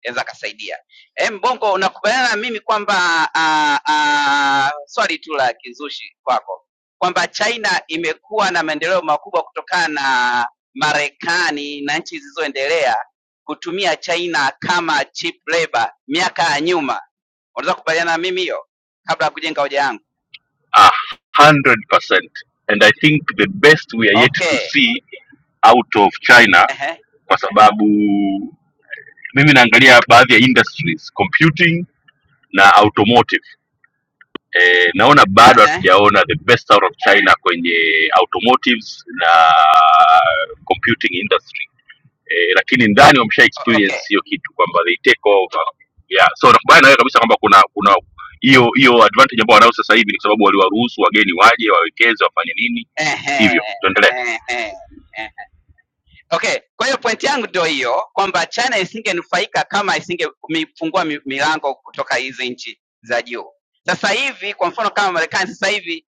U: anaweza akasaidia. E, Mbongo, unakubaliana na mimi kwamba ah, ah, swali tu la kizushi kwako kwamba China imekuwa na maendeleo makubwa kutokana na Marekani na nchi zilizoendelea kutumia China kama cheap labor miaka ya nyuma. Unaweza kukubaliana na mimi hiyo kabla ya kujenga hoja yangu?
A: a hundred percent and i think the best we are yet to
U: Okay.
A: see out of china
U: Ehe,
A: kwa sababu mimi naangalia baadhi ya industries computing na automotive eh, naona bado
U: ehe.
A: hatujaona the best out of china kwenye automotives na computing industry eh, lakini ndani wamesha
U: o- Okay.
A: experience hiyo kitu kwamba they take over yeah. so nakubali na wewe kabisa kwamba kuna kuna hiyo hiyo advantage ambao wanayo sasa hivi ni kwa sababu waliwaruhusu wageni waje wawekeze wafanye nini
U: Ehe,
A: hivyo tuendelee
U: ehe, ehe. Okay, kwa hiyo pointi yangu ndio hiyo kwamba China isingenufaika kama isingefungua milango kutoka hizi nchi za juu. Sasa hivi kwa mfano kama Marekani sasa hivi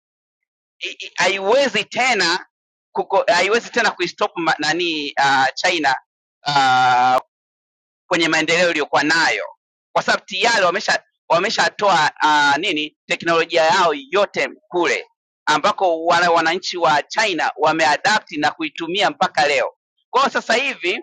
U: i- i- haiwezi tena kuko, haiwezi tena kuistop ma- nani uh, China uh, kwenye maendeleo iliyokuwa nayo, kwa sababu tayari wamesha wameshatoa uh, nini teknolojia yao yote kule ambako wana, wananchi wa China wameadapti na kuitumia mpaka leo. Kwa hiyo sasa hivi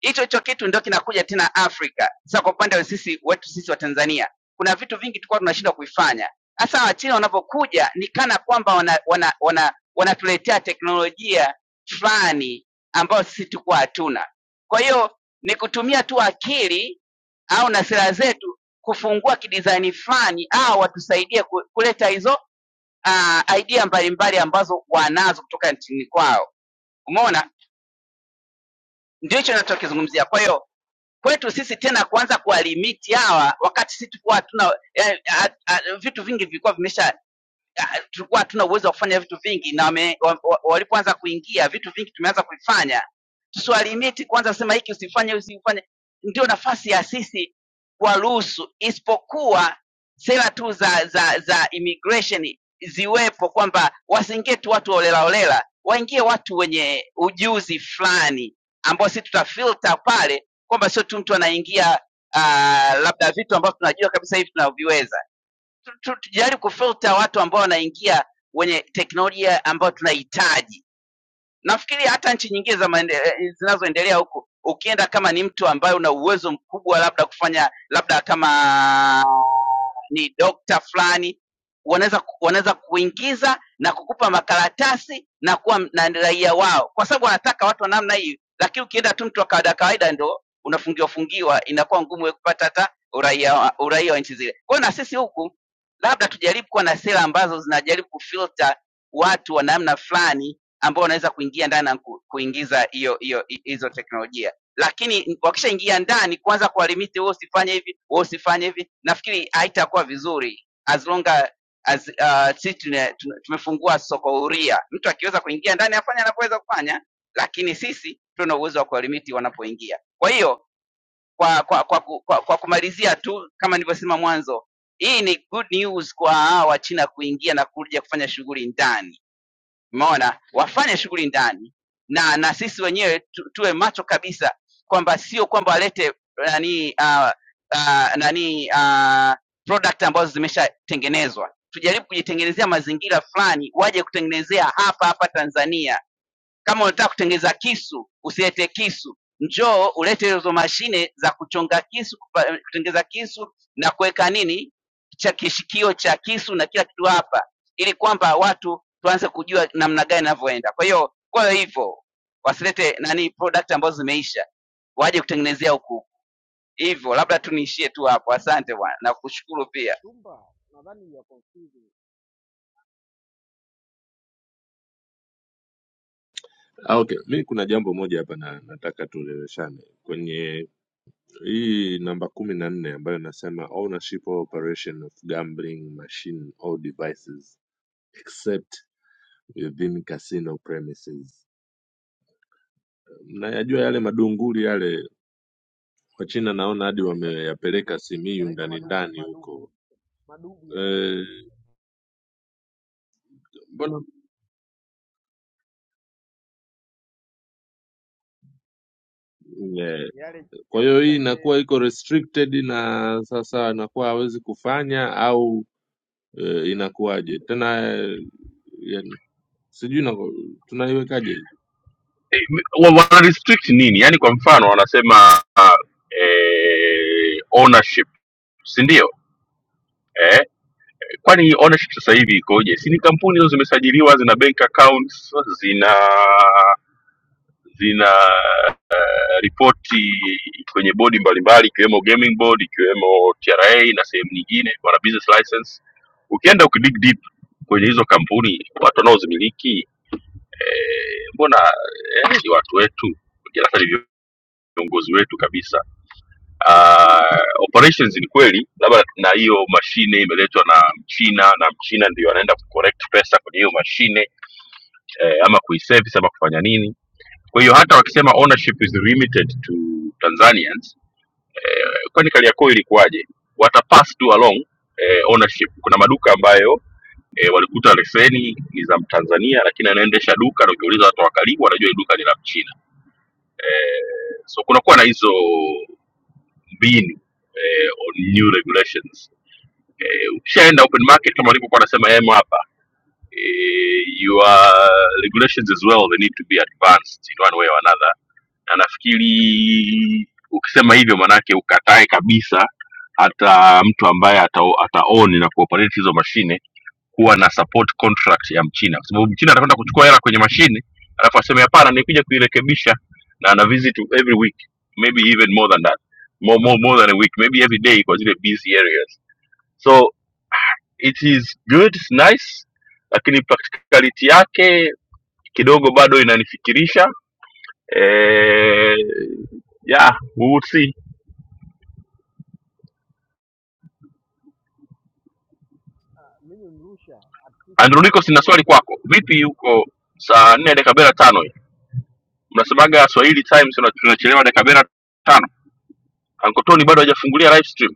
U: hicho hicho kitu ndio kinakuja tena Afrika. Sasa kwa upande wa sisi wetu sisi wa Tanzania kuna vitu vingi tulikuwa tunashindwa kuifanya, hasa Wachina wanavyokuja ni kana kwamba wana, wana, wana, wanatuletea teknolojia fulani ambayo sisi tulikuwa hatuna. Kwa hiyo ni kutumia tu akili au na sera zetu kufungua kidizaini fulani au watusaidie ku- kuleta hizo uh, idea mbalimbali ambazo wanazo kutoka nchini kwao. Umeona? Ndio hicho nachokizungumzia. Kwa hiyo kwetu sisi tena kuanza kuwalimiti hawa wakati sisi tulikuwa hatuna eh, ah, ah, vitu vingi vilikuwa vimesha ah, tulikuwa hatuna uwezo wa kufanya vitu vingi na wame- wa- wa- walipoanza kuingia vitu vingi tumeanza kuvifanya tusiwalimiti kwanza kusema hiki usifanye usifanye ndio nafasi ya sisi kuwaruhusu isipokuwa sera tu za za za immigration ziwepo kwamba wasiingie tu watu olelaolela waingie watu wenye ujuzi fulani ambao sisi tutafilter pale kwamba sio tu mtu anaingia uh, labda vitu ambavyo tunajua kabisa hivi tunaviweza Tu- tu- tujaribu kufilter watu ambao wanaingia wenye teknolojia ambayo tunahitaji nafikiri hata nchi nyingine za maende- eh, eh, zinazoendelea huku ukienda kama ni mtu ambaye una uwezo mkubwa labda kufanya labda kama ni dokta fulani wanaweza ku- wanaweza kuingiza na kukupa makaratasi na kuwa m- na raia wao kwa sababu wanataka watu wa namna hiyo lakini ukienda tu mtu wa kawaida kawaida ndo unafungiwa fungiwa inakuwa ngumu wewe kupata hata uraia wa- uraia wa nchi zile kwa hiyo na sisi huku labda tujaribu kuwa na sera ambazo zinajaribu kufilter watu wa namna fulani ambao wanaweza kuingia ndani na ku- kuingiza hiyo hiyo hi- hizo teknolojia lakini wakishaingia ndani kwanza kwa limiti wewe usifanye hivi wewe usifanye hivi nafikiri haitakuwa vizuri as long as as uh, sisi tuna- tuna- tumefungua soko huria mtu akiweza kuingia ndani afanye anavyoweza kufanya lakini sisi tuna uwezo wa kuwalimiti wanapoingia kwa hiyo kwa kwa, kwa, ku- kwa kwa kumalizia tu kama nilivyosema mwanzo hii ni good news kwa hawa wachina kuingia na kuja kufanya shughuli ndani umeona wafanye shughuli ndani na na sisi wenyewe tu, tuwe macho kabisa kwamba sio kwamba walete eh, nani uh, uh, nani uh, product ambazo zimeshatengenezwa tujaribu kujitengenezea mazingira fulani waje kutengenezea hapa hapa tanzania kama unataka kutengeneza kisu, usilete kisu, njoo ulete hizo mashine za kuchonga kisu, kupa- kutengeneza kisu na kuweka nini cha kishikio cha kisu na kila kitu hapa, ili kwamba watu tuanze kujua namna gani inavyoenda. Kwa hiyo kwa hivyo wasilete nani product ambazo zimeisha, waje kutengenezea huku hivyo. Labda tu niishie tu hapo, asante bwana na kushukuru pia.
S: Chumba nadhani ya confusing,
N: Ah, okay. Mi kuna jambo moja hapa na nataka tueleweshane kwenye Hii namba kumi na nne ambayo inasema ownership or operation of gambling machine or devices except within casino premises. Mnayajua yale madunguli yale, Wachina naona
S: Ya-
N: hadi
S: yanaitwa
N: wameyapeleka Simiyu
S: yanaitwa
N: ndani
S: madubu
N: ndani
S: madubu
N: huko
S: madubu yanaitwa
N: Eh, mbona eh,
S: yale,
N: kwa
S: yapo
N: hiyo hii
S: kila sehemu.
N: inakuwa iko restricted na sasa anakuwa hawezi kufanya au eh, inakuwaje tena eh, yani, sijui nako- tunaiwekaje hii
A: Eh, wa- wana restrict nini yaani kwa mfano wanasema eh, ownership si ndio eh, kwani ownership sasa hivi ikoje si ni kampuni hizo zimesajiliwa zina bank accounts zina zina eh, ripoti kwenye bodi mbalimbali ikiwemo gaming board ikiwemo tra na sehemu nyingine wana business license ukienda ukidig deep kwenye hizo kampuni watu wanaozimiliki eh, mbona eh, ni watu wetu wengine hata ni viongozi wetu kabisa Ah, operations ni kweli labda na hiyo mashine imeletwa na mchina na mchina ndio anaenda kucorrect pesa kwenye hiyo mashine eh, ama kuiservice ama kufanya nini kwa hiyo hata wakisema ownership is limited to Tanzanians eh, kwani Kariakoo ilikuwaje? Wata pass tu along eh, ownership. Kuna maduka ambayo eh, walikuta leseni ni za Mtanzania, lakini anaendesha duka na ukiuliza watu wa karibu wanajua hili duka ni la Mchina eh, so kunakuwa na hizo mbinu eh, on new regulations eh, ukishaenda open market kama walivyokuwa wanasema em hapa eh, your regulations as well they need to be advanced in one way or another na nafikiri ukisema hivyo maanake ukatae kabisa hata mtu ambaye ata, ataoni na kuoperate hizo mashine kuwa na support contract ya mchina kwa sababu mchina atakwenda kuchukua hela kwenye mashine alafu aseme hapana nikuja kuirekebisha na ana visit every week maybe even more than that more, more, more than a week maybe every day kwa zile busy areas so it is good it's nice lakini practicality yake kidogo bado inanifikirisha eh, yeah, we will see.
S: Mimi mrusha at least
A: Andronicos,
S: hizo
A: sina
S: game,
A: swali kwako. Vipi huko saa nne dakika arobaini na tano hii? Mnasemaga Swahili Times tuna- tunachelewa dakika arobaini na tano. Ankotoni bado hajafungulia live stream.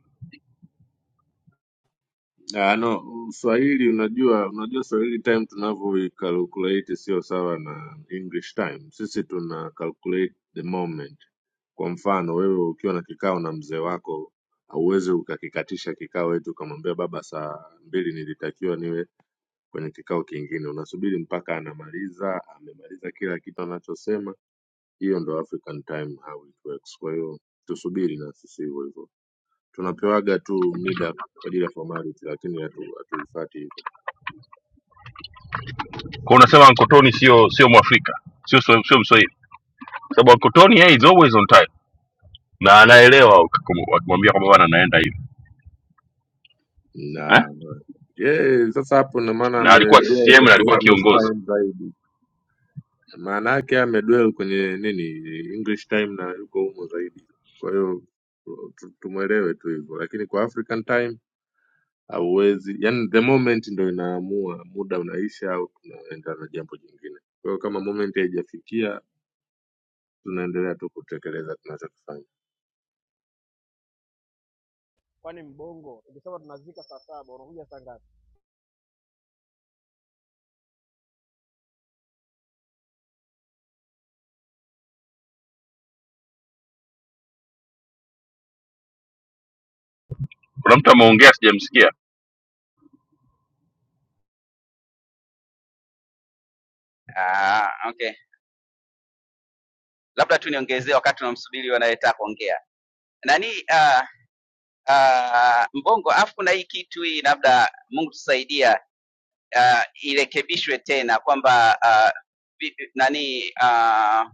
N: Ah, no, Swahili unajua unajua Swahili time tunavyoicalculate sio sawa na English time. Sisi tuna calculate the moment. Kwa mfano wewe ukiwa na kikao na mzee wako hauwezi ukakikatisha kikao eti ukamwambia baba, saa mbili nilitakiwa niwe kwenye kikao kingine. Unasubiri mpaka anamaliza, amemaliza kila kitu anachosema. Hiyo ndo African time how it works. Kwa hiyo tusubiri na sisi hivyo hivyo tunapewaga tu mida kwa ajili ya formality, lakini hatu- hatuifuati hivyo
A: Kwa unasema Ankotoni sio sio Mwafrika, sio sio sio Mswahili. Kwa sababu Ankotoni yeye is always on time na anaelewa ukikum- wakimwambia kwamba bwana naenda hivi. Eh?
N: na yeye sasa hapo ndo maana
A: Na alikuwa
N: amedwell
A: CCM na
N: kwenye
A: alikuwa
N: English
A: kiongozi.
N: time zaidi, maana yake amedwell kwenye nini English time na yuko humo zaidi. Kwa hiyo tu- tumwelewe tu hivyo, lakini kwa African time hauwezi, yani the moment ndo inaamua muda unaisha au tunaenda na jambo jingine. Kwa hiyo kama moment haijafikia, tunaendelea tu kutekeleza tunachokifanya.
S: kwani mbongo ukisema tunazika saa saba unakuja saa ngapi?
A: Kuna mtu ameongea sijamsikia.
U: Ah, okay, labda tu niongezee wakati tunamsubiri wanayetaka kuongea nani. ah uh, Mbongo, afu na hii kitu hii labda Mungu tusaidia uh, irekebishwe tena kwamba uh, vi- nani uh,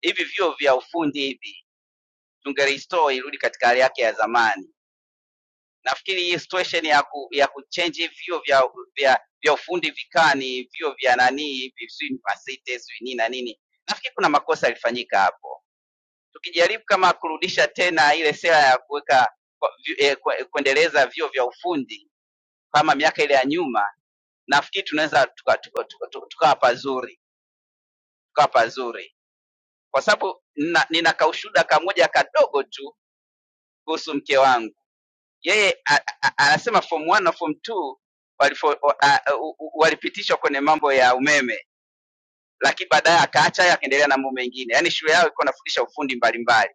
U: hivi vyuo vya ufundi hivi tungerestore irudi katika hali yake ya zamani. Nafikiri hii situation ya ku, ya kuchange hivi vyuo vya, vya, vya ufundi vikani vyuo vya nani hivi sijui university sijui nini na nini, nafikiri kuna makosa yalifanyika hapo. Tukijaribu kama kurudisha tena ile sera ya kuweka kwa- vi- eh, kwa- kuendeleza vyuo vya ufundi kama miaka ile ya nyuma, nafikiri tunaweza tukawa tuka, tuka, tuka, tukawa pazuri tukawa pazuri, kwa sababu nina, nina kaushuda kamoja kadogo tu kuhusu mke wangu. Yeye a- a- anasema form 1 na form 2 walifo- wa- a- u- u- walipitishwa kwenye mambo ya umeme, lakini baadaye akaacha hayo akaendelea na mambo mengine. Yaani shule yao ilikuwa inafundisha ufundi mbalimbali.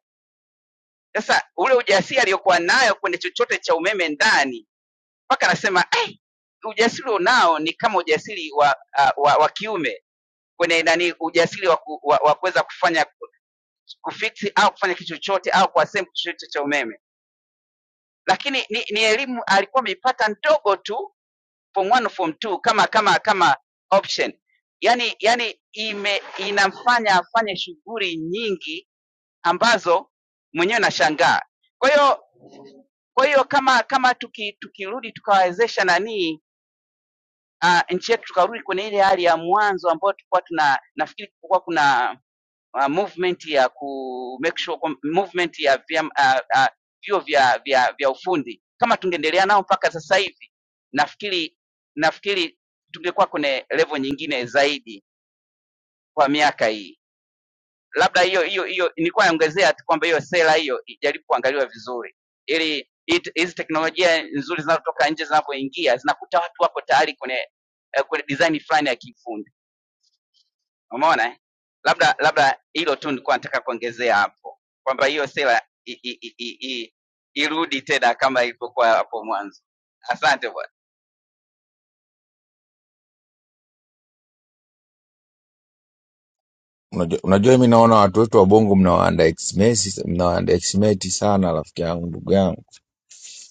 U: Sasa ule ujasiri aliyokuwa nayo kwenye chochote cha umeme ndani, mpaka anasema eh, hey, ujasiri unao ni kama ujasiri wa, uh, wa, wa kiume kwenye nani ujasiri wa, ku, wa, wa kuweza kufanya kufiksi au kufanya kitu chochote au kuassemble kitu chochote cha umeme, lakini ni, ni elimu alikuwa ameipata ndogo tu form 1 form 2 kama kama kama option yani, yani ime, inamfanya afanye shughuli nyingi ambazo mwenyewe nashangaa. Kwa hiyo kwa hiyo kama kama tuki, tukirudi tukawawezesha nanii uh, nchi yetu tukarudi kwenye ile hali ya mwanzo ambayo tulikuwa tuna nafikiri kulikuwa kuna uh, movement ya ku make sure kwam- movement ya vyam- ah, ah, vyuo vya, vya, vya ufundi kama tungeendelea nao mpaka sasa hivi nafikiri nafikiri tungekuwa kwenye level nyingine zaidi kwa miaka hii labda hiyo hiyo hiyo nilikuwa naongezea tu kwamba hiyo sera hiyo ijaribu kuangaliwa vizuri ili it- hizi teknolojia nzuri zinazotoka nje zinavyoingia zinakuta watu wako tayari kwenye eh, kwenye design fulani ya kiufundi Umeona eh? Labda labda hilo tu nilikuwa nataka kuongezea hapo kwamba hiyo sera i- i- i- i- i- irudi tena kama ilivyokuwa hapo mwanzo. Asante bwana.
R: Unajua, unajua mi naona watu wetu wa Bongo mnawaandaestimate mnawaandaestimate sana, rafiki yangu, ndugu yangu.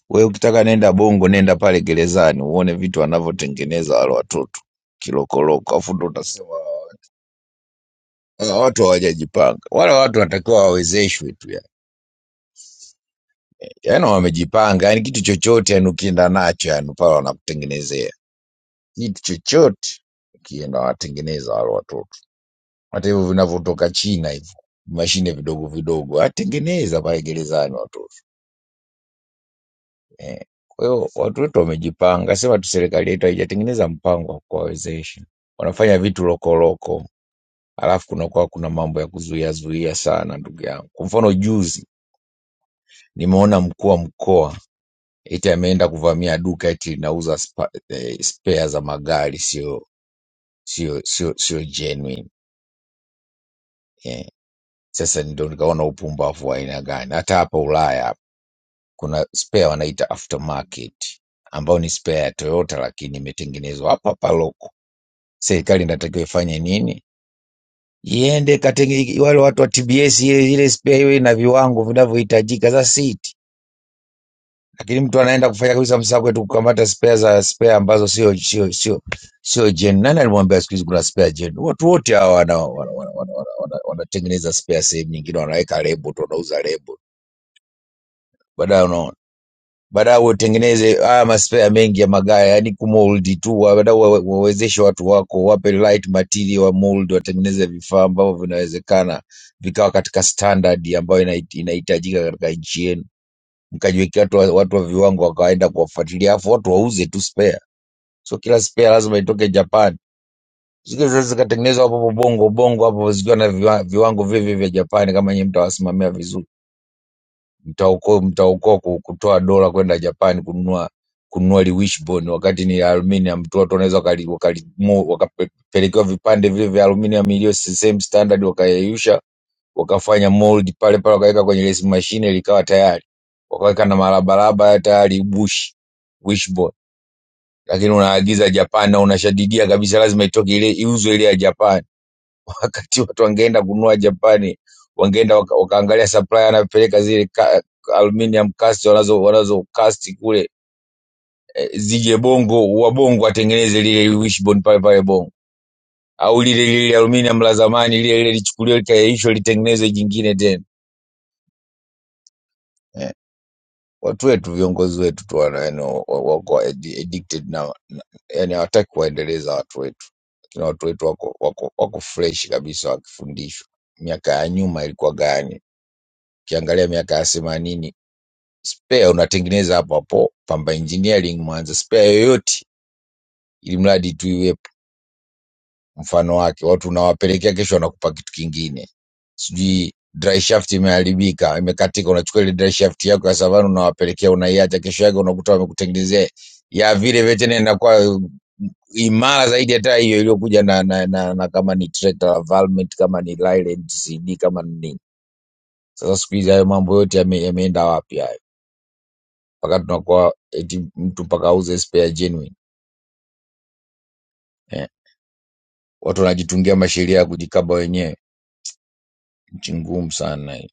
R: We ukitaka nenda Bongo, nenda pale gerezani uone vitu wanavyotengeneza wale watoto kilokoloko, afu ndo utasema hawa watu hawajajipanga. Wale watu wanatakiwa wawezeshwe tu yani, yani wamejipanga yani, kitu chochote yani ukienda nacho yani pale wanakutengenezea kitu chochote, ukienda wanatengeneza wale watoto. hata hivyo vinavyotoka China hivyo mashine vidogo vidogo, atengeneza pale gerezani watoto eh. Kwa hiyo watu wetu wamejipanga, sema tu serikali yetu haijatengeneza mpango wa kuwawezesha, wanafanya vitu lokoloko, alafu kunakuwa kuna mambo ya kuzuia zuia sana, ndugu yangu. Kwa mfano juzi nimeona mkuu wa mkoa eti ameenda kuvamia duka eti linauza spa, eh, spare za magari sio sio sio sio genuine eh. Sasa ndio nikaona upumbavu wa aina gani, hata hapa Ulaya kuna spare wanaita aftermarket ambayo ni spare ya Toyota lakini imetengenezwa hapa hapa loko. Serikali inatakiwa ifanye nini? Iende katenge, wale watu wa TBS ile ile spare iwe na viwango vinavyohitajika za siti, lakini mtu anaenda kufanya kabisa msako tu kukamata spare za spare ambazo sio sio sio sio gen. Nani alimwambia siku hizi kuna spare gen? Watu wote hawa wana- wanatengeneza wana- wana- wana- wana- wanatengeneza spare sehemu nyingine, wanaweka lebo tu, wanauza lebo baadaye unaona badala utengeneze haya maspea mengi ya magari, yani kumoldi tu, badala wa- wawezeshe watu wako, wape light material wa mold, watengeneze vifaa ambavyo vinawezekana vikawa katika standard ambayo inahit- inahitajika katika nchi yenu, mkajiwekea watu, wa- watu wa viwango wakawaenda kuwafuatilia, alafu watu wauze tu spare. So kila spare lazima itoke Japan, zingine zikatengenezwa hapo hapo bongo bongo hapo, zikiwa na viwa- viwango vile vile vya Japani, kama nyinyi mtawasimamia vizuri. Mtaokoa mtaokoa ku- kutoa dola kwenda Japan kununua kununua liwishbone wakati ni aluminium tu, watu wanaweza wakali- wakali- mo- wakapelekewa vipande vile vya aluminium iliyo s- same standard, wakayeyusha wakafanya mold pale pale, wakaweka kwenye resi mashine likawa tayari, wakaweka na marabaraba tayari bush wishbone, lakini unaagiza Japan na unashadidia kabisa, lazima itoke ile iuzwe ile ya Japan <laughs> wakati watu wangeenda kununua Japani, wangeenda waka, wakaangalia supplier anapeleka zile ka, aluminium cast wanazo wanazo cast kule eh, zije Bongo, wa Bongo atengeneze lile wishbone pale pale Bongo, au lile lile aluminium la zamani lile lile lichukuliwe likaisho litengeneze jingine tena. Eh, Watu wetu viongozi wetu tu wana- yani wa- wa- wako addi- addicted na, na yani hawataki kuwaendeleza watu wetu, lakini watu wetu wako wako, wako fresh kabisa wakifundishwa miaka ya nyuma ilikuwa gani ukiangalia miaka ya themanini spare unatengeneza hapo hapo pamba engineering mwanza spare yoyote ili mradi tu iwepo mfano wake watu unawapelekea kesho wanakupa kitu kingine sijui dry shaft imeharibika imekatika unachukua ile dry shaft yako ya savana unawapelekea unaiacha kesho yake unakuta wamekutengenezea ya vile vile tena inakuwa imara zaidi hata hiyo iliyokuja na, na, na, na kama ni tractor Valmet kama ni Leyland CD kama ni nini sasa siku hizi hayo mambo yote yame- yameenda wapi haya? mpaka tunakuwa eti mtu mpaka auze spare genuine eh. Watu wanajitungia masheria ya kujikaba wenyewe, nchi ngumu sana hii.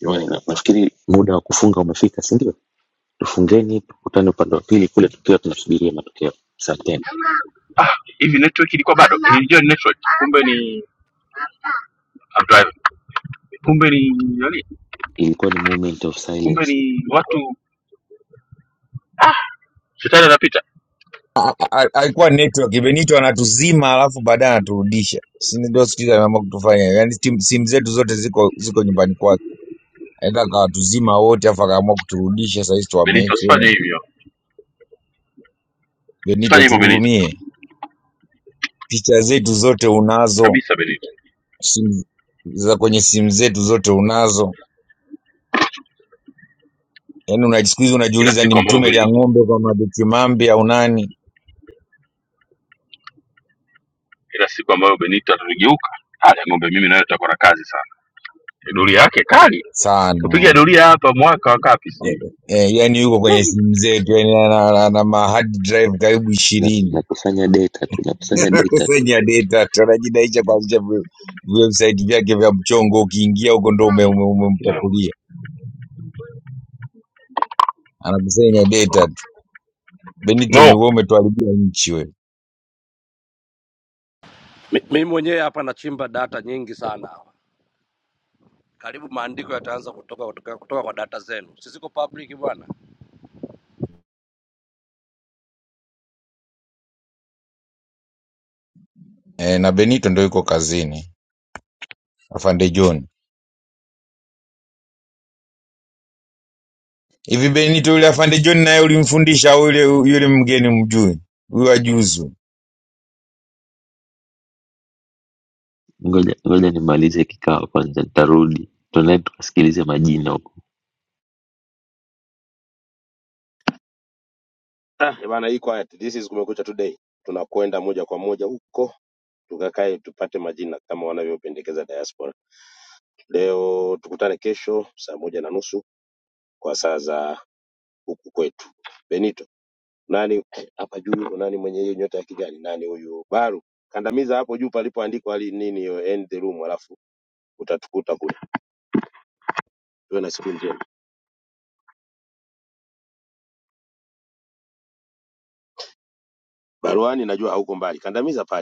L: Jamani, na- nafikiri muda wa kufunga umefika, si ndio? Tufungeni, tukutane upande wa pili kule, tukiwa tunasubiria matokeo. Asanteni.
A: Ah, hivi network ilikuwa bado. Nilijua ni network. Kumbe ni I'm driving. Kumbe ni nani?
L: Ilikuwa ni moment of
A: kumbe
L: silence.
A: ni watu shetani anapita
R: A- a- Alikuwa network Benito anatuzima alafu baadaye anaturudisha, si ndio? Sikiza ameamua kutufanya yani, tim- simu zetu zote ziko ziko nyumbani kwake, aenda akawatuzima wote afu akaamua kuturudisha. Saa hizi
A: benito usifanye
R: tuwamention
A: hivyo
R: Benito,
A: usifanye hivyo benito
R: tuhurumie. Picha zetu zote unazo,
A: kabisa benito
R: simu za kwenye simu zetu zote unazo, yani una siku hizi
A: ila
R: unajiuliza ni
A: siku ambayo
R: mtume lia
A: benito
R: ng'ombe kwa madhikimambi au nani?
A: ila siku ambayo benito atageuka hali ya ng'ombe mimi nayo tutakuwa na kazi sana doria yake kali kupiga
R: sana
A: doria hapa mwaka wa kapi sijui
R: eh, yani yuko kwenye simu zetu yani ana, ana, ana ma hard drive karibu
L: Na-
R: ishirini
L: Nakusanya data tu,
R: <laughs>
L: nakusanya data tu.
R: kusanya data, tunajinaisha kuanzisha vi- vi- website vyake vya mchongo. Ukiingia huko ndo ume- ume- umempakulia, anakusanya data tu. Benito
A: no
R: nyuko umetuharibia nchi wewe.
O: Mi- mimi mwenyewe hapa nachimba data nyingi sana hapa, karibu maandiko yataanza kutoka kutoka, kutoka kwa data zenu. Sisiko public bwana.
R: E, na Benito ndo yuko kazini, afande John. Hivi Benito yule afande John naye ulimfundisha au yule yule mgeni mjui huyo ajuzu?
L: Ngoja, ngoja nimalize kikao kwanza, nitarudi tunae tukasikilize majina huko.
H: Ah, eh bana, hii quiet. This is Kumekucha Today. Tunakwenda moja kwa moja huko tukakae tupate majina kama wanavyopendekeza diaspora. Leo tukutane kesho saa moja na nusu kwa saa za huku kwetu. Benito. nani hapa juu yuko nani mwenye hiyo nyota ya kijani nani huyu baru kandamiza hapo juu palipoandikwa ali nini hiyo end the room alafu utatukuta kule tuwe na siku njema baruani najua hauko mbali kandamiza pale